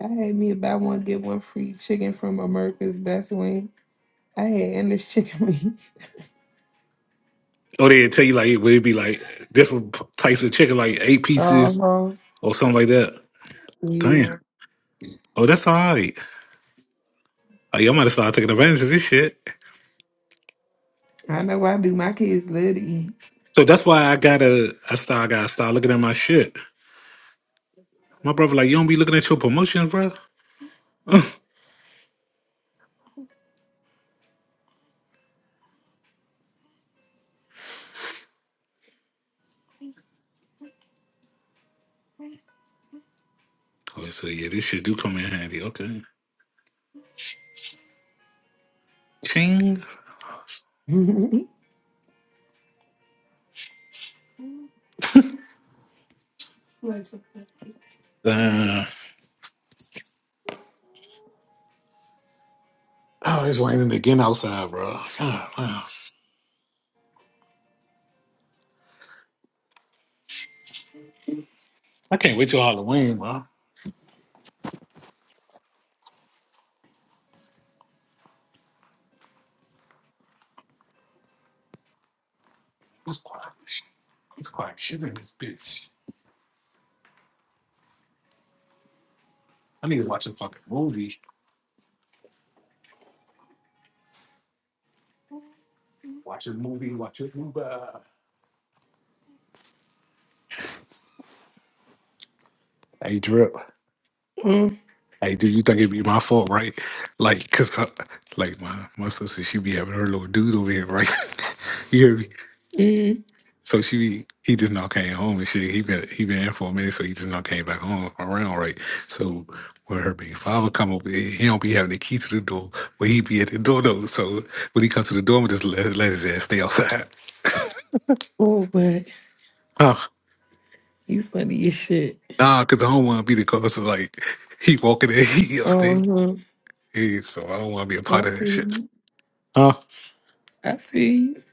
[SPEAKER 2] I had me a buy one get one free chicken from America's Best Wing. I had endless chicken wings.
[SPEAKER 1] Oh, they tell you like it would be like different p- types of chicken, like eight
[SPEAKER 2] Uh
[SPEAKER 1] pieces
[SPEAKER 2] huh.
[SPEAKER 1] or something like that.
[SPEAKER 2] Yeah,
[SPEAKER 1] Damn. Oh, that's all right. Oh, yeah, I might have started taking advantage of this shit.
[SPEAKER 2] I know I do. My kids love to eat.
[SPEAKER 1] So that's why I gotta, I start, I gotta start looking at my shit. My brother, like, you don't be looking at your promotions, bro. Oh, so yeah, this shit do come in handy. Okay. Ching. Oh, it's raining again outside, bro. God, man. I can't wait till Halloween, bro. Hey, drip. Hey, do you think it'd be my fault, right? Like, cause I, like my my sister, she be having her little dude over here, right? you hear me?
[SPEAKER 2] mm-hmm.
[SPEAKER 1] So she be, he just now came home and shit. He been he been in for a minute, so he just now came back home around, right? So when her big father come over, he he don't be having the key to the door, but he be at the door though. So when he comes to the door, I'm just let, let his ass stay outside.
[SPEAKER 2] Oh, but you funny as shit.
[SPEAKER 1] Nah, because I don't want to be the cause of like he walking in, he
[SPEAKER 2] Uh
[SPEAKER 1] upstairs.
[SPEAKER 2] huh.
[SPEAKER 1] Yeah, so I don't want to be a
[SPEAKER 2] I
[SPEAKER 1] part
[SPEAKER 2] feel
[SPEAKER 1] of that shit.
[SPEAKER 2] you.
[SPEAKER 1] Huh?
[SPEAKER 2] I feel you.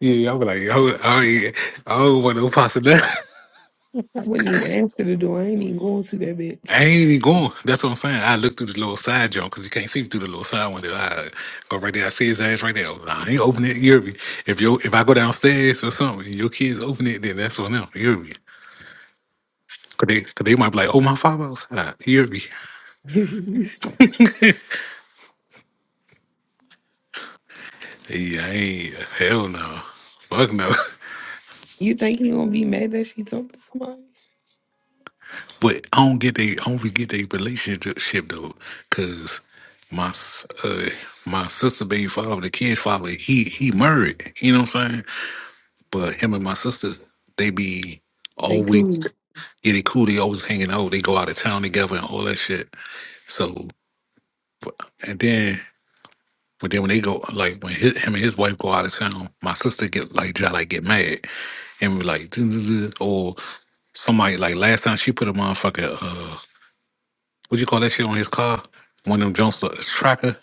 [SPEAKER 1] Yeah, I'll be like, I, I, ain't- I don't want no parts of that.
[SPEAKER 2] I wouldn't even answer the door. I ain't even going to that
[SPEAKER 1] I
[SPEAKER 2] bitch.
[SPEAKER 1] ain't even going. That's what I'm saying. I look through the little side joint because you can't see through the little side window. I go right there. I see his ass right there. Nah, I ain't open it. You hear me? If you if I go downstairs or something, and your kids open it, then that's on them. You hear me? Cause they, cause they might be like, oh my father outside. You hear me? yeah, I ain't hell no. Fuck no.
[SPEAKER 2] you think he gonna be mad that she talked to somebody?
[SPEAKER 1] But I don't get they, I don't forget they relationship though, cause my s- uh my sister baby father, the kid's father, he he married. You know what I'm saying? But him and my sister, they be
[SPEAKER 2] They
[SPEAKER 1] always
[SPEAKER 2] cool.
[SPEAKER 1] yeah they cool. They always hanging out. They go out of town together and all that shit. So but- and then but then when they go like when his, him and his wife go out of town, my sister get like just like get mad and be like "Duh, duh, duh," or somebody like last time she put a motherfucker. uh, what you call that shit on his car? One of them jumps a tracker.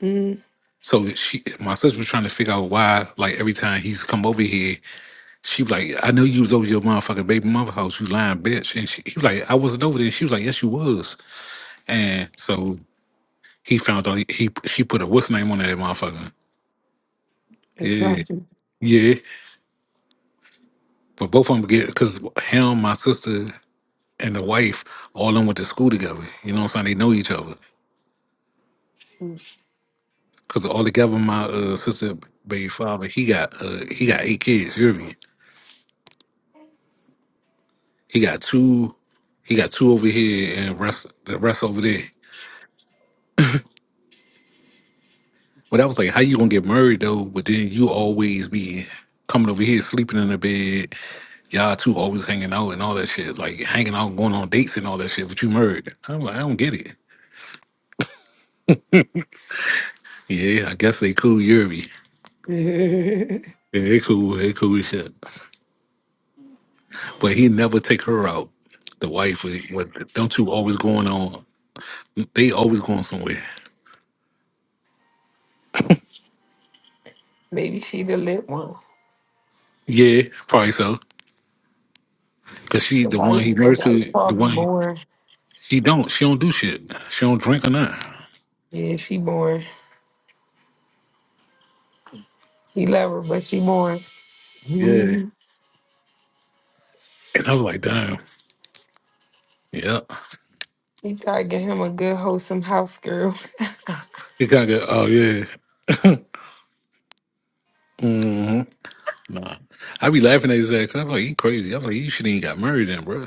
[SPEAKER 2] Mm,
[SPEAKER 1] So she, my sister was trying to figure out why, like every time he's come over here, she was like, "I know you was over your motherfucking baby mother house, you lying bitch." And she, he was like, "I wasn't over there." She was like, "Yes, you was." And so he found out he, he she put a what's name on that motherfucker.
[SPEAKER 2] they're
[SPEAKER 1] Yeah,
[SPEAKER 2] trapping.
[SPEAKER 1] yeah. But both of them get because him, my sister, and the wife all of them went to school together. You know what I'm saying? They know each other. Cause altogether, my uh, sister, baby father, he got uh, he got eight kids. You hear me? He got two, he got two over here, and rest the rest over there. But I was like, how you gonna get married though? But then you always be coming over here, sleeping in the bed. Y'all two always hanging out and all that shit, like hanging out, going on dates and all that shit. But you married? I'm like, I don't get it. Yeah, I guess they cool, Yuri. Yeah, they cool, they cool as shit. But he never take her out. The wife, uh, what don't you always going on? They always going somewhere.
[SPEAKER 2] Maybe she the lit one.
[SPEAKER 1] Yeah, probably so. Cause she
[SPEAKER 2] The
[SPEAKER 1] the
[SPEAKER 2] wife,
[SPEAKER 1] one he
[SPEAKER 2] the
[SPEAKER 1] married
[SPEAKER 2] wife's
[SPEAKER 1] to, the
[SPEAKER 2] probably
[SPEAKER 1] one he-
[SPEAKER 2] born.
[SPEAKER 1] she don't, she don't do shit. She don't drink or nothing.
[SPEAKER 2] Yeah, she born. He love her, but she born.
[SPEAKER 1] Yeah.
[SPEAKER 2] Mhm.
[SPEAKER 1] And I was like, damn. Yeah.
[SPEAKER 2] He try to get him a good, wholesome house girl. Ain't
[SPEAKER 1] It kind of got. oh yeah. hmm Nah. I be laughing at his ass 'cause I was like, he crazy. I was like, you should ain't got married then, bro.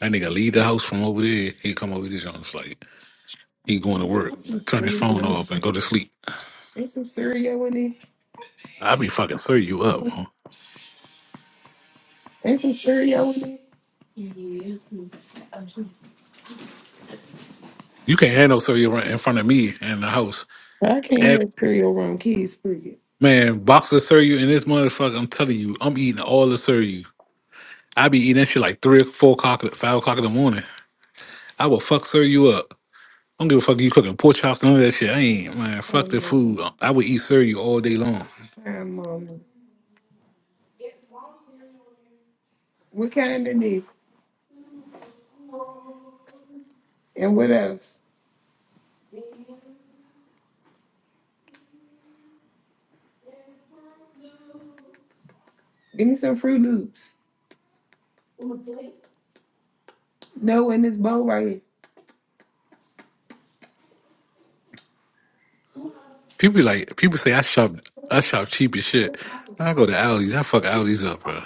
[SPEAKER 1] That nigga leave the house from over there. He come over this, and it's like he going to work, turn his phone
[SPEAKER 2] Syria.
[SPEAKER 1] off, and go to sleep.
[SPEAKER 2] Ain't some Syria with it.
[SPEAKER 1] I be fucking sir you up. Huh?
[SPEAKER 2] Ain't some Syria with it. Yeah.
[SPEAKER 1] You can't handle sir you right in front of me in the house.
[SPEAKER 2] I can't have Syria around kids, Bridget.
[SPEAKER 1] Man, box of cereal in this motherfucker. I'm telling you, I'm eating all the cereal. I be eating that shit like three or four o'clock, five o'clock in the morning. I will fuck cereal up. I don't give a fuck if you cooking pork chops, none of that shit. I ain't man.
[SPEAKER 2] Oh,
[SPEAKER 1] Fuck the
[SPEAKER 2] mama.
[SPEAKER 1] food. I would eat cereal all day long.
[SPEAKER 2] Hi, mama. What kind of need? And what else? Give me some Fruit Loops. No, in this bowl right here.
[SPEAKER 1] People be like people say I shop, I shop cheap as shit. I go to Aldi's. I fuck Aldi's up, bro.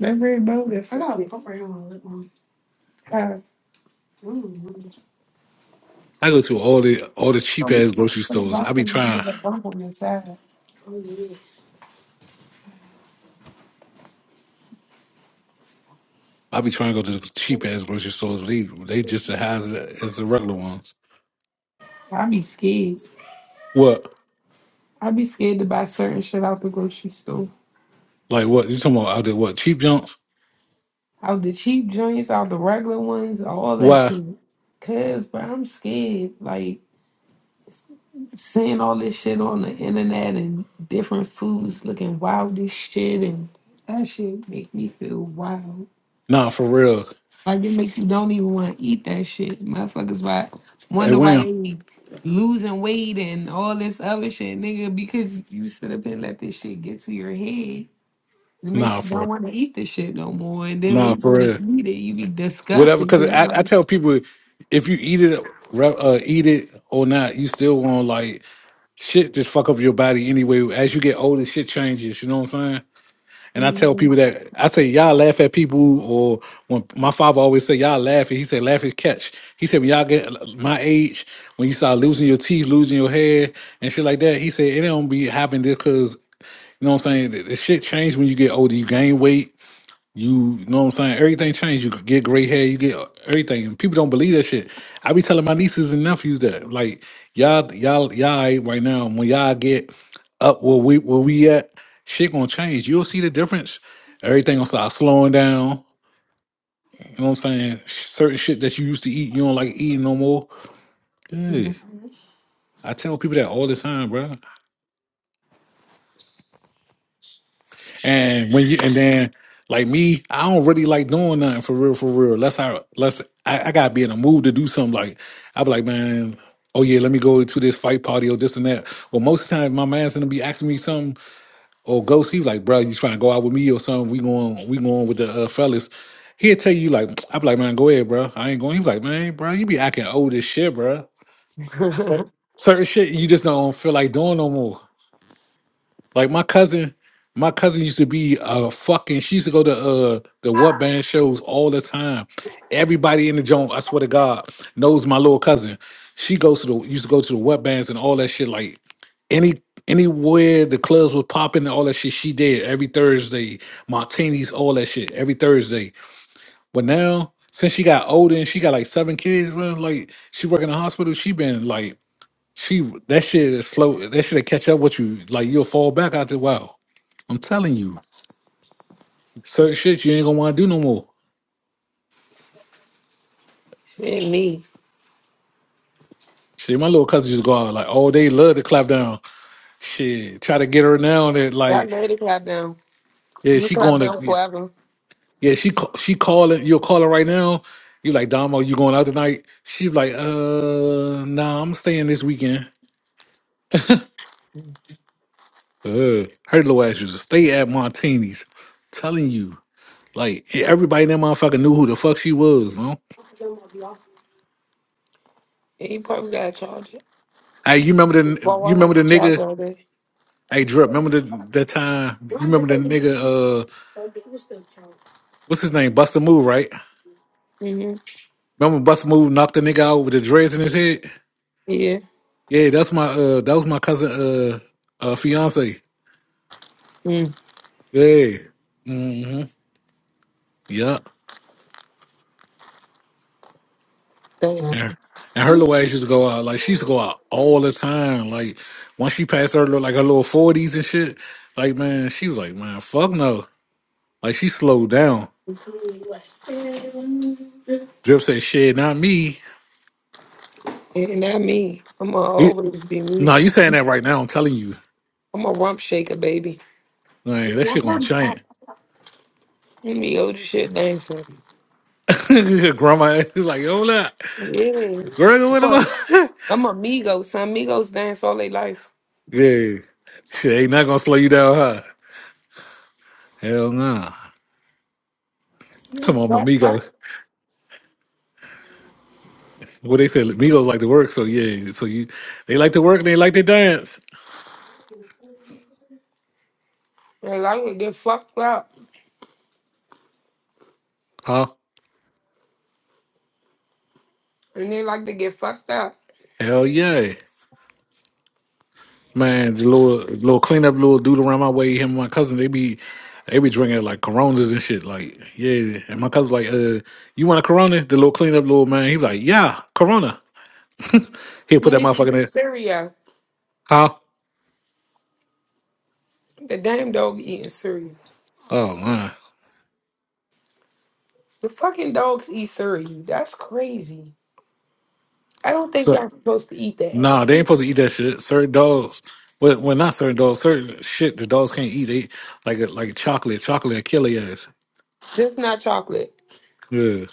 [SPEAKER 2] That red bowl. That's I gotta be right here on the lip balm. uh, Mm.
[SPEAKER 1] I go to all the all the cheap ass grocery
[SPEAKER 2] put a
[SPEAKER 1] stores. I
[SPEAKER 2] bump
[SPEAKER 1] be
[SPEAKER 2] in the
[SPEAKER 1] trying.
[SPEAKER 2] put a bump on the side. Oh, yeah.
[SPEAKER 1] I be trying to go to the cheap ass grocery stores. But they they just as high as, as the regular ones.
[SPEAKER 2] I be scared.
[SPEAKER 1] What?
[SPEAKER 2] I be scared to buy certain shit out the grocery store.
[SPEAKER 1] Like what? You talking about out there? What cheap junks?
[SPEAKER 2] Out the cheap joints, out the regular ones, all that
[SPEAKER 1] Why?
[SPEAKER 2] shit. Cause, but I'm scared. Like. seeing all this shit on the internet and different foods looking wild as shit and that shit make me feel wild.
[SPEAKER 1] Nah, for real.
[SPEAKER 2] Like it makes you don't even want to eat that shit. Motherfuckers why
[SPEAKER 1] Hey,
[SPEAKER 2] wonder why
[SPEAKER 1] when?
[SPEAKER 2] they be losing weight and all this other shit, nigga, because you sit up and let this shit get to your head. It makes
[SPEAKER 1] Nah,
[SPEAKER 2] you don't
[SPEAKER 1] for
[SPEAKER 2] want to eat this shit no more. And then
[SPEAKER 1] nah,
[SPEAKER 2] when you go
[SPEAKER 1] for
[SPEAKER 2] to
[SPEAKER 1] real.
[SPEAKER 2] eat it, you be
[SPEAKER 1] Whatever.
[SPEAKER 2] disgusted. you
[SPEAKER 1] Because I,
[SPEAKER 2] like,
[SPEAKER 1] I
[SPEAKER 2] mm,
[SPEAKER 1] tell people if you eat it, re- uh, eat it or not, you still want like shit. Just fuck up your body anyway. As you get older, shit changes. You know what I'm saying? And I tell
[SPEAKER 2] mm,
[SPEAKER 1] people that I say y'all laugh at people, or when my father always say y'all laugh, and he said laugh is catch. He said when y'all get my age, when you start losing your teeth, losing your hair, and shit like that, he said it don't be happening just 'cause You know what I'm saying? The, the shit changed when you get older. You gain weight. You, you know what I'm saying? Everything changed. You get gray hair. You get everything. And people don't believe that shit. I be telling my nieces and nephews that, like, y'all, y'all, y'all right right now, when y'all get up where we where we at, shit gonna change. You'll see the difference. Everything gonna start slowing down. You know what I'm saying? Certain shit that you used to eat, you don't like eating no more. Yeah.
[SPEAKER 2] mm.
[SPEAKER 1] I tell people that all the time, bro. And when you and then like me, I don't really like doing nothing for real, for real. Unless I unless I, I gotta be in a mood to do something like i be like, man, oh yeah, let me go to this fight party or this and that. Well most of the time my man's gonna be asking me something or ghost, he like, bro, you trying to go out with me or something, we going we going with the uh, fellas. He'll tell you like i be like, man, go ahead, bro. I ain't going. He be like, man, bro, you be acting old as shit, bro. Certain shit you just don't feel like doing no more. Like my cousin, my cousin used to be uh fucking. She used to go to uh the what band shows all the time. Everybody in the joint, I swear to God, knows my little cousin. She goes to the used to go to the what bands and all that shit. Like any anywhere the clubs was popping and all that shit, she did every Thursday. Martinis, all that shit every Thursday. But now since she got older and she got like seven kids, man, like she work in the hospital, she been like. She that shit is slow. That shit will catch up with you. Like you'll fall back after a while. I'm telling you, certain shit you ain't gonna want to do no more.
[SPEAKER 2] shit, me.
[SPEAKER 1] Shit, my little cousin just go out like all day, love to clap down. Shit, try to get her now that
[SPEAKER 2] I
[SPEAKER 1] like
[SPEAKER 2] ready to clap down.
[SPEAKER 1] yeah,
[SPEAKER 2] You
[SPEAKER 1] she
[SPEAKER 2] clap
[SPEAKER 1] going
[SPEAKER 2] down
[SPEAKER 1] to
[SPEAKER 2] forever.
[SPEAKER 1] yeah she ca- she calling you'll call her right now. You like Damo, you going out tonight? She's like, uh, nah, I'm staying this weekend. Uh, her little ass used to stay at Martini's. Telling you, like everybody in that motherfucker knew who the fuck she was, man.
[SPEAKER 2] Yeah, you probably gotta charge it.
[SPEAKER 1] Hey, you remember the
[SPEAKER 2] Go
[SPEAKER 1] you
[SPEAKER 2] out here
[SPEAKER 1] remember the
[SPEAKER 2] and charge
[SPEAKER 1] nigga?
[SPEAKER 2] all day.
[SPEAKER 1] Hey, Drip, remember the that time? You remember the nigga? Uh, what's his name? Buster Move, right?
[SPEAKER 2] Mm-hmm.
[SPEAKER 1] Remember Buster Move knocked the nigga out with the dreads in his head?
[SPEAKER 2] Yeah.
[SPEAKER 1] Yeah, that's my uh, that was my cousin uh, uh fiance.
[SPEAKER 2] Mm.
[SPEAKER 1] Yeah. Mm-hmm. Yup.
[SPEAKER 2] Damn.
[SPEAKER 1] And and her little ass used to go out like she used to go out all the time. Like once she passed her little- like her little forties and shit, like man, she was like, man, fuck no. Like she slowed down. Drip said, shit, not me.
[SPEAKER 2] And not me. I'm gonna always be
[SPEAKER 1] No,
[SPEAKER 2] me.
[SPEAKER 1] you saying that right now? I'm telling you,
[SPEAKER 2] I'm a rump shaker, baby.
[SPEAKER 1] man, that
[SPEAKER 2] Let
[SPEAKER 1] shit gonna change.
[SPEAKER 2] me old shit dancer.
[SPEAKER 1] Your Grandma is like, yo, what up?
[SPEAKER 2] Yeah.
[SPEAKER 1] Girl, what about?
[SPEAKER 2] I'm a Migos, son. Migos dance all their life.
[SPEAKER 1] yeah, shit ain't not gonna slow you down, huh? Hell nah. Come
[SPEAKER 2] They
[SPEAKER 1] on, my Migos. What they said, Migos like to work, so yeah, so you they like to work and they like to dance,
[SPEAKER 2] like to get fucked up.
[SPEAKER 1] huh?
[SPEAKER 2] And they like to get fucked up.
[SPEAKER 1] Hell yeah, man. The little little cleanup, little dude around my way, him and my cousin, they be they be drinking like Coronas and shit, like yeah. And my cousin's like, uh, you want a Corona? The little cleanup little man, he was like, yeah, Corona. He'll put that motherfucker in
[SPEAKER 2] Nigga,
[SPEAKER 1] there.
[SPEAKER 2] Syria.
[SPEAKER 1] Huh?
[SPEAKER 2] The damn dog eating cereal.
[SPEAKER 1] Oh man.
[SPEAKER 2] The fucking dogs eat cereal. That's crazy. I don't think
[SPEAKER 1] So
[SPEAKER 2] y'all supposed to eat that.
[SPEAKER 1] nah, they ain't supposed to eat that shit. Certain dogs. Well, well not certain dogs, certain shit the dogs can't eat. They like a like chocolate. Chocolate will kill their ass.
[SPEAKER 2] This not chocolate.
[SPEAKER 1] Yeah.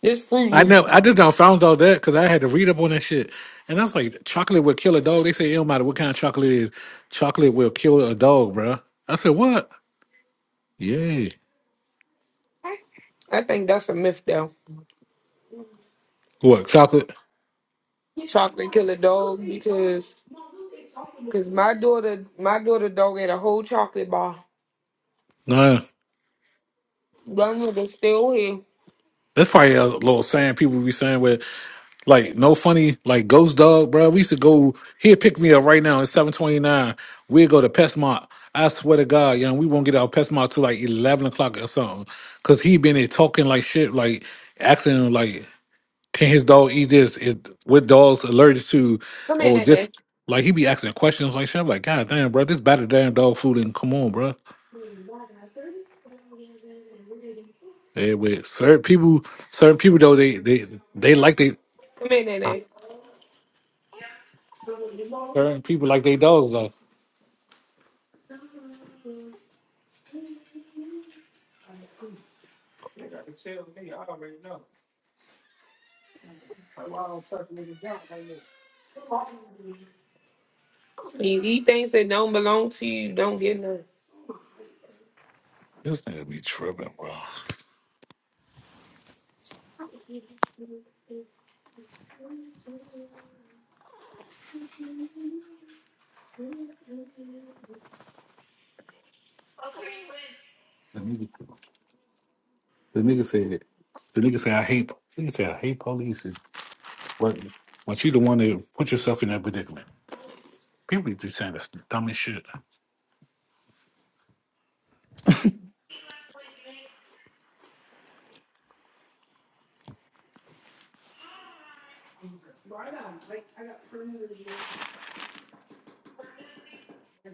[SPEAKER 2] This Fruit
[SPEAKER 1] I know
[SPEAKER 2] Loops.
[SPEAKER 1] I just don't found out that because I had to read up on that shit. And I was like, chocolate will kill a dog. They say it don't matter what kind of chocolate it is, chocolate will kill a dog, bruh. I said, What? Yeah.
[SPEAKER 2] I think that's a myth though.
[SPEAKER 1] What, chocolate?
[SPEAKER 2] Chocolate kill a dog because because my daughter my daughter dog ate a whole chocolate bar.
[SPEAKER 1] Nah.
[SPEAKER 2] Young nigga still here.
[SPEAKER 1] That's probably a little saying people be saying Like no funny, like Ghost Dog, bro. We used to go. He'd pick me up right now. It's seven twenty nine. We'd go to Pestmont. I swear to God, you know, we won't get out of Pestmont till like eleven o'clock or something. Cause he been there talking like shit, like acting like can his dog eat this? Is what dogs allergic to?
[SPEAKER 2] Come in
[SPEAKER 1] Or
[SPEAKER 2] there,
[SPEAKER 1] this?
[SPEAKER 2] Nene.
[SPEAKER 1] Like he be asking questions like shit. I'm like, God damn, bro, this better damn dog food. And come on, bro. Yeah, with certain people, certain people though, they they they like they
[SPEAKER 2] Come in there, Nene.
[SPEAKER 1] certain people like they dogs though.
[SPEAKER 2] You eat things that don't belong to you, don't get none.
[SPEAKER 1] This nigga be tripping, bro. The nigga, the nigga said, the nigga said, I hate, the nigga said, I hate police. It's- But, but you the one that put yourself in that predicament. People be just saying that's the dumbest shit.
[SPEAKER 2] You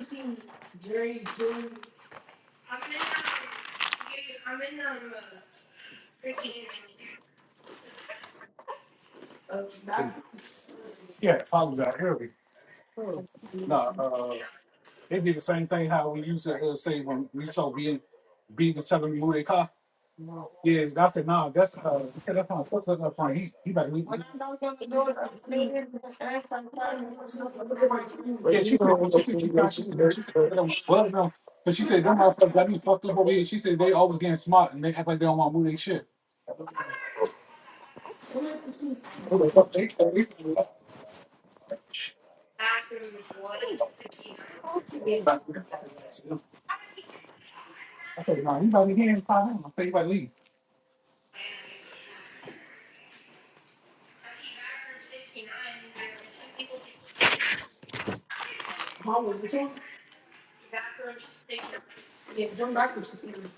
[SPEAKER 2] seen Jerry's doing? I'm in, um, I'm in, um, freaking. Uh, back. I look at my team. But you know. Yeah, mom was too. Yeah, jump back to team.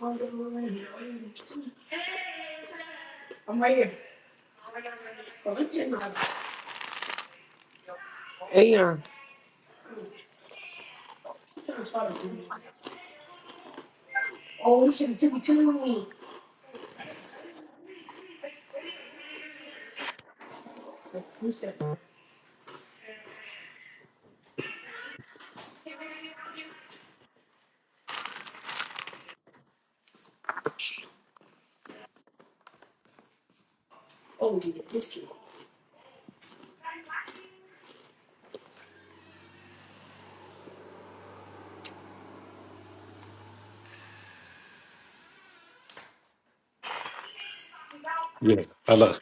[SPEAKER 2] I'm right here. Oh, it's in my- Hey, yeah. Oh, we should have took you to me. Who said, oh, yeah, this kid.
[SPEAKER 1] Yeah, I love.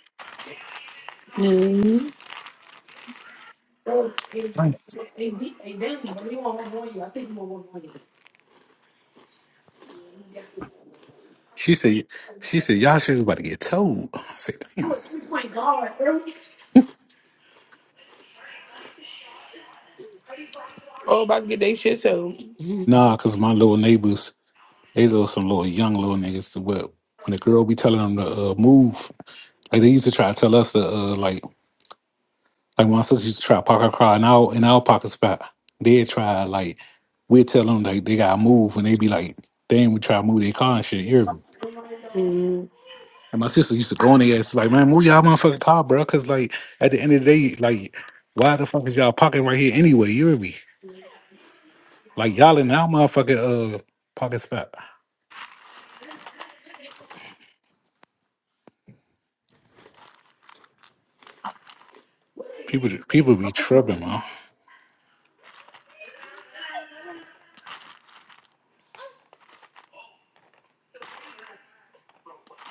[SPEAKER 2] Mhm. Bro, they, they beat they Bailey, but you want one more year. I think you want one more year.
[SPEAKER 1] She said, she said, y'all shit is about to get told. I said,
[SPEAKER 2] I'm
[SPEAKER 1] damn.
[SPEAKER 2] a three point guard. bro. Oh, about to get their shit too.
[SPEAKER 1] Nah, cause my little neighbors, they little some little young little niggas. To what when the girl be telling them to uh, move, like they used to try to tell us to uh, like Like my sisters used to try to park her car in our in our parking spot. They'd try like we'd tell them like they gotta move and they'd be like, they ain't would try to move their car and shit. You hear me?
[SPEAKER 2] Mhm.
[SPEAKER 1] And my sister used to go in there, ass like, man, move y'all motherfucking car, bro. Cause like at the end of the day, like, why the fuck is y'all parking right here anyway? You hear me? Like y'all in our motherfucking uh parking spot. People people be tripping, man.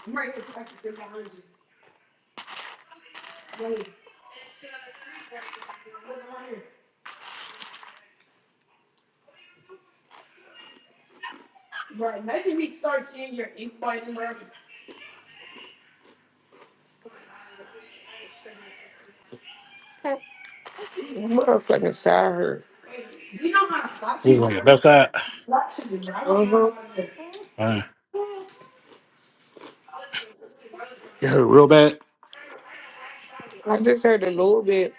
[SPEAKER 2] I'm right here practicing my hundred. Right here. Look, I'm right here. Bro, imagine me start seeing your ink biting, bro. Motherfucking side hurt. Wait, you know how to stop
[SPEAKER 1] It
[SPEAKER 2] you,
[SPEAKER 1] was
[SPEAKER 2] bro?
[SPEAKER 1] like left side.
[SPEAKER 2] Stop you, bro. I Uh don't huh. know how to.
[SPEAKER 1] Man. You hurt real bad?
[SPEAKER 2] I just heard a little bit.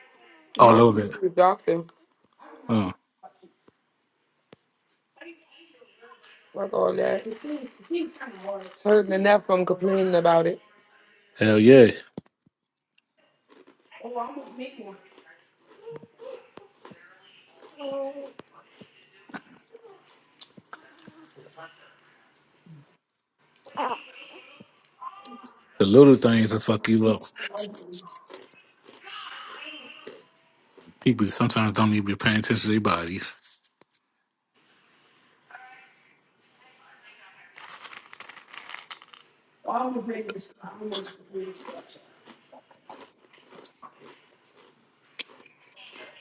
[SPEAKER 1] Oh, a
[SPEAKER 2] My
[SPEAKER 1] little bit.
[SPEAKER 2] doctor,
[SPEAKER 1] Oh,
[SPEAKER 2] fuck all that. It seems, it seems kind of hard. It's hurting enough from complaining about it.
[SPEAKER 1] hell yeah.
[SPEAKER 2] Oh, I almost made one. Oh,
[SPEAKER 1] The little things will fuck you up. People sometimes don't even be paying attention to their bodies.
[SPEAKER 2] I almost made this. I almost made this.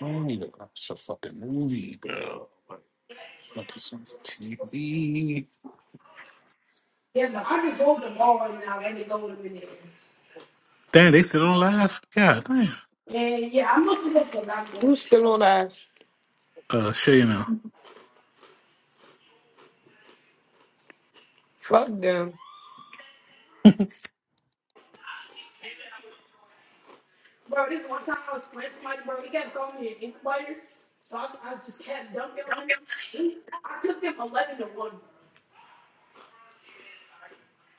[SPEAKER 1] Man, you to watch a fucking movie, bro. Like, fucking something TV.
[SPEAKER 2] Yeah, but I just hold the ball right now. Let it go in a minute.
[SPEAKER 1] Damn, they still on live? God damn.
[SPEAKER 2] And yeah, I must have looked a lot Who's still on that?
[SPEAKER 1] Uh, show you now.
[SPEAKER 2] Fuck them. Bro, this one time I was playing somebody, bro. He kept throwing me an incubator. So I, s- I just kept dunking on him. We- I took them 11 to 1.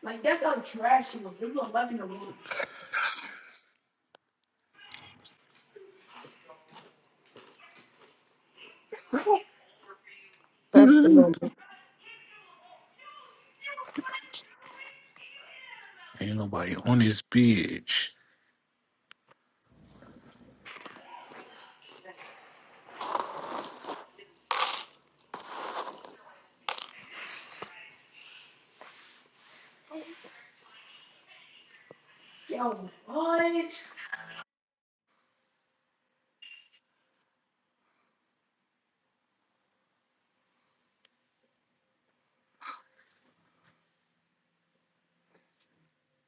[SPEAKER 2] Like, that's how trash he was. It was 11 to 1. That's the number.
[SPEAKER 1] Ain't nobody on this bitch.
[SPEAKER 2] Yo, what? What are you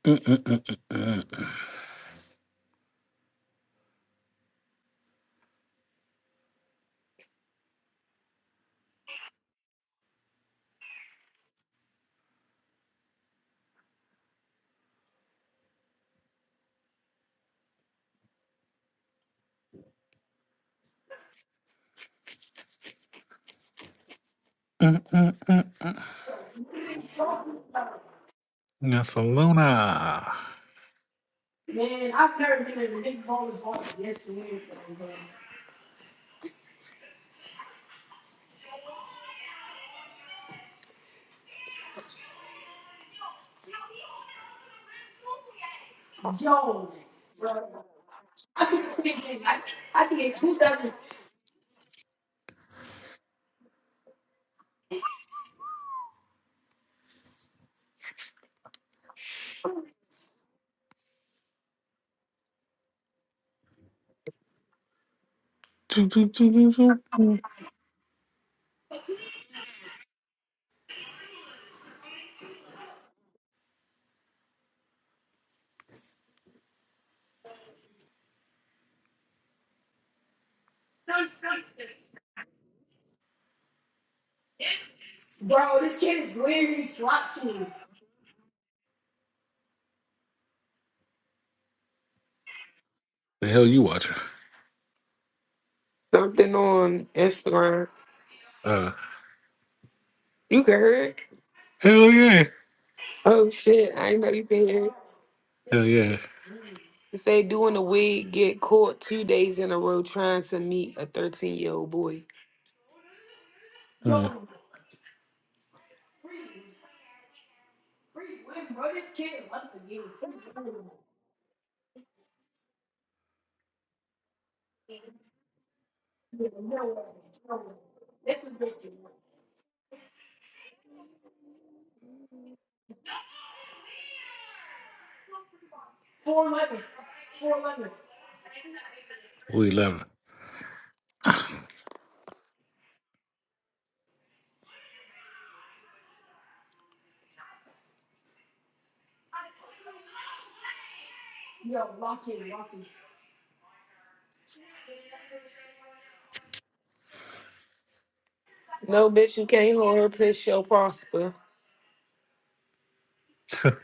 [SPEAKER 1] Mm-mm-mm-mm-mm. Mm-mm-mm.
[SPEAKER 2] talking about?
[SPEAKER 1] That's a Luna.
[SPEAKER 2] Man, I've never been in a big ball as hard as this. Jones, bro. I keep thinking, I, I think who two dozen,
[SPEAKER 1] Do, do, do, do, do.
[SPEAKER 2] bro? This kid is literally swatting.
[SPEAKER 1] The hell you watching?
[SPEAKER 2] Something on Instagram.
[SPEAKER 1] Uh,
[SPEAKER 2] You can hear it.
[SPEAKER 1] hell yeah.
[SPEAKER 2] Oh shit! I ain't know you can hear it.
[SPEAKER 1] Hell yeah.
[SPEAKER 2] It say doing the wig get caught two days in a row trying to meet a thirteen year old boy.
[SPEAKER 1] Uh,
[SPEAKER 2] Yo, free, free women, bro. This kid wants to get it. No way. This is basically four eleven, four eleven.
[SPEAKER 1] we love
[SPEAKER 2] Yo, lock in, lock in. No, bitch, you can't hold her piss, she'll prosper.
[SPEAKER 1] it.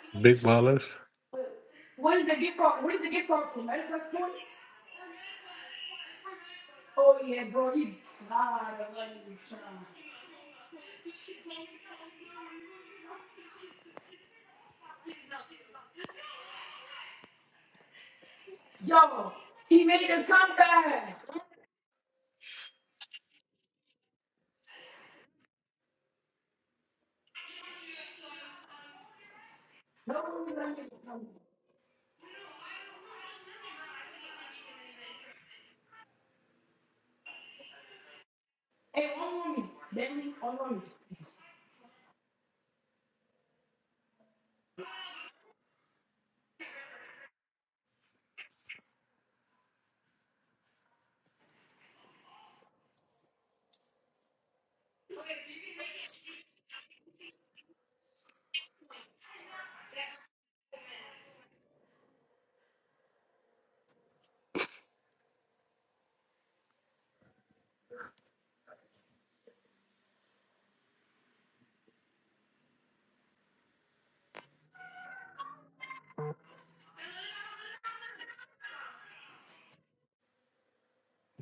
[SPEAKER 1] Big ballers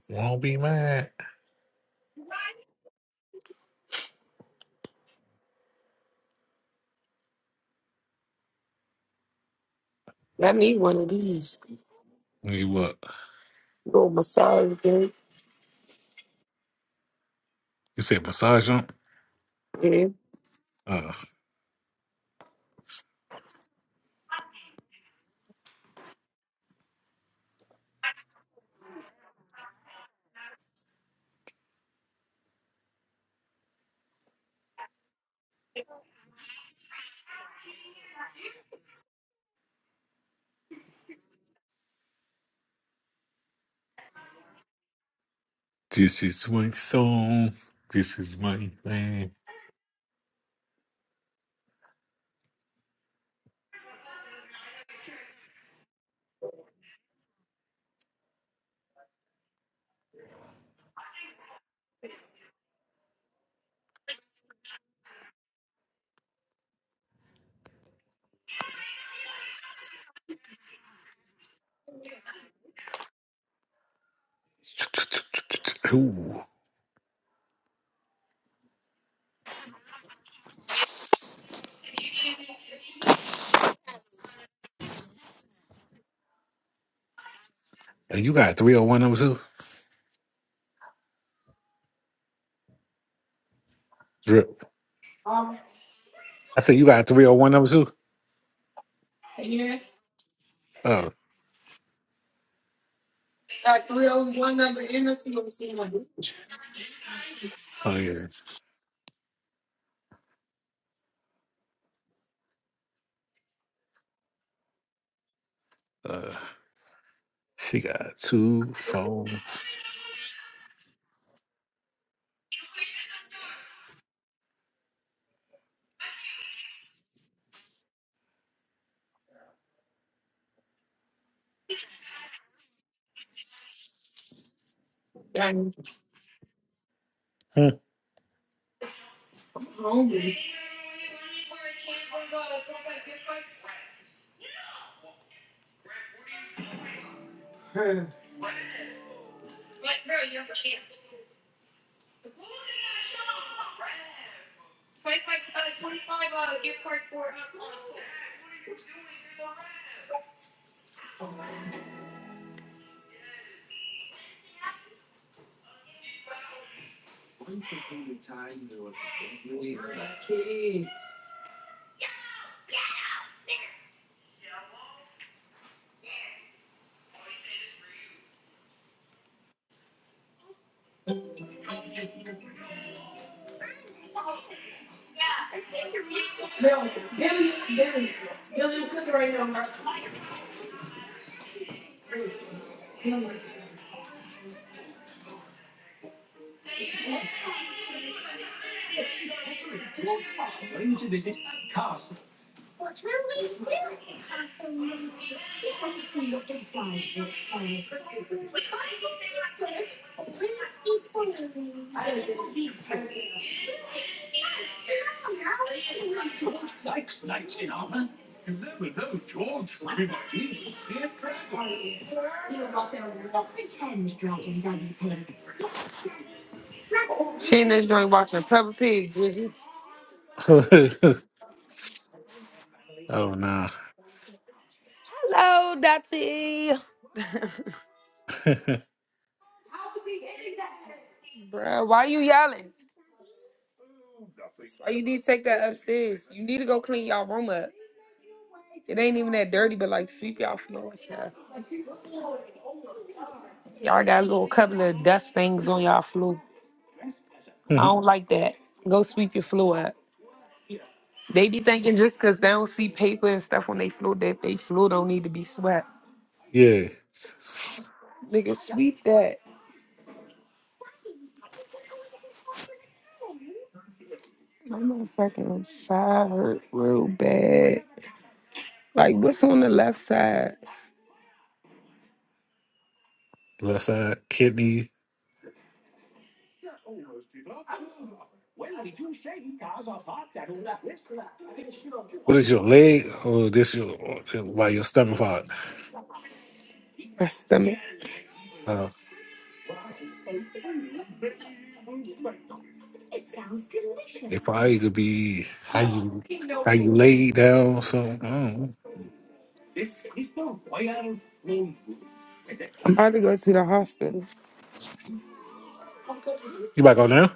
[SPEAKER 1] won't be mad.
[SPEAKER 2] I need one of these.
[SPEAKER 1] You what?
[SPEAKER 2] Little massage thing.
[SPEAKER 1] You said massage 'em? Uh, this is my song. This is my thing. Ooh. And you got three hundred one number two Drip. I said you got three hundred one number two.
[SPEAKER 2] Yeah.
[SPEAKER 1] Oh,
[SPEAKER 2] Got 301 number in us. You want to see
[SPEAKER 1] oh yeah. Uh, she got two phone.
[SPEAKER 2] Dang. Billy, Billy, Billy, Billy, was cooking right now, bro. Billy. I didn't see I didn't see him. He was out there with the- rock. She in this joint watching Peppa Pig, was you?
[SPEAKER 1] oh, nah.
[SPEAKER 2] Oh, Dottie. Bruh, why you yelling? That's Why you need to take that upstairs? You need to go clean y'all room up. It ain't even that dirty, but like sweep y'all floor and stuff. Y'all got a little couple of dust things on y'all floor. I don't like that. Go sweep your floor up. They be thinking just because they don't see paper and stuff on they floor that they floor don't need to be swept.
[SPEAKER 1] yeah.
[SPEAKER 2] Nigga, sweep that. My motherfucking side hurt real bad. Like, what's on the left side?
[SPEAKER 1] Left side, kidney. What is your leg or this your, by your stomach part?
[SPEAKER 2] My stomach.
[SPEAKER 1] Uh, it probably could be
[SPEAKER 2] I'm
[SPEAKER 1] how you, how you lay down. So, I don't know.
[SPEAKER 2] about to go to the hospital.
[SPEAKER 1] You about to go now?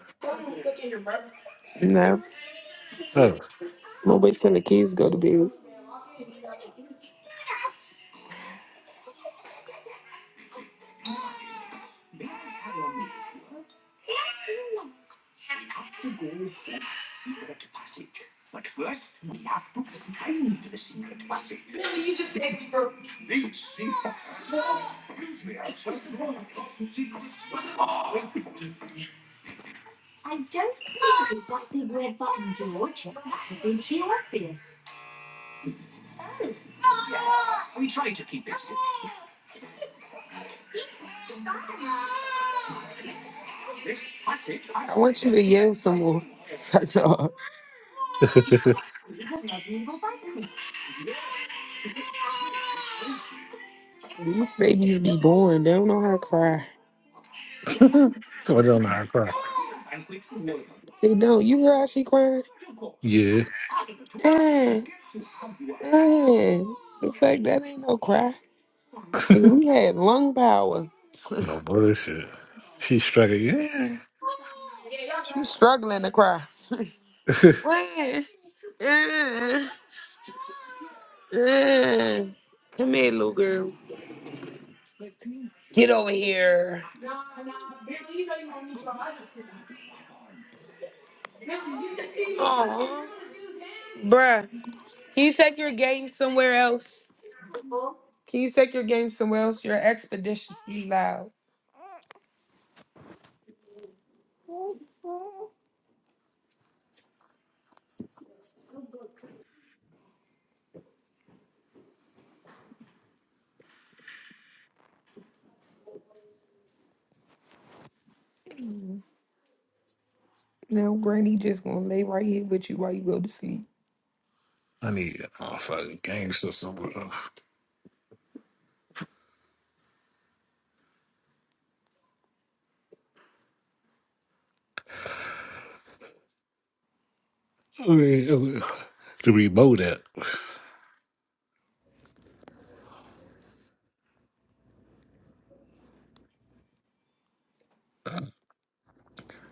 [SPEAKER 2] No, I'm
[SPEAKER 1] Oh.
[SPEAKER 2] gonna wait till the kids go to bed. I want you to yell some more. Suck it off.
[SPEAKER 1] Told you
[SPEAKER 2] These babies be born. They don't know how to cry.
[SPEAKER 1] on the high crop.
[SPEAKER 2] They don't. You hear how she crying?
[SPEAKER 1] Yeah.
[SPEAKER 2] Eh, eh. In fact, that ain't no cry. And we had lung power.
[SPEAKER 1] No bullshit. She struck it. Yeah.
[SPEAKER 2] She's struggling to cry. Eh, eh, eh. Come here, little girl. Get over here. Aw. Bruh, can you take your game somewhere else? Can you take your game somewhere else? You're expeditiously loud. Now, Granny just gonna lay right here with you while you go to sleep.
[SPEAKER 1] I need a fucking gangster somewhere. I mean, uh, to remote that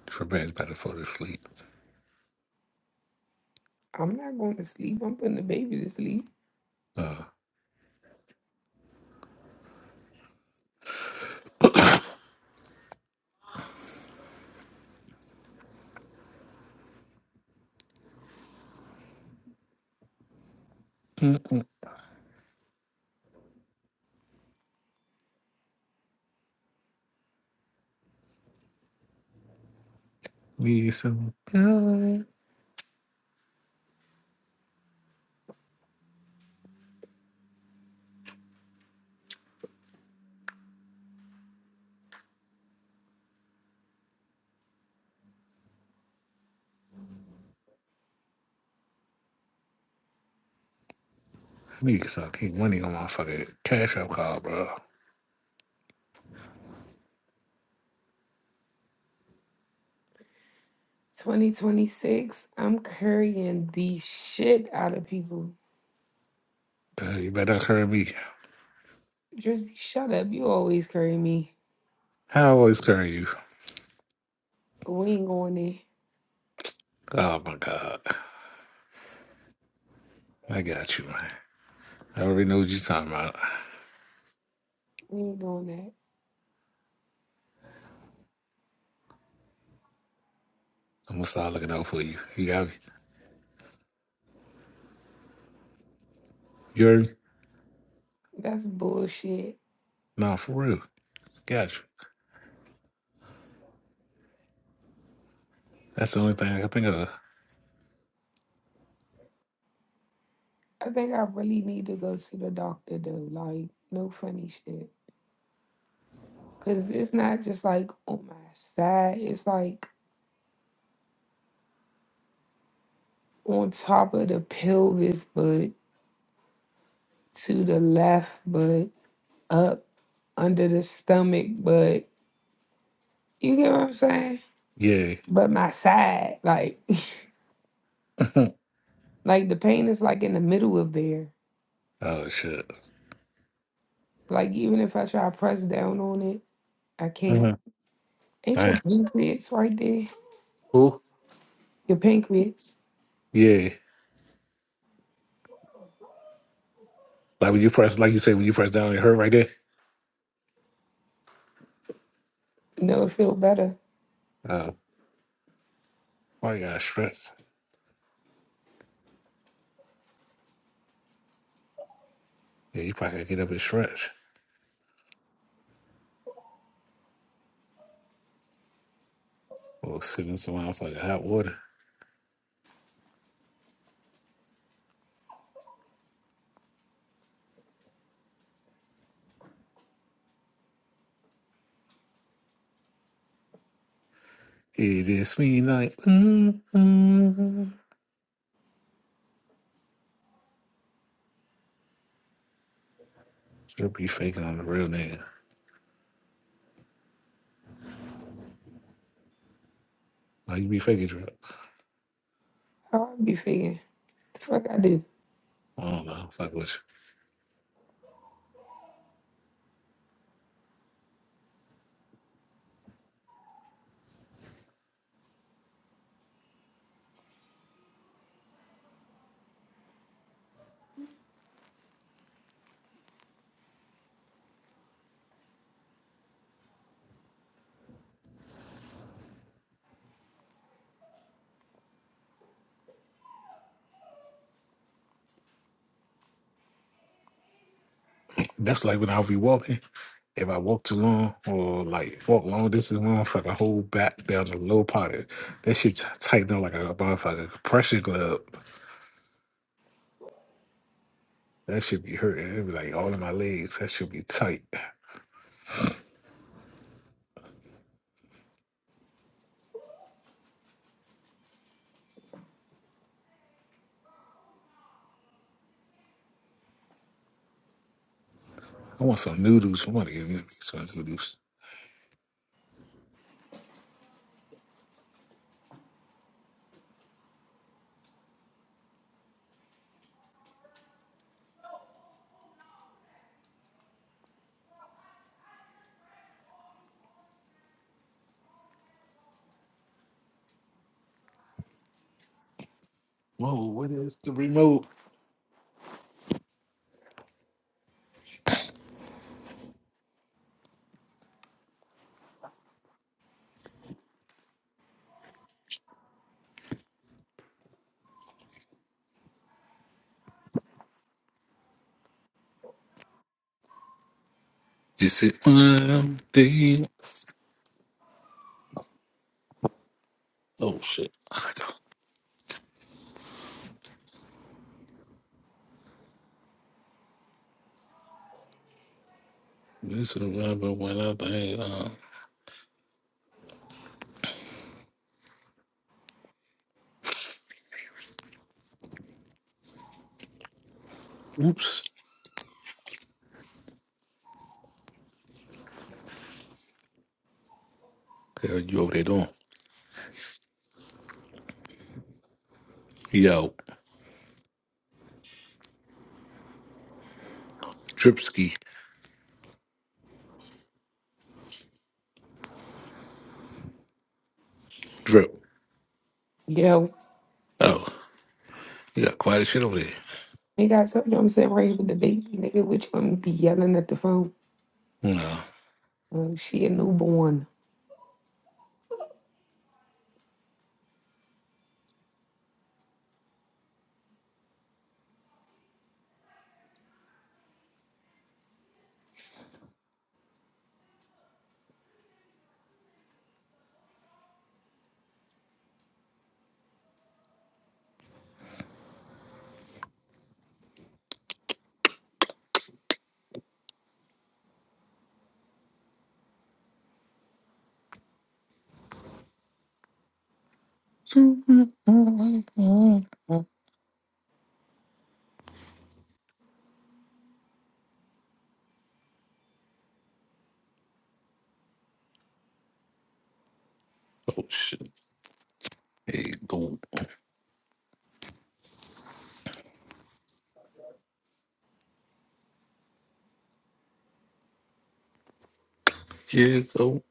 [SPEAKER 1] for man's about to fall asleep.
[SPEAKER 2] I'm not going to sleep. I'm putting the baby to sleep.
[SPEAKER 1] Uh, mm, need some. I need some. Keep money on my fucking cash app card, bro.
[SPEAKER 2] 2026, I'm carrying the shit out of people.
[SPEAKER 1] Uh, you better curry me.
[SPEAKER 2] Jersey, shut up. You always carry me.
[SPEAKER 1] I always curry you.
[SPEAKER 2] We ain't going there.
[SPEAKER 1] Oh my god. I got you, man. I already know what you're talking about.
[SPEAKER 2] We ain't doing that.
[SPEAKER 1] I'm gonna start looking out for you. You got me. You heard me?
[SPEAKER 2] That's bullshit.
[SPEAKER 1] No, for real. Gotcha. That's the only thing I can think of.
[SPEAKER 2] I think I really need to go to the doctor though. Like, no funny shit. Cause it's not just like on my side. It's like on top of the pelvis, but to the left, but up under the stomach, but you get what I'm saying?
[SPEAKER 1] Yeah.
[SPEAKER 2] But my side, like, like the pain is like in the middle of there.
[SPEAKER 1] oh shit.
[SPEAKER 2] Like even if I try to press down on it, I can't.
[SPEAKER 1] Uh-huh.
[SPEAKER 2] Ain't your
[SPEAKER 1] Damn.
[SPEAKER 2] pancreas right there?
[SPEAKER 1] Ooh.
[SPEAKER 2] Your pancreas.
[SPEAKER 1] Yeah. Like when you press, like you say, when you press down, it hurt right there.
[SPEAKER 2] You know, it feel better.
[SPEAKER 1] Oh, why you gotta stretch? Yeah, you probably gotta get up and stretch or sit in some motherfucking hot water. It is me like mm-hmm. Drip be faking on the real nigga. Like you be faking drip.
[SPEAKER 2] How I be feeling? The fuck I do?
[SPEAKER 1] I don't know. Fuck with you. That's like when I will be walking. If I walk too long or like walk long distance long for like a whole back down the low pocket, that shit t- tighten up like a motherfucking compression glove. That should be hurting. It'd be like all in my legs. That should be tight. I want some noodles. I want to give me some noodles. Whoa, what is the remote? Just sit one day. Oh shit. This is remember when I think uh, oops. Yeah, you over there doing? Yo, dripski drip.
[SPEAKER 2] Yo,
[SPEAKER 1] Oh, you got quite a shit over
[SPEAKER 2] nigga, I told you I'm sitting right here with the baby, nigga. Which one be yelling at the phone?
[SPEAKER 1] there.
[SPEAKER 2] Oh, she a newborn.
[SPEAKER 1] No. Oh shit. Hey, go. Here go.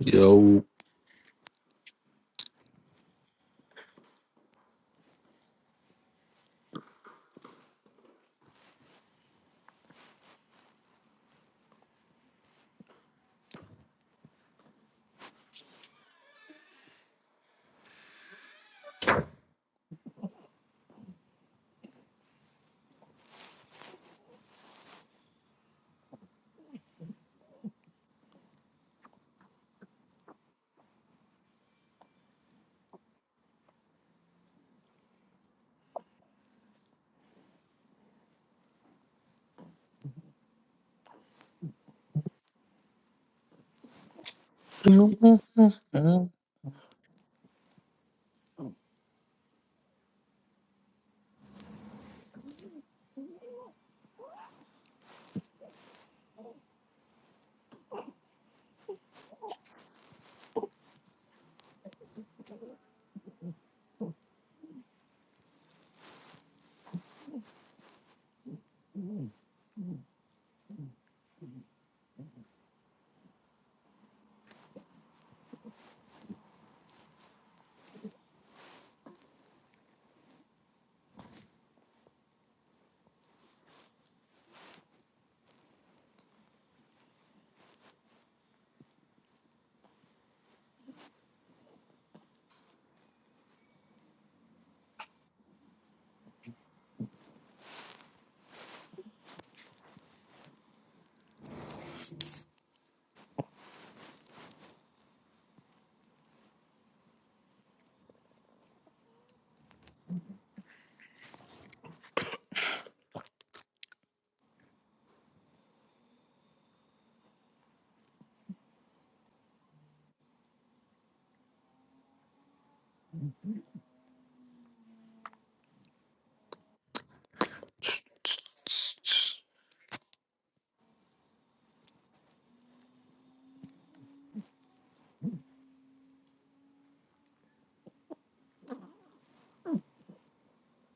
[SPEAKER 1] Yo.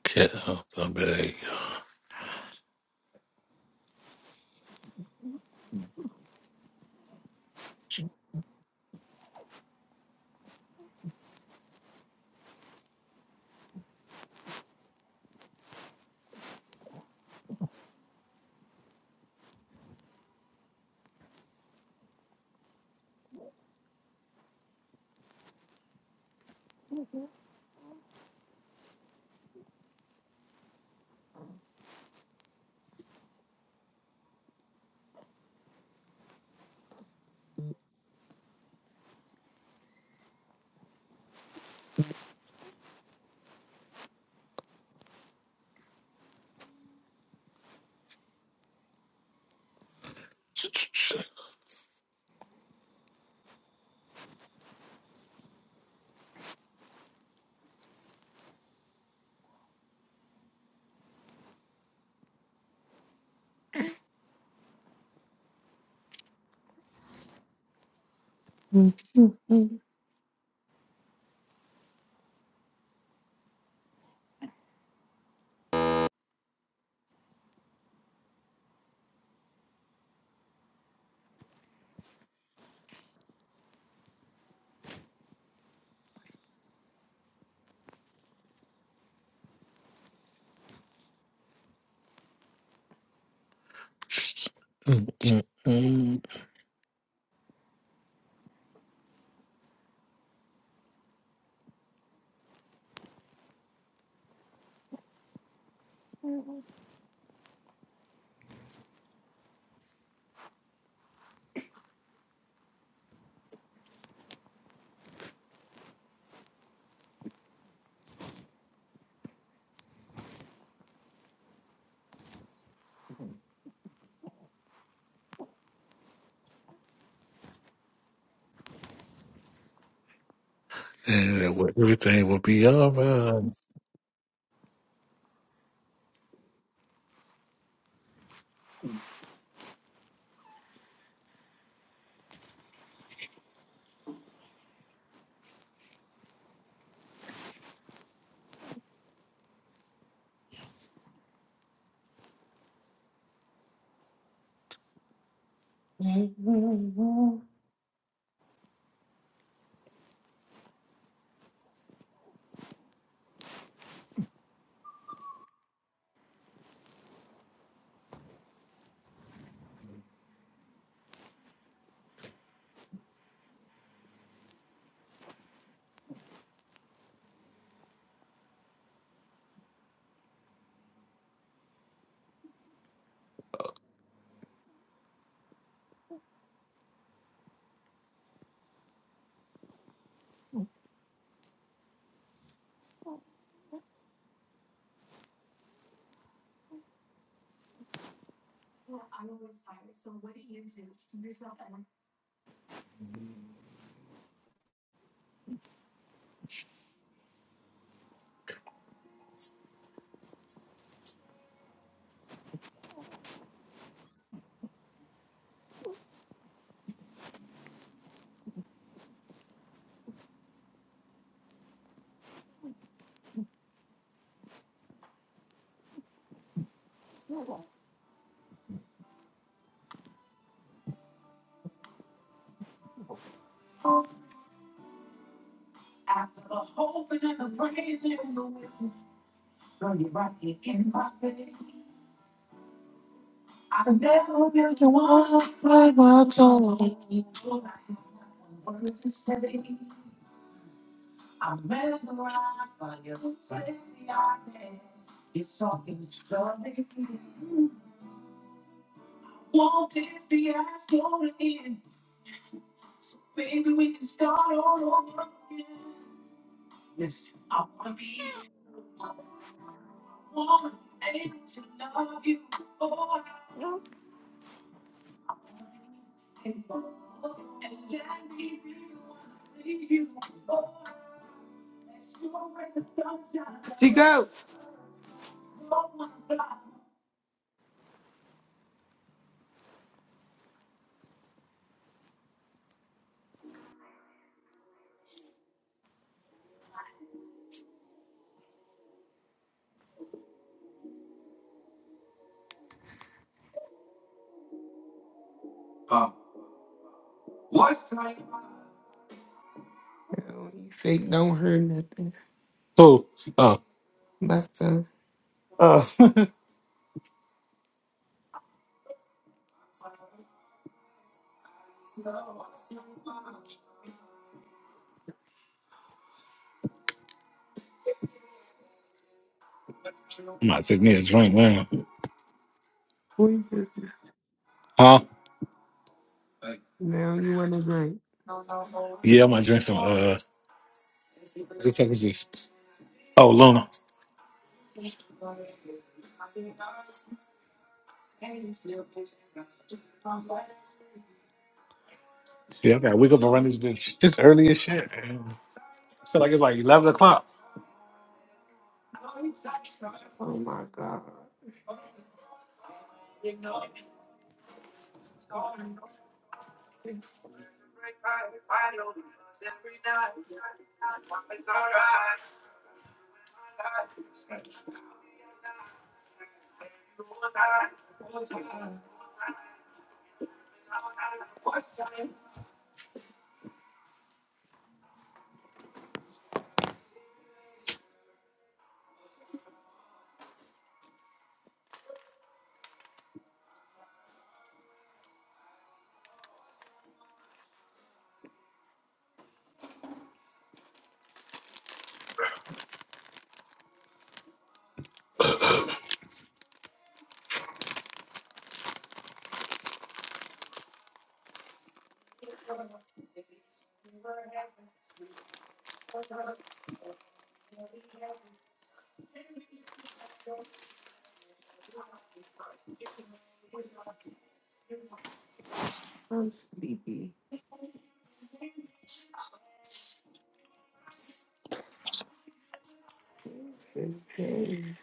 [SPEAKER 1] Cat up my bag. And well, everything will be alright.
[SPEAKER 2] She go. Now you fake don't hurt nothing.
[SPEAKER 1] Oh, oh,
[SPEAKER 2] But uh,
[SPEAKER 1] oh. I'm about to take me a drink now.
[SPEAKER 2] we just
[SPEAKER 1] Huh?
[SPEAKER 2] now you want to drink.
[SPEAKER 1] Yeah, I'm gonna drink some. Uh, what the fuck is this? Oh, Luna. Yeah, I gotta wake up and run this bitch. It's early as shit. man. I feel like it's like 11 o'clock.
[SPEAKER 2] Oh my god, I'm sleepy. Where's this game?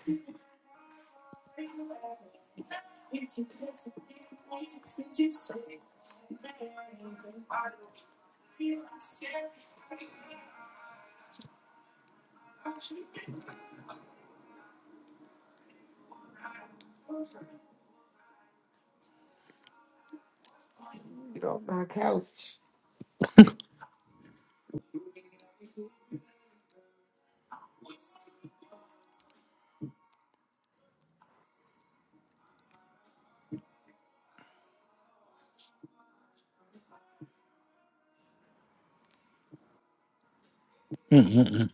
[SPEAKER 2] Get off my couch.
[SPEAKER 1] Mm-mm-mm.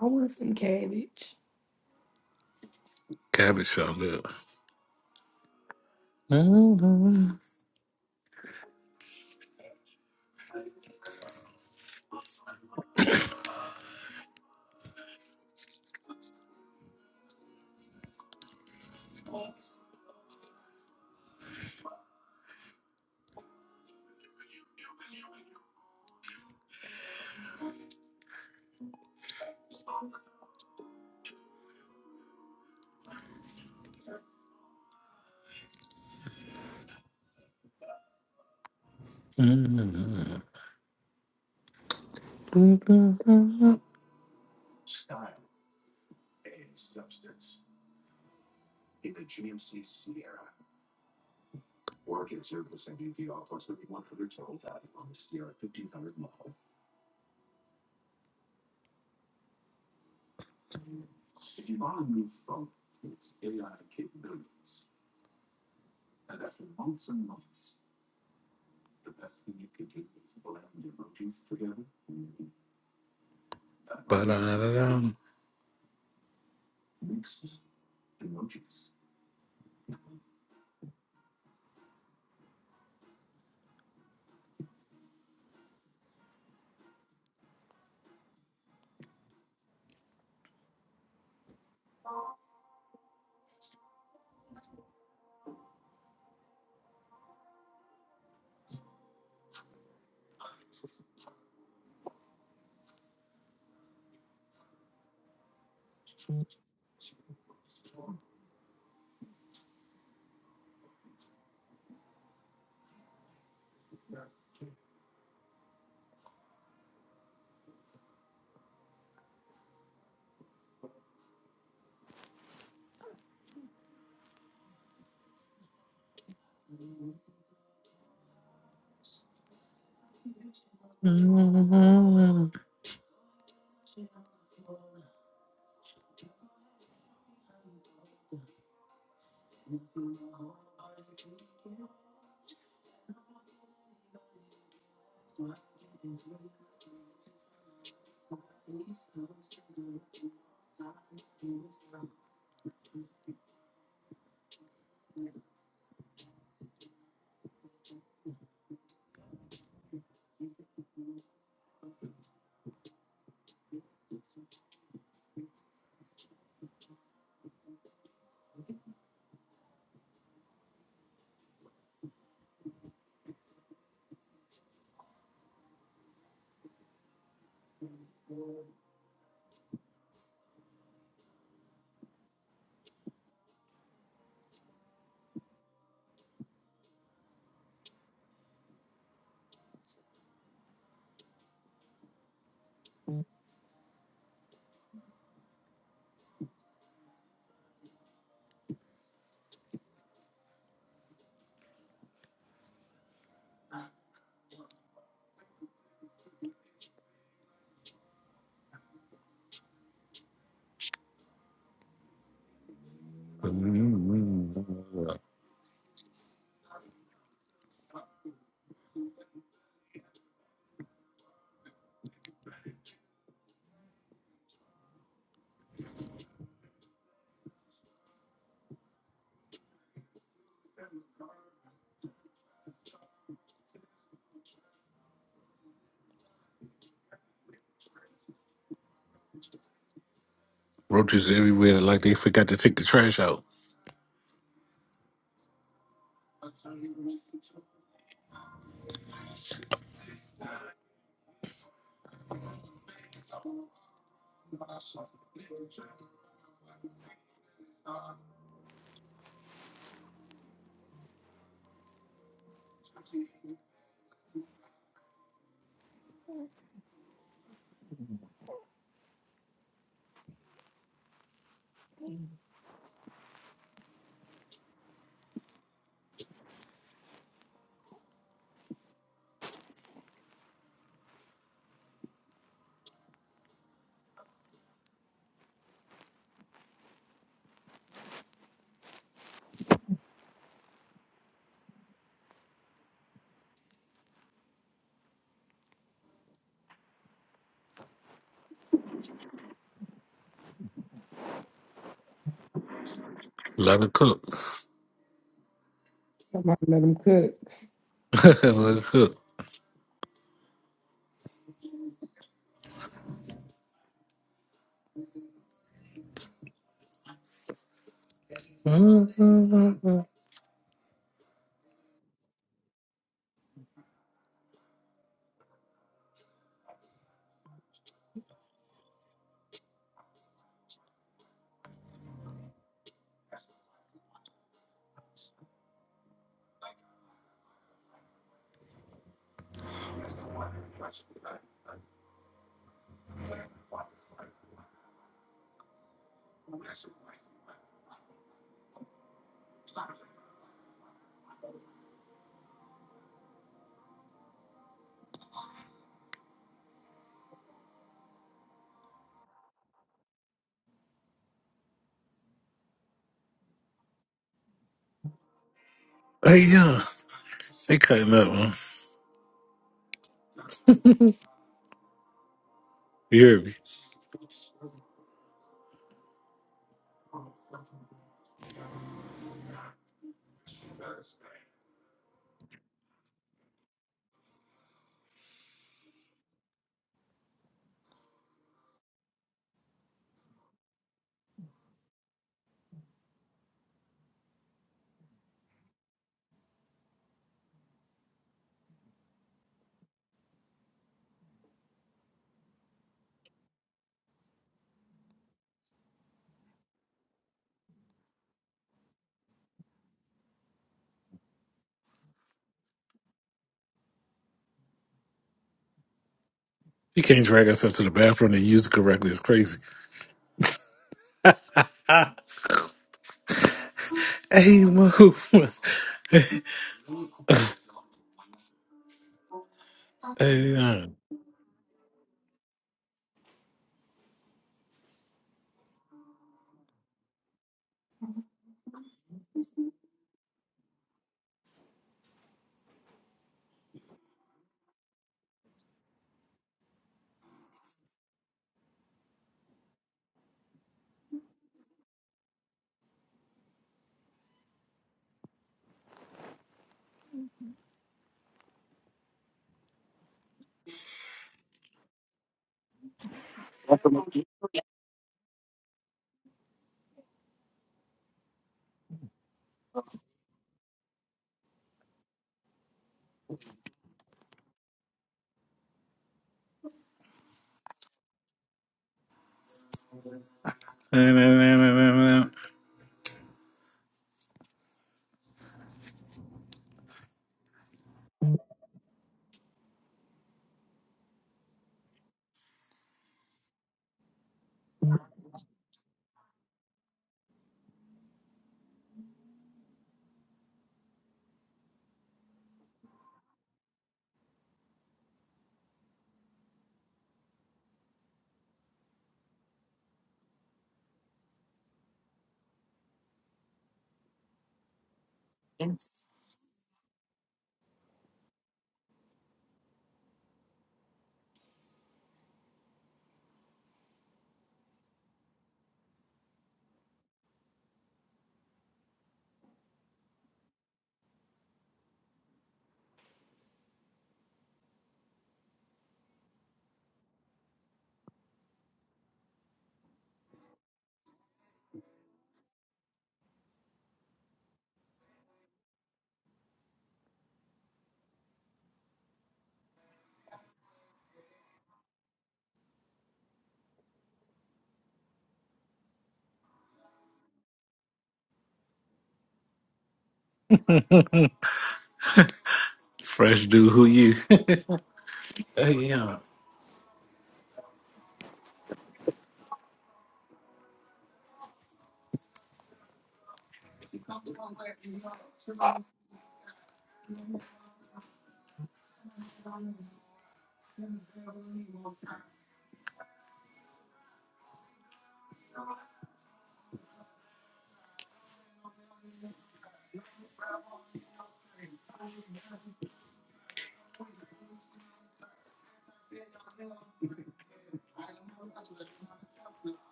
[SPEAKER 2] I want some cabbage.
[SPEAKER 1] Cabbage sound good. Roaches everywhere, like they forgot to take the trash out. Let it cook. Let it cook. Hey, yeah, they cutting up, man. You hear me? She can't drag herself to the bathroom and use it correctly. It's crazy. Hey, move. Hey, yeah. Hey, nah, nah, nah, nah, nah, nah. Fresh dude, who you? Hey, yeah.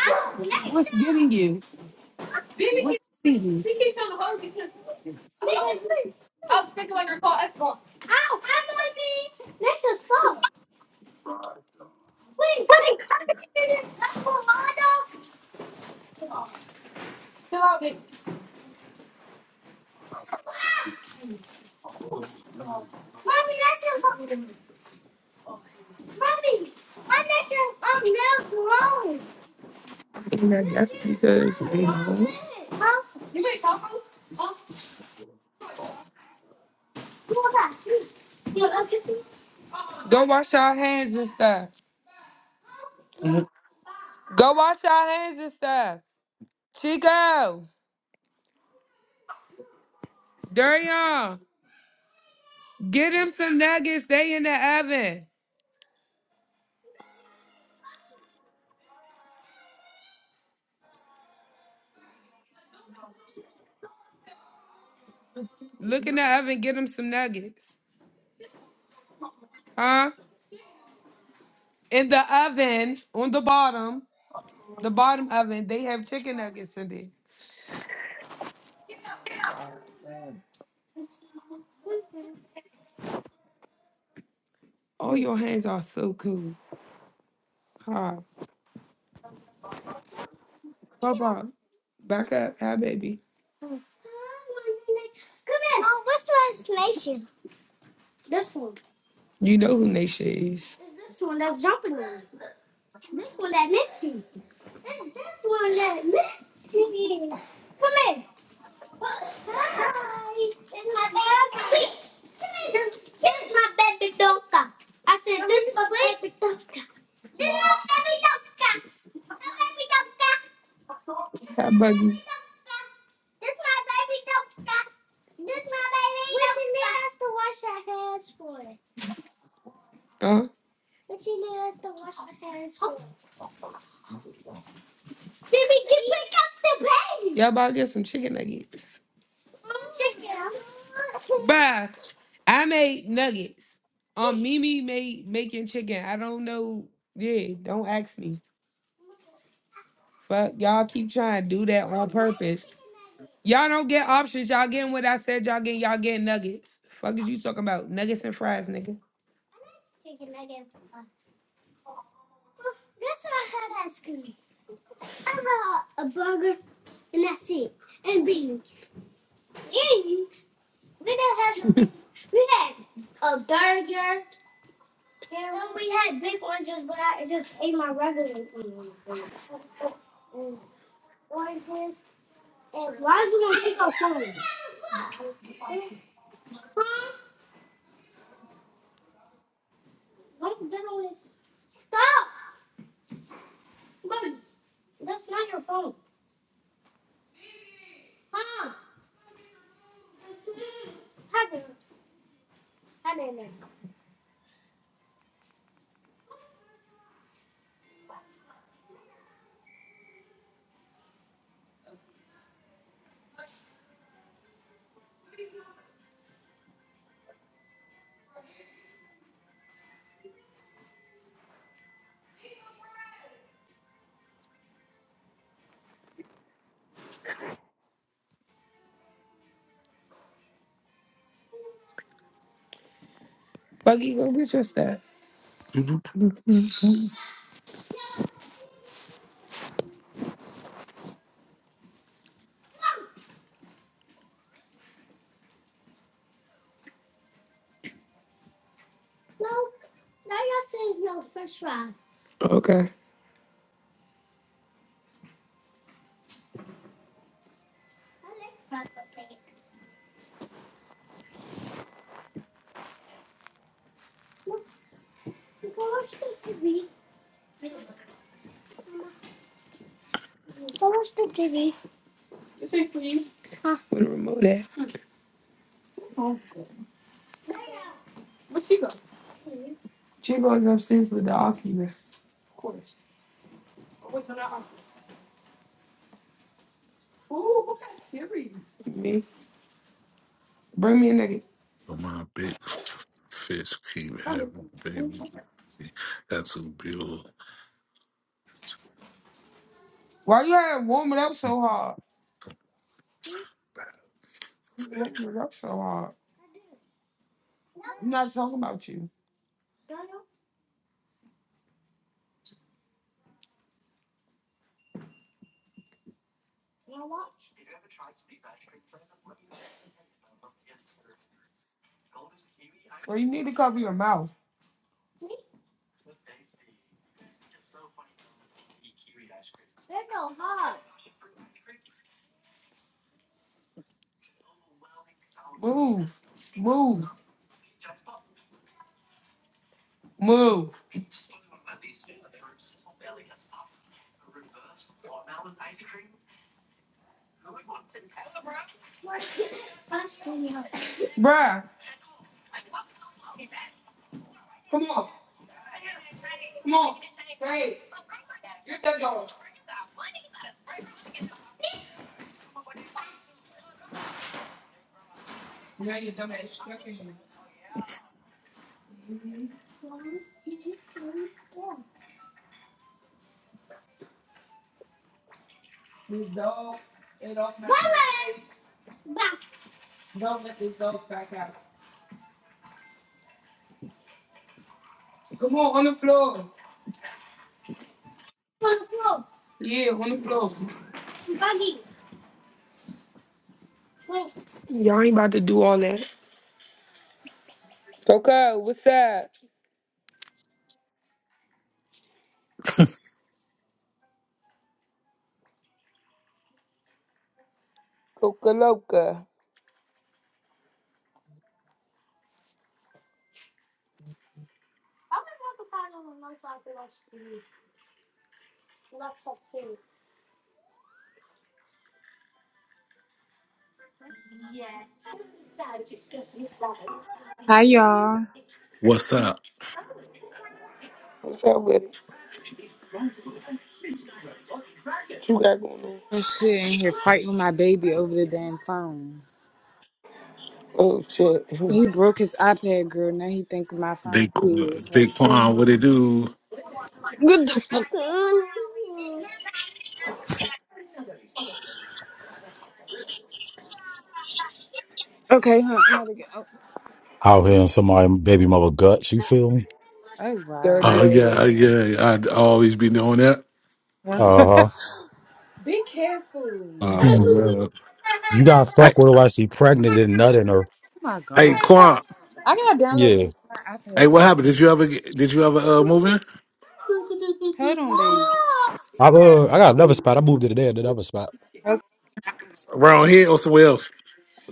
[SPEAKER 2] Ow, Lexa! What's getting you? Ow, ow, Mommy! That's a soft. Wait, that's that's a lot of- Mommy, that's a mommy. Why that's a um, milk wrong? And I guess because you know, Go wash your hands and stuff. Go wash your hands and stuff. Chico, Durian, get him some nuggets. They in the oven. Look in the oven. Get him some nuggets. Huh? In the oven, on the bottom, the bottom oven, they have chicken nuggets in there. Oh, your hands are so cool. Huh? Papa. Back up. Hi, baby. Come here. Oh, what's the isolation? You know who Nisha is. This one that come here. Hi. This is my baby. This is my baby Donka. I said, this is my baby Donka. This is my baby Donka. My baby Donka. Hi, buggy. This is my baby Donka. This is my baby Donka. What you need us to wash our hands for? Huh? What you need us to wash our hands for? Did we get pick up the baby? Y'all about to get some chicken nuggets. Bruh, I made nuggets. Um, Mimi made making chicken. I don't know. Yeah, don't ask me. Fuck, y'all keep trying to do that on purpose. Y'all don't get options. Y'all getting what I said. Y'all getting y'all getting nuggets. Fuck is you talking about nuggets and fries, nigga? Buggy, go get your stuff. Okay. Where's the T V? This ain't for You Where the remote at? Oh, where's She go? She goes upstairs with the Oculus. Of course. Oh, what's on that? Ooh, what that theory? Me. Bring me a nigga.
[SPEAKER 1] So my big fish keep having babies. That's who Bill.
[SPEAKER 2] Why you had to warm it up so hard? Warm it up so hard. I'm not talking about you. Well, you need to cover your mouth. Move. Move. Move. Bruh. Come on. Come on. Hey. Get that dog. Yeah, you dumb ass. Look at you. This dog. Y'all ain't about to do all that. Coco, what's up? Coca Loca.
[SPEAKER 4] Hi y'all.
[SPEAKER 1] What's up?
[SPEAKER 2] What's up with it? What you got going on?
[SPEAKER 4] i shit in here fighting with my baby over the damn phone.
[SPEAKER 2] Oh, shit.
[SPEAKER 4] He broke his iPad, girl. Now he thinking my phone
[SPEAKER 1] They
[SPEAKER 4] is like, girl,
[SPEAKER 1] Daquan, what it do?
[SPEAKER 4] what the fuck? Okay, huh? another g- Oh,
[SPEAKER 5] out here in somebody baby mother guts. You feel me?
[SPEAKER 4] oh
[SPEAKER 2] Dirty
[SPEAKER 4] wow.
[SPEAKER 1] Oh yeah, oh,
[SPEAKER 2] ass.
[SPEAKER 1] yeah. I'd always be knowing that.
[SPEAKER 5] Uh huh.
[SPEAKER 4] Be careful.
[SPEAKER 1] Uh, for
[SPEAKER 5] Mm.
[SPEAKER 1] real.
[SPEAKER 5] You
[SPEAKER 4] Oh
[SPEAKER 5] got
[SPEAKER 1] Hey,
[SPEAKER 5] fuck with her while she pregnant and nutting her.
[SPEAKER 4] my
[SPEAKER 1] hey,
[SPEAKER 4] gosh.
[SPEAKER 1] Quan.
[SPEAKER 4] I gotta download this
[SPEAKER 5] Yeah.
[SPEAKER 4] on my
[SPEAKER 1] Hey, what
[SPEAKER 4] iPad.
[SPEAKER 1] happened? Did you ever get, did you ever uh, move in
[SPEAKER 4] Hold on, baby.
[SPEAKER 5] I uh, I got another spot. I moved it today at another spot.
[SPEAKER 1] around here or somewhere else?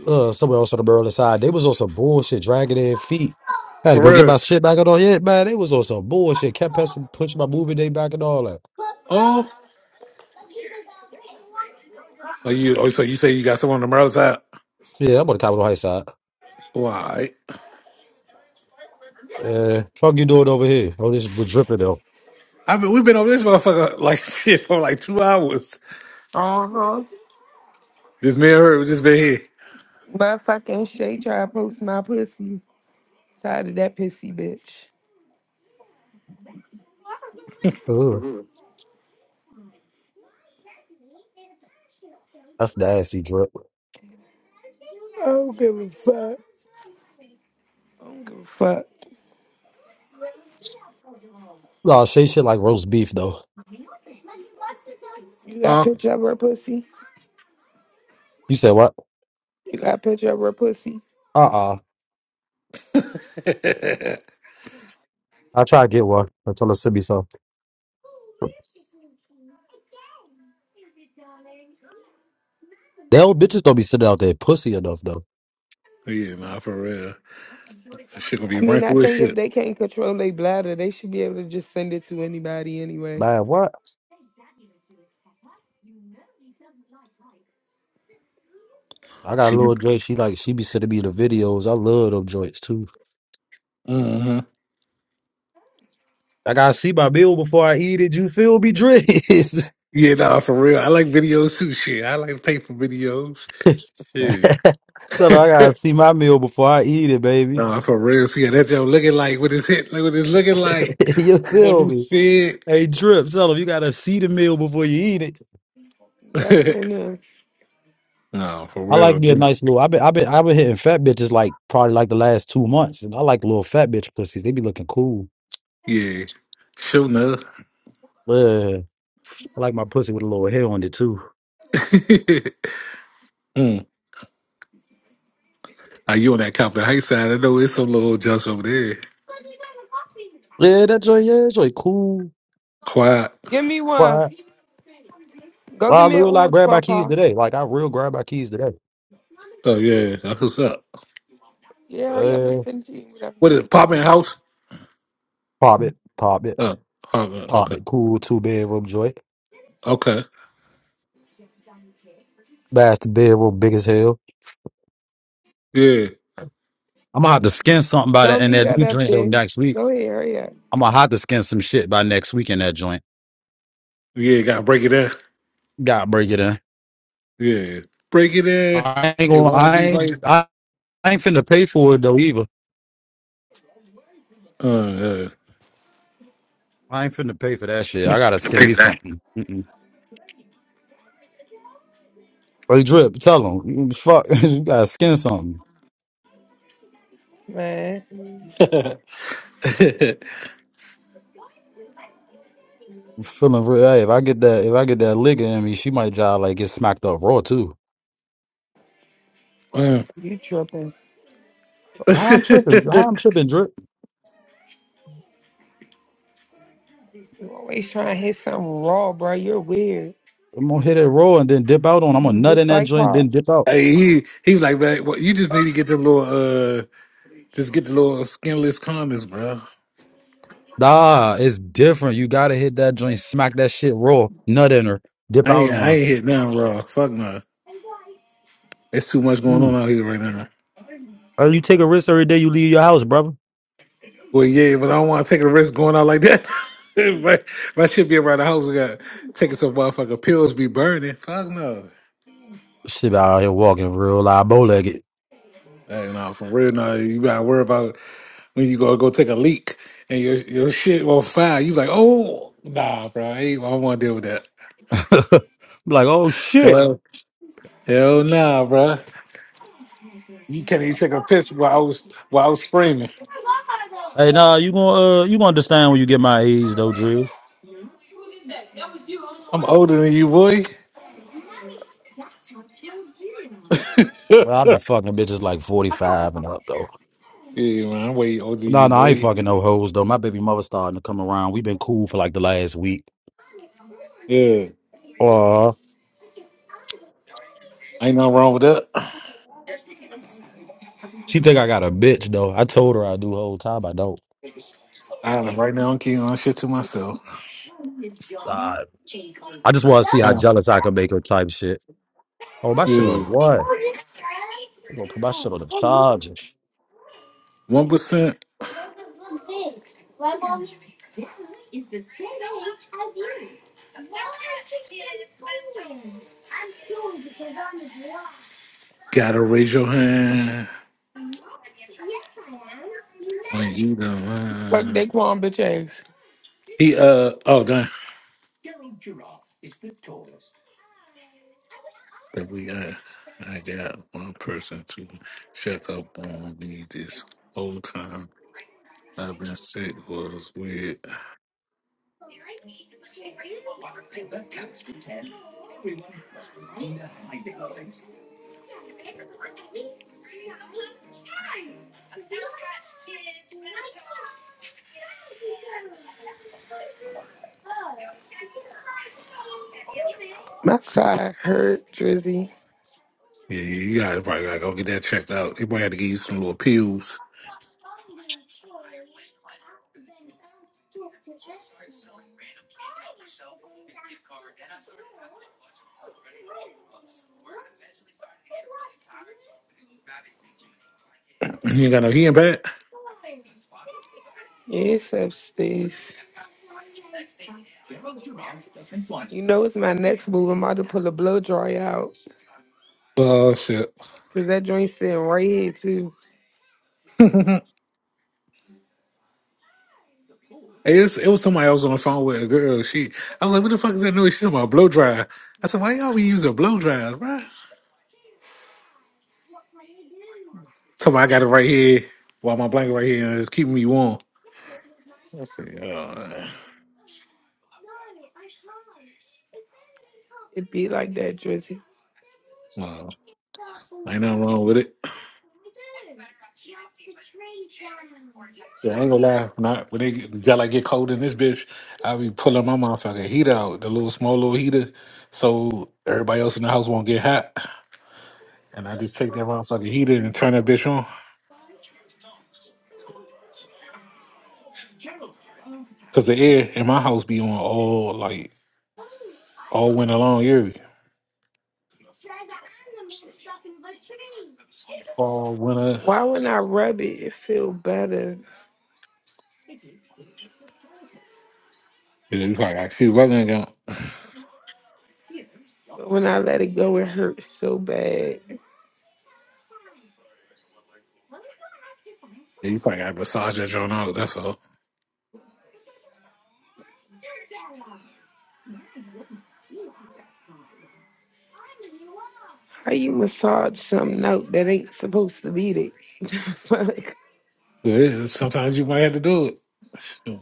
[SPEAKER 5] Uh, somewhere else on the Maryland side. They was on some bullshit, dragging their feet. I had to
[SPEAKER 1] For
[SPEAKER 5] go get
[SPEAKER 1] real.
[SPEAKER 5] my shit back and all. Yeah, man, they was on some bullshit. Kept pressing, pushing my movie day back and all that.
[SPEAKER 1] Oh, so you oh, so you say you got someone on the other side?
[SPEAKER 5] Yeah, I'm on the Capitol Heights side.
[SPEAKER 1] Why?
[SPEAKER 5] Uh, fuck you doing over here? Oh, this was dripping though.
[SPEAKER 1] I mean, we've been over this motherfucker like shit for like two hours.
[SPEAKER 2] Uh huh.
[SPEAKER 1] This man her, we just been here,
[SPEAKER 2] Motherfucking Shay try to post my pussy. Tired of that pissy bitch.
[SPEAKER 5] Ugh, that's nasty drip.
[SPEAKER 2] I don't give a fuck. I don't give a fuck.
[SPEAKER 5] No, she shit like roast beef though.
[SPEAKER 2] You got a
[SPEAKER 1] huh?
[SPEAKER 2] picture of her pussy?
[SPEAKER 5] You said what?
[SPEAKER 2] You got a picture of her pussy?
[SPEAKER 5] Uh uh
[SPEAKER 1] yeah,
[SPEAKER 5] I try to get one until they send me some. They old bitches don't be sending out their pussy enough though.
[SPEAKER 1] nah, for real. That shit gonna be
[SPEAKER 2] I mean,
[SPEAKER 1] ranking
[SPEAKER 2] I
[SPEAKER 1] with
[SPEAKER 2] think if
[SPEAKER 1] shit.
[SPEAKER 2] they can't control their bladder, they should be able to just send it to anybody anyway.
[SPEAKER 5] Man, what? I got a
[SPEAKER 1] She,
[SPEAKER 5] little joint. She like she be sending me the videos. I love them joints too.
[SPEAKER 1] uh-huh.
[SPEAKER 5] I gotta see my meal before I eat it. You feel me, Drizz?
[SPEAKER 1] Yeah, nah, for real. I like videos too. Shit, I like to pay for videos. Shit.
[SPEAKER 5] tell her I gotta see my meal before I eat it, baby.
[SPEAKER 1] nah, for real. See, yeah, that Joe looking like what it's hit, like what it's looking like.
[SPEAKER 5] you
[SPEAKER 1] Let
[SPEAKER 5] feel
[SPEAKER 1] me
[SPEAKER 5] me?
[SPEAKER 1] see
[SPEAKER 5] Hey, Drip, tell her you gotta see the meal before you eat it.
[SPEAKER 2] That's on
[SPEAKER 1] it.
[SPEAKER 2] them.
[SPEAKER 1] no, for
[SPEAKER 5] I like me a
[SPEAKER 1] real.
[SPEAKER 5] nice little. I've been, I've been, I've been hitting fat bitches like probably like the last two months, and I like little fat bitch pussies. They be looking cool.
[SPEAKER 1] Yeah, sure enough.
[SPEAKER 5] Yeah, I like my pussy with a little hair on it too.
[SPEAKER 1] mm. Are you on that Compton Heights side? I know it's some little jumps over there.
[SPEAKER 5] Yeah, that joy, yeah, that joy, cool,
[SPEAKER 1] Quiet.
[SPEAKER 2] Give me one.
[SPEAKER 5] quiet.
[SPEAKER 2] Go
[SPEAKER 5] Well,
[SPEAKER 2] give
[SPEAKER 5] I
[SPEAKER 2] me an
[SPEAKER 5] real like
[SPEAKER 2] orange
[SPEAKER 5] grab my keys
[SPEAKER 2] Papa.
[SPEAKER 5] today. Like I real grab my keys today.
[SPEAKER 1] Oh yeah, that's what's up.
[SPEAKER 2] Yeah, hurry up and
[SPEAKER 5] Uh,
[SPEAKER 2] finish eating whatever
[SPEAKER 1] What is
[SPEAKER 2] you
[SPEAKER 1] it,
[SPEAKER 2] eating.
[SPEAKER 1] apartment house?
[SPEAKER 5] pop it, pop it,
[SPEAKER 1] Oh, apartment.
[SPEAKER 5] pop it. Cool, two bedroom joint.
[SPEAKER 1] Okay.
[SPEAKER 5] Bastard bedroom, big as hell.
[SPEAKER 1] Yeah.
[SPEAKER 5] I'm gonna have to skin something by that
[SPEAKER 2] Don't
[SPEAKER 5] in
[SPEAKER 2] leave
[SPEAKER 5] that
[SPEAKER 2] that
[SPEAKER 5] new
[SPEAKER 2] up
[SPEAKER 5] joint though
[SPEAKER 2] there.
[SPEAKER 5] next week.
[SPEAKER 2] Go ahead, hurry up.
[SPEAKER 5] I'm gonna have to skin some shit by next week in that joint.
[SPEAKER 1] Yeah. Gotta break it in.
[SPEAKER 5] God break it in.
[SPEAKER 1] Yeah. Break it in.
[SPEAKER 5] I ain't
[SPEAKER 1] It
[SPEAKER 5] gonna.
[SPEAKER 1] won't
[SPEAKER 5] I
[SPEAKER 1] be
[SPEAKER 5] ain't.
[SPEAKER 1] right.
[SPEAKER 5] I, I ain't finna pay for it though either.
[SPEAKER 1] Uh,
[SPEAKER 5] I ain't finna pay for that shit. I gotta skin me something. Mm-mm. Hey Drip, tell him. Fuck, you gotta skin something.
[SPEAKER 2] Man,
[SPEAKER 1] uh.
[SPEAKER 5] feeling real. Hey, if I get that, if I get that liquor in me, she might job like get smacked up raw too.
[SPEAKER 1] Uh.
[SPEAKER 2] you tripping.
[SPEAKER 5] How I'm tripping? How I'm tripping? Drip.
[SPEAKER 2] You always trying to hit something raw, bro. You're weird.
[SPEAKER 5] I'm gonna hit it raw and then dip out on. I'm gonna
[SPEAKER 2] You
[SPEAKER 5] nut in
[SPEAKER 2] just
[SPEAKER 5] that
[SPEAKER 2] like
[SPEAKER 5] joint, then dip
[SPEAKER 2] Pops.
[SPEAKER 5] out.
[SPEAKER 1] hey, he he was like, man, well, you just need to get the little uh, just get the little skinless comments, bro.
[SPEAKER 5] Nah, it's different. You gotta hit that joint, smack that shit raw, nut in her, dip
[SPEAKER 1] I
[SPEAKER 5] out
[SPEAKER 1] ain't
[SPEAKER 5] on
[SPEAKER 1] I
[SPEAKER 5] her.
[SPEAKER 1] ain't hit nothing raw. Fuck no. It's too much going on
[SPEAKER 5] Mm.
[SPEAKER 1] out here right now.
[SPEAKER 5] Uh, You take a risk every day you leave your house, brother.
[SPEAKER 1] Well, yeah, but I don't want to take a risk going out like that. my, my shit be around the house. I got taking some motherfucking pills, be burning. Fuck no.
[SPEAKER 5] Shit, I out here walking real live, bow legged.
[SPEAKER 1] Hey, no, for real, no, you gotta worry about when you go go take a leak and your your shit will fire. You like, oh, nah, bro, I, ain't, I don't want to deal with that.
[SPEAKER 5] like, oh shit.
[SPEAKER 1] Hell, hell, nah, bro. You can't even take a piss while I was while I was screaming.
[SPEAKER 5] Hey, nah, you gonna uh, you gonna understand when you get my age though, Drew.
[SPEAKER 1] I'm older than you, boy. yeah,
[SPEAKER 5] Well, I've been fucking bitches like forty five and up though.
[SPEAKER 1] man, I'm way older than
[SPEAKER 5] No,
[SPEAKER 1] you,
[SPEAKER 5] no, I ain't
[SPEAKER 1] boy.
[SPEAKER 5] fucking no hoes though. My baby mother starting to come around. we been cool for like the last week.
[SPEAKER 1] Yeah,
[SPEAKER 5] Aw.
[SPEAKER 1] ain't nothing wrong with that.
[SPEAKER 5] She think I got a bitch though. I told her I do whole time. I don't.
[SPEAKER 1] I, don't know, right now, I'm keeping on shit to myself.
[SPEAKER 5] Uh, I just want to see how
[SPEAKER 1] Uh,
[SPEAKER 5] jealous I can make her type shit. Oh, my shit on
[SPEAKER 1] yeah,
[SPEAKER 5] what? You gonna put my shit on the charger?
[SPEAKER 1] one percent. Gotta raise your hand when you
[SPEAKER 2] Fuck
[SPEAKER 1] done.
[SPEAKER 2] Daquan bitch ass.
[SPEAKER 1] He uh oh, done. But we got, I got one person to check up on me this whole time. I've been sick was with.
[SPEAKER 2] My side hurt, Drizzy.
[SPEAKER 1] Yeah, you you gotta probably gotta go get that checked out. He probably had to give you some little pills. He ain't got no hearing back.
[SPEAKER 2] Yeah, it's upstairs. You know it's my next move. I'm about to pull a blow dry out.
[SPEAKER 1] Oh shit.
[SPEAKER 2] Cause that joint sitting right here too.
[SPEAKER 1] It's, it was somebody I was on the phone with a girl. She, I was like, "What the fuck is that noise?" She's talking about blow dry. I said, "Why y'all be using blow dryers, bruh? Tell me I got it right here, while my blanket right here, and it's keeping me warm. I said, "Oh,
[SPEAKER 2] It be like that, Drizzy.
[SPEAKER 1] well, ain't nothing wrong with it." Yeah, I ain't gonna lie. When I when it got like get cold in this bitch, I be pulling my motherfucking heater out, the little small little heater, so everybody else in the house won't get hot. And I just take that motherfucking heater and turn that bitch on, cause the air in my house be on all like all winter long, year, all winter.
[SPEAKER 2] Why when I rub it, it feel better.
[SPEAKER 1] Yeah, you probably got to keep working again.
[SPEAKER 2] But when I let it go, it hurts so bad.
[SPEAKER 1] Yeah, you probably got to massage that joint out. That's all.
[SPEAKER 2] How you massage something out that ain't supposed to be there?
[SPEAKER 1] Yeah, sometimes you might have to do it. Shoot.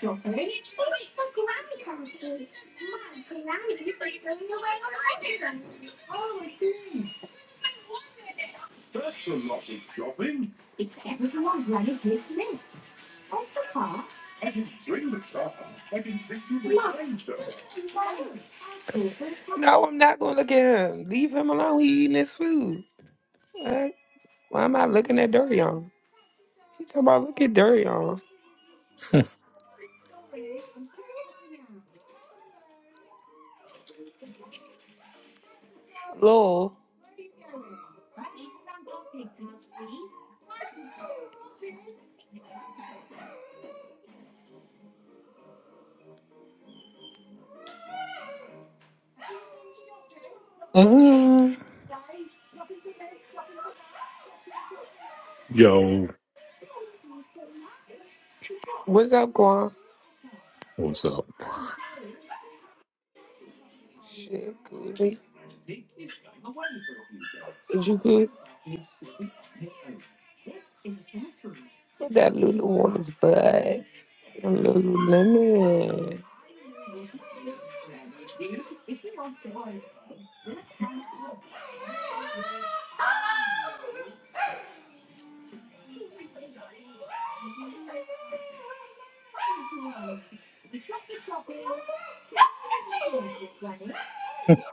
[SPEAKER 2] Fuck. No, I'm not gonna look at him. Leave him alone. He eating his food. What? Why am I looking at Durion? He talking about look at Durion. Lol.
[SPEAKER 1] Uh, Yo,
[SPEAKER 2] What's up, Guan?
[SPEAKER 1] what's up?
[SPEAKER 2] Shit, Cooley. Is you good? Look at That Lulu on his butt. Lululemon.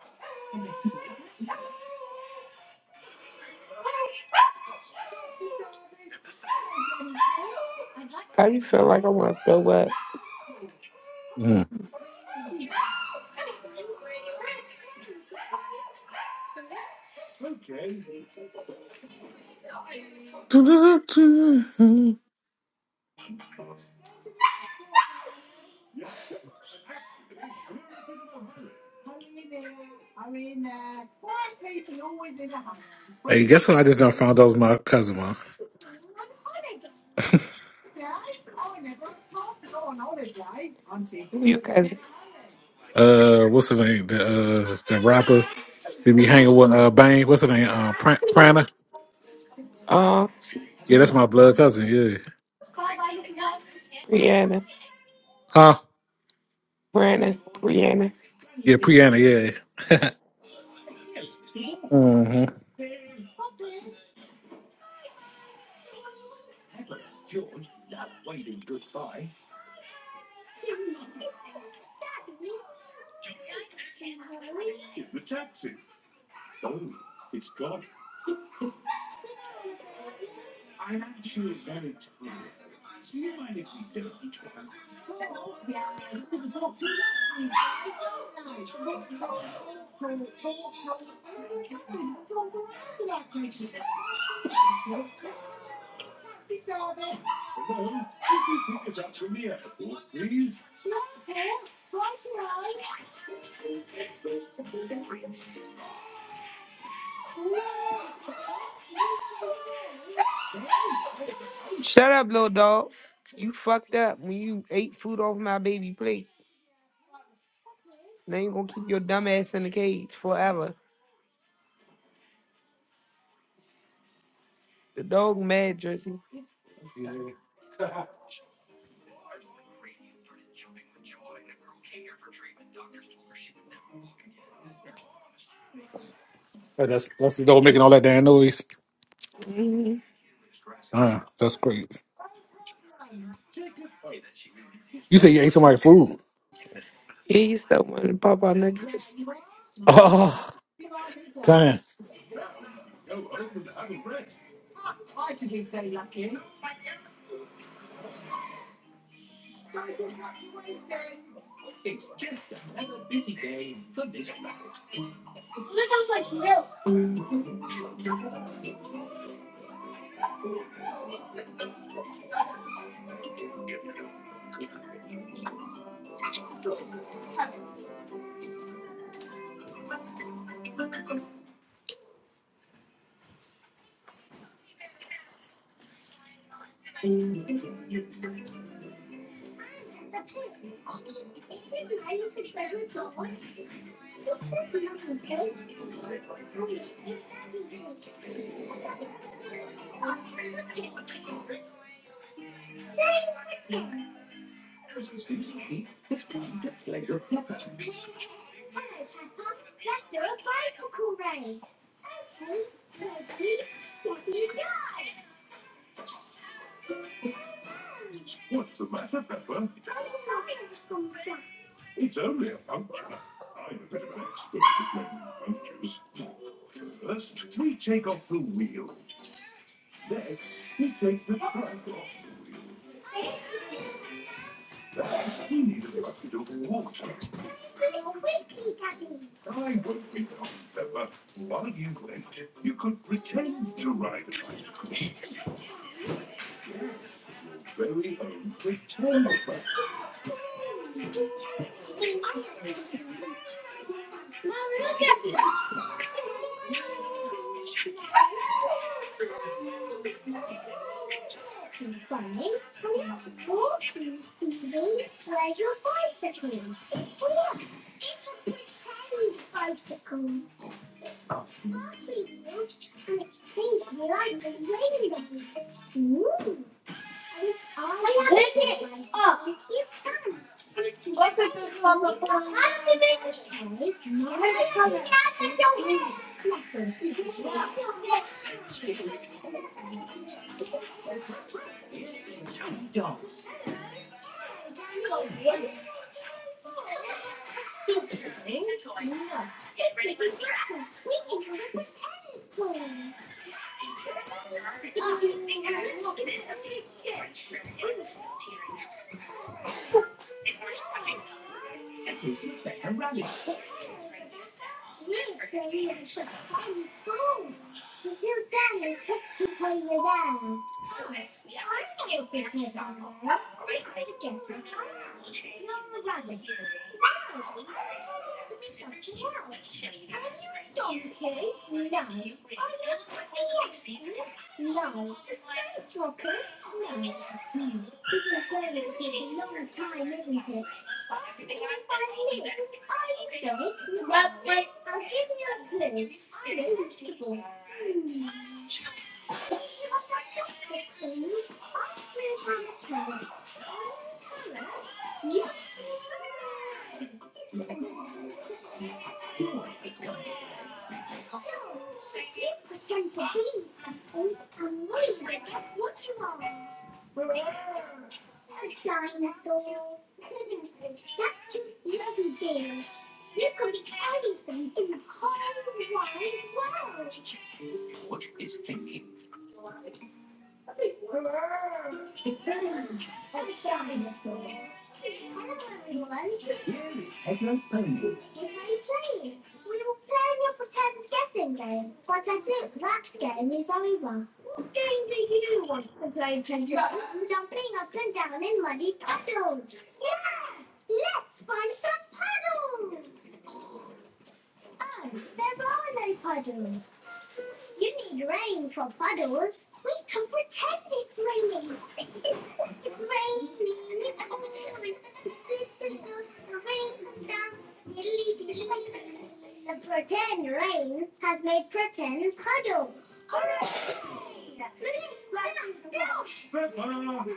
[SPEAKER 2] How you feel like I want to throw up?
[SPEAKER 1] Mm. Hey, guess what? I just done found out was my cousin, man.
[SPEAKER 2] Who you cousin?
[SPEAKER 1] Uh, what's his name? The uh, the rapper that be hanging with uh Bang. What's his name? Uh, Pr- Prana.
[SPEAKER 2] Uh,
[SPEAKER 1] Yeah, that's my blood cousin. Yeah.
[SPEAKER 2] Brianna.
[SPEAKER 1] Huh?
[SPEAKER 2] Brianna. Brianna.
[SPEAKER 1] Yeah, Priyana. Yeah. Mm-hmm.
[SPEAKER 2] Shut up, little dog. You fucked up when you ate food off my baby plate. Now you gonna keep your dumb ass in the cage forever. The dog mad, Jersey.
[SPEAKER 1] That's the dog making all that damn noise.
[SPEAKER 2] hmm
[SPEAKER 1] Uh, that's great. You say you ate somebody's food?
[SPEAKER 2] Yeah, you still want to pop out niggas.
[SPEAKER 1] Oh, damn.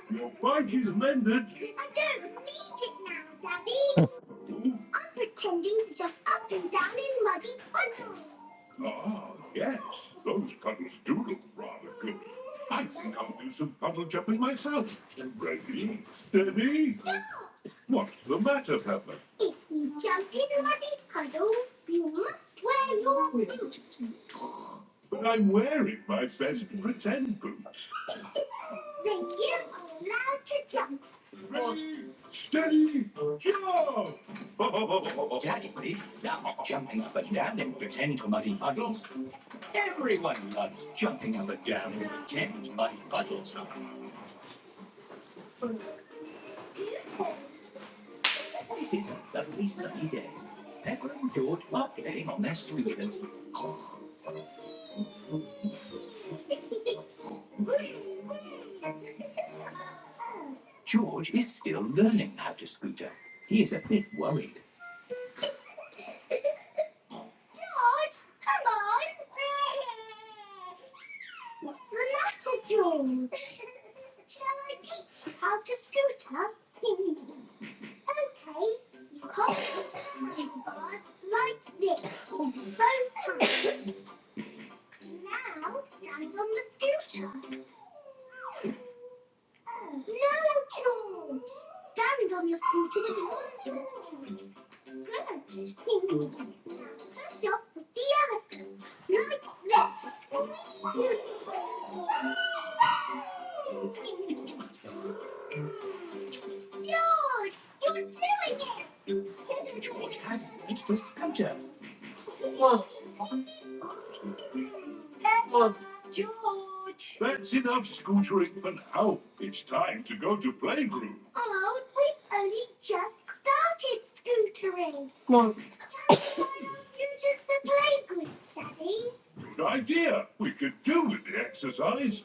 [SPEAKER 2] Your buggy's mended. Oh, God, yes. Those puppies do look rather good. I think I'll do some puddle jumping myself. Ready? Steady? What's the matter, Pepper? But I'm wearing my best pretend boots. Ready? Steady? Jump! That's enough scootering for now. It's time to go to playgroup. Good idea. We could do with the exercise.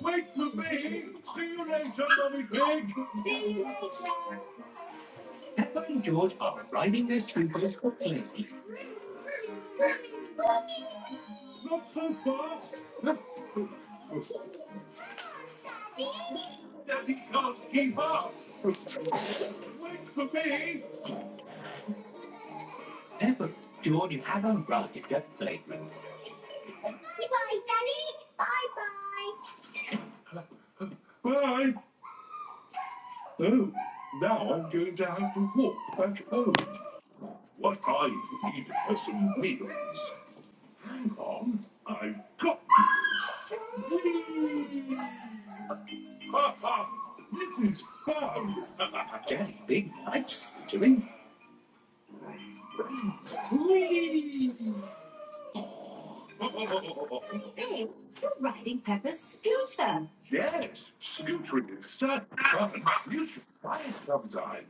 [SPEAKER 2] Wait for me. See you later, Mummy Pig. Not so fast. Daddy can't keep up. Wait for me. Bye. Oh, now I'm going to have to walk back home. What I need are some wheels. Hang on. I've got wheels. Whee! this is fun. yes, scootering is such fun. You should try it sometime.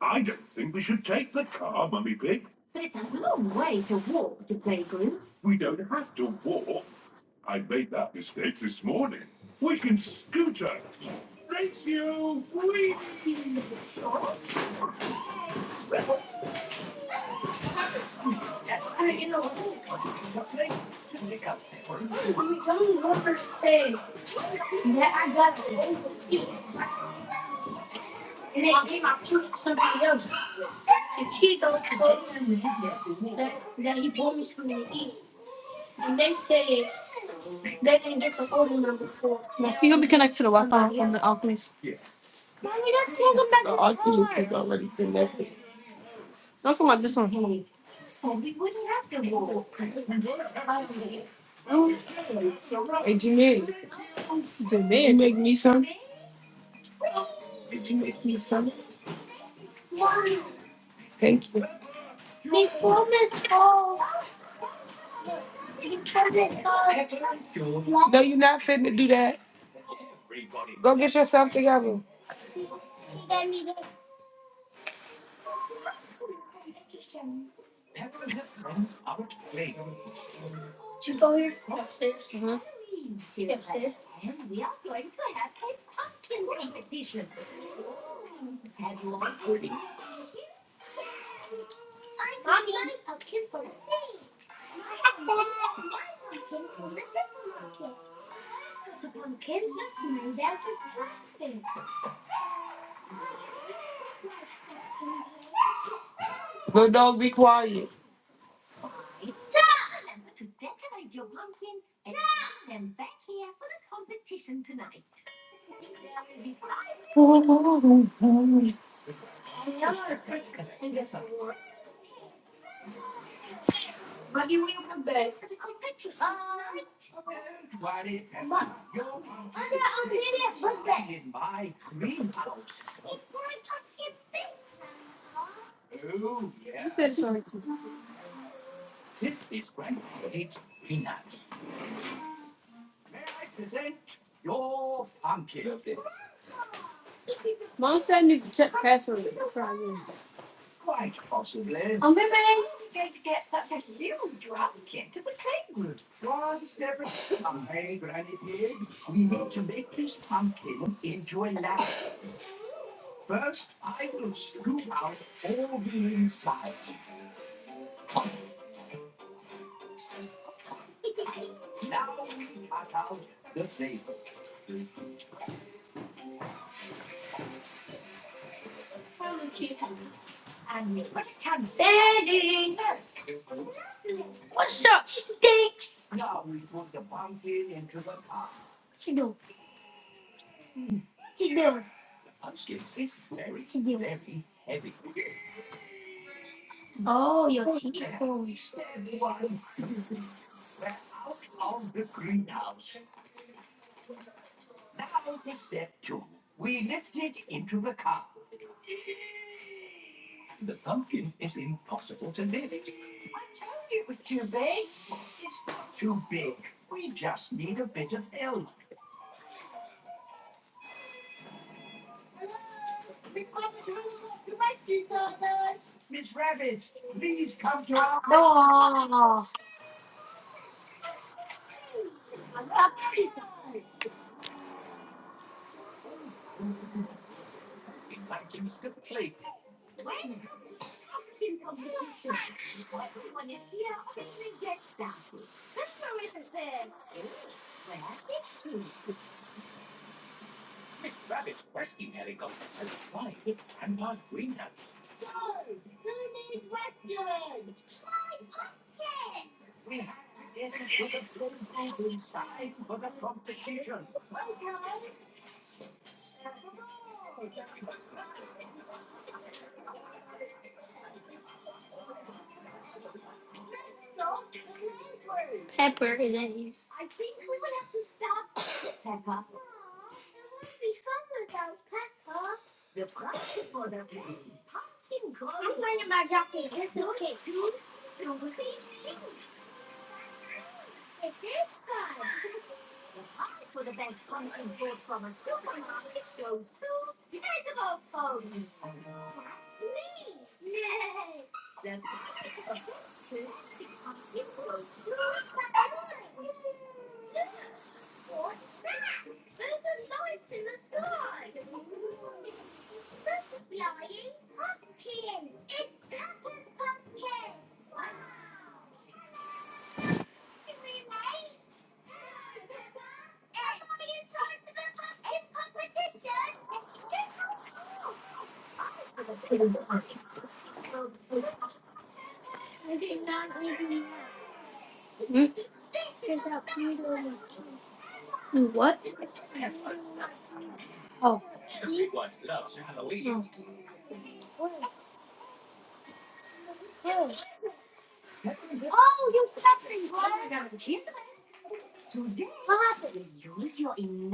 [SPEAKER 2] I don't think we should take the car, Mummy Pig. We don't have to walk. I made that mistake this morning. We can scooter. Thank you! We Yeah. We don't take them back. No, I think it's already connected. We won't have to walk. We would have. Hey, Jamil. Jamil, make me some. Did you make me something? Thank you. No, you're not finna do that. Go get yourself together. Little dog, be quiet. Buggy, will you come back? Yo, I'm kidding. What's up, stink? Pepper is in here. Hmm? You What? Oh. You lose your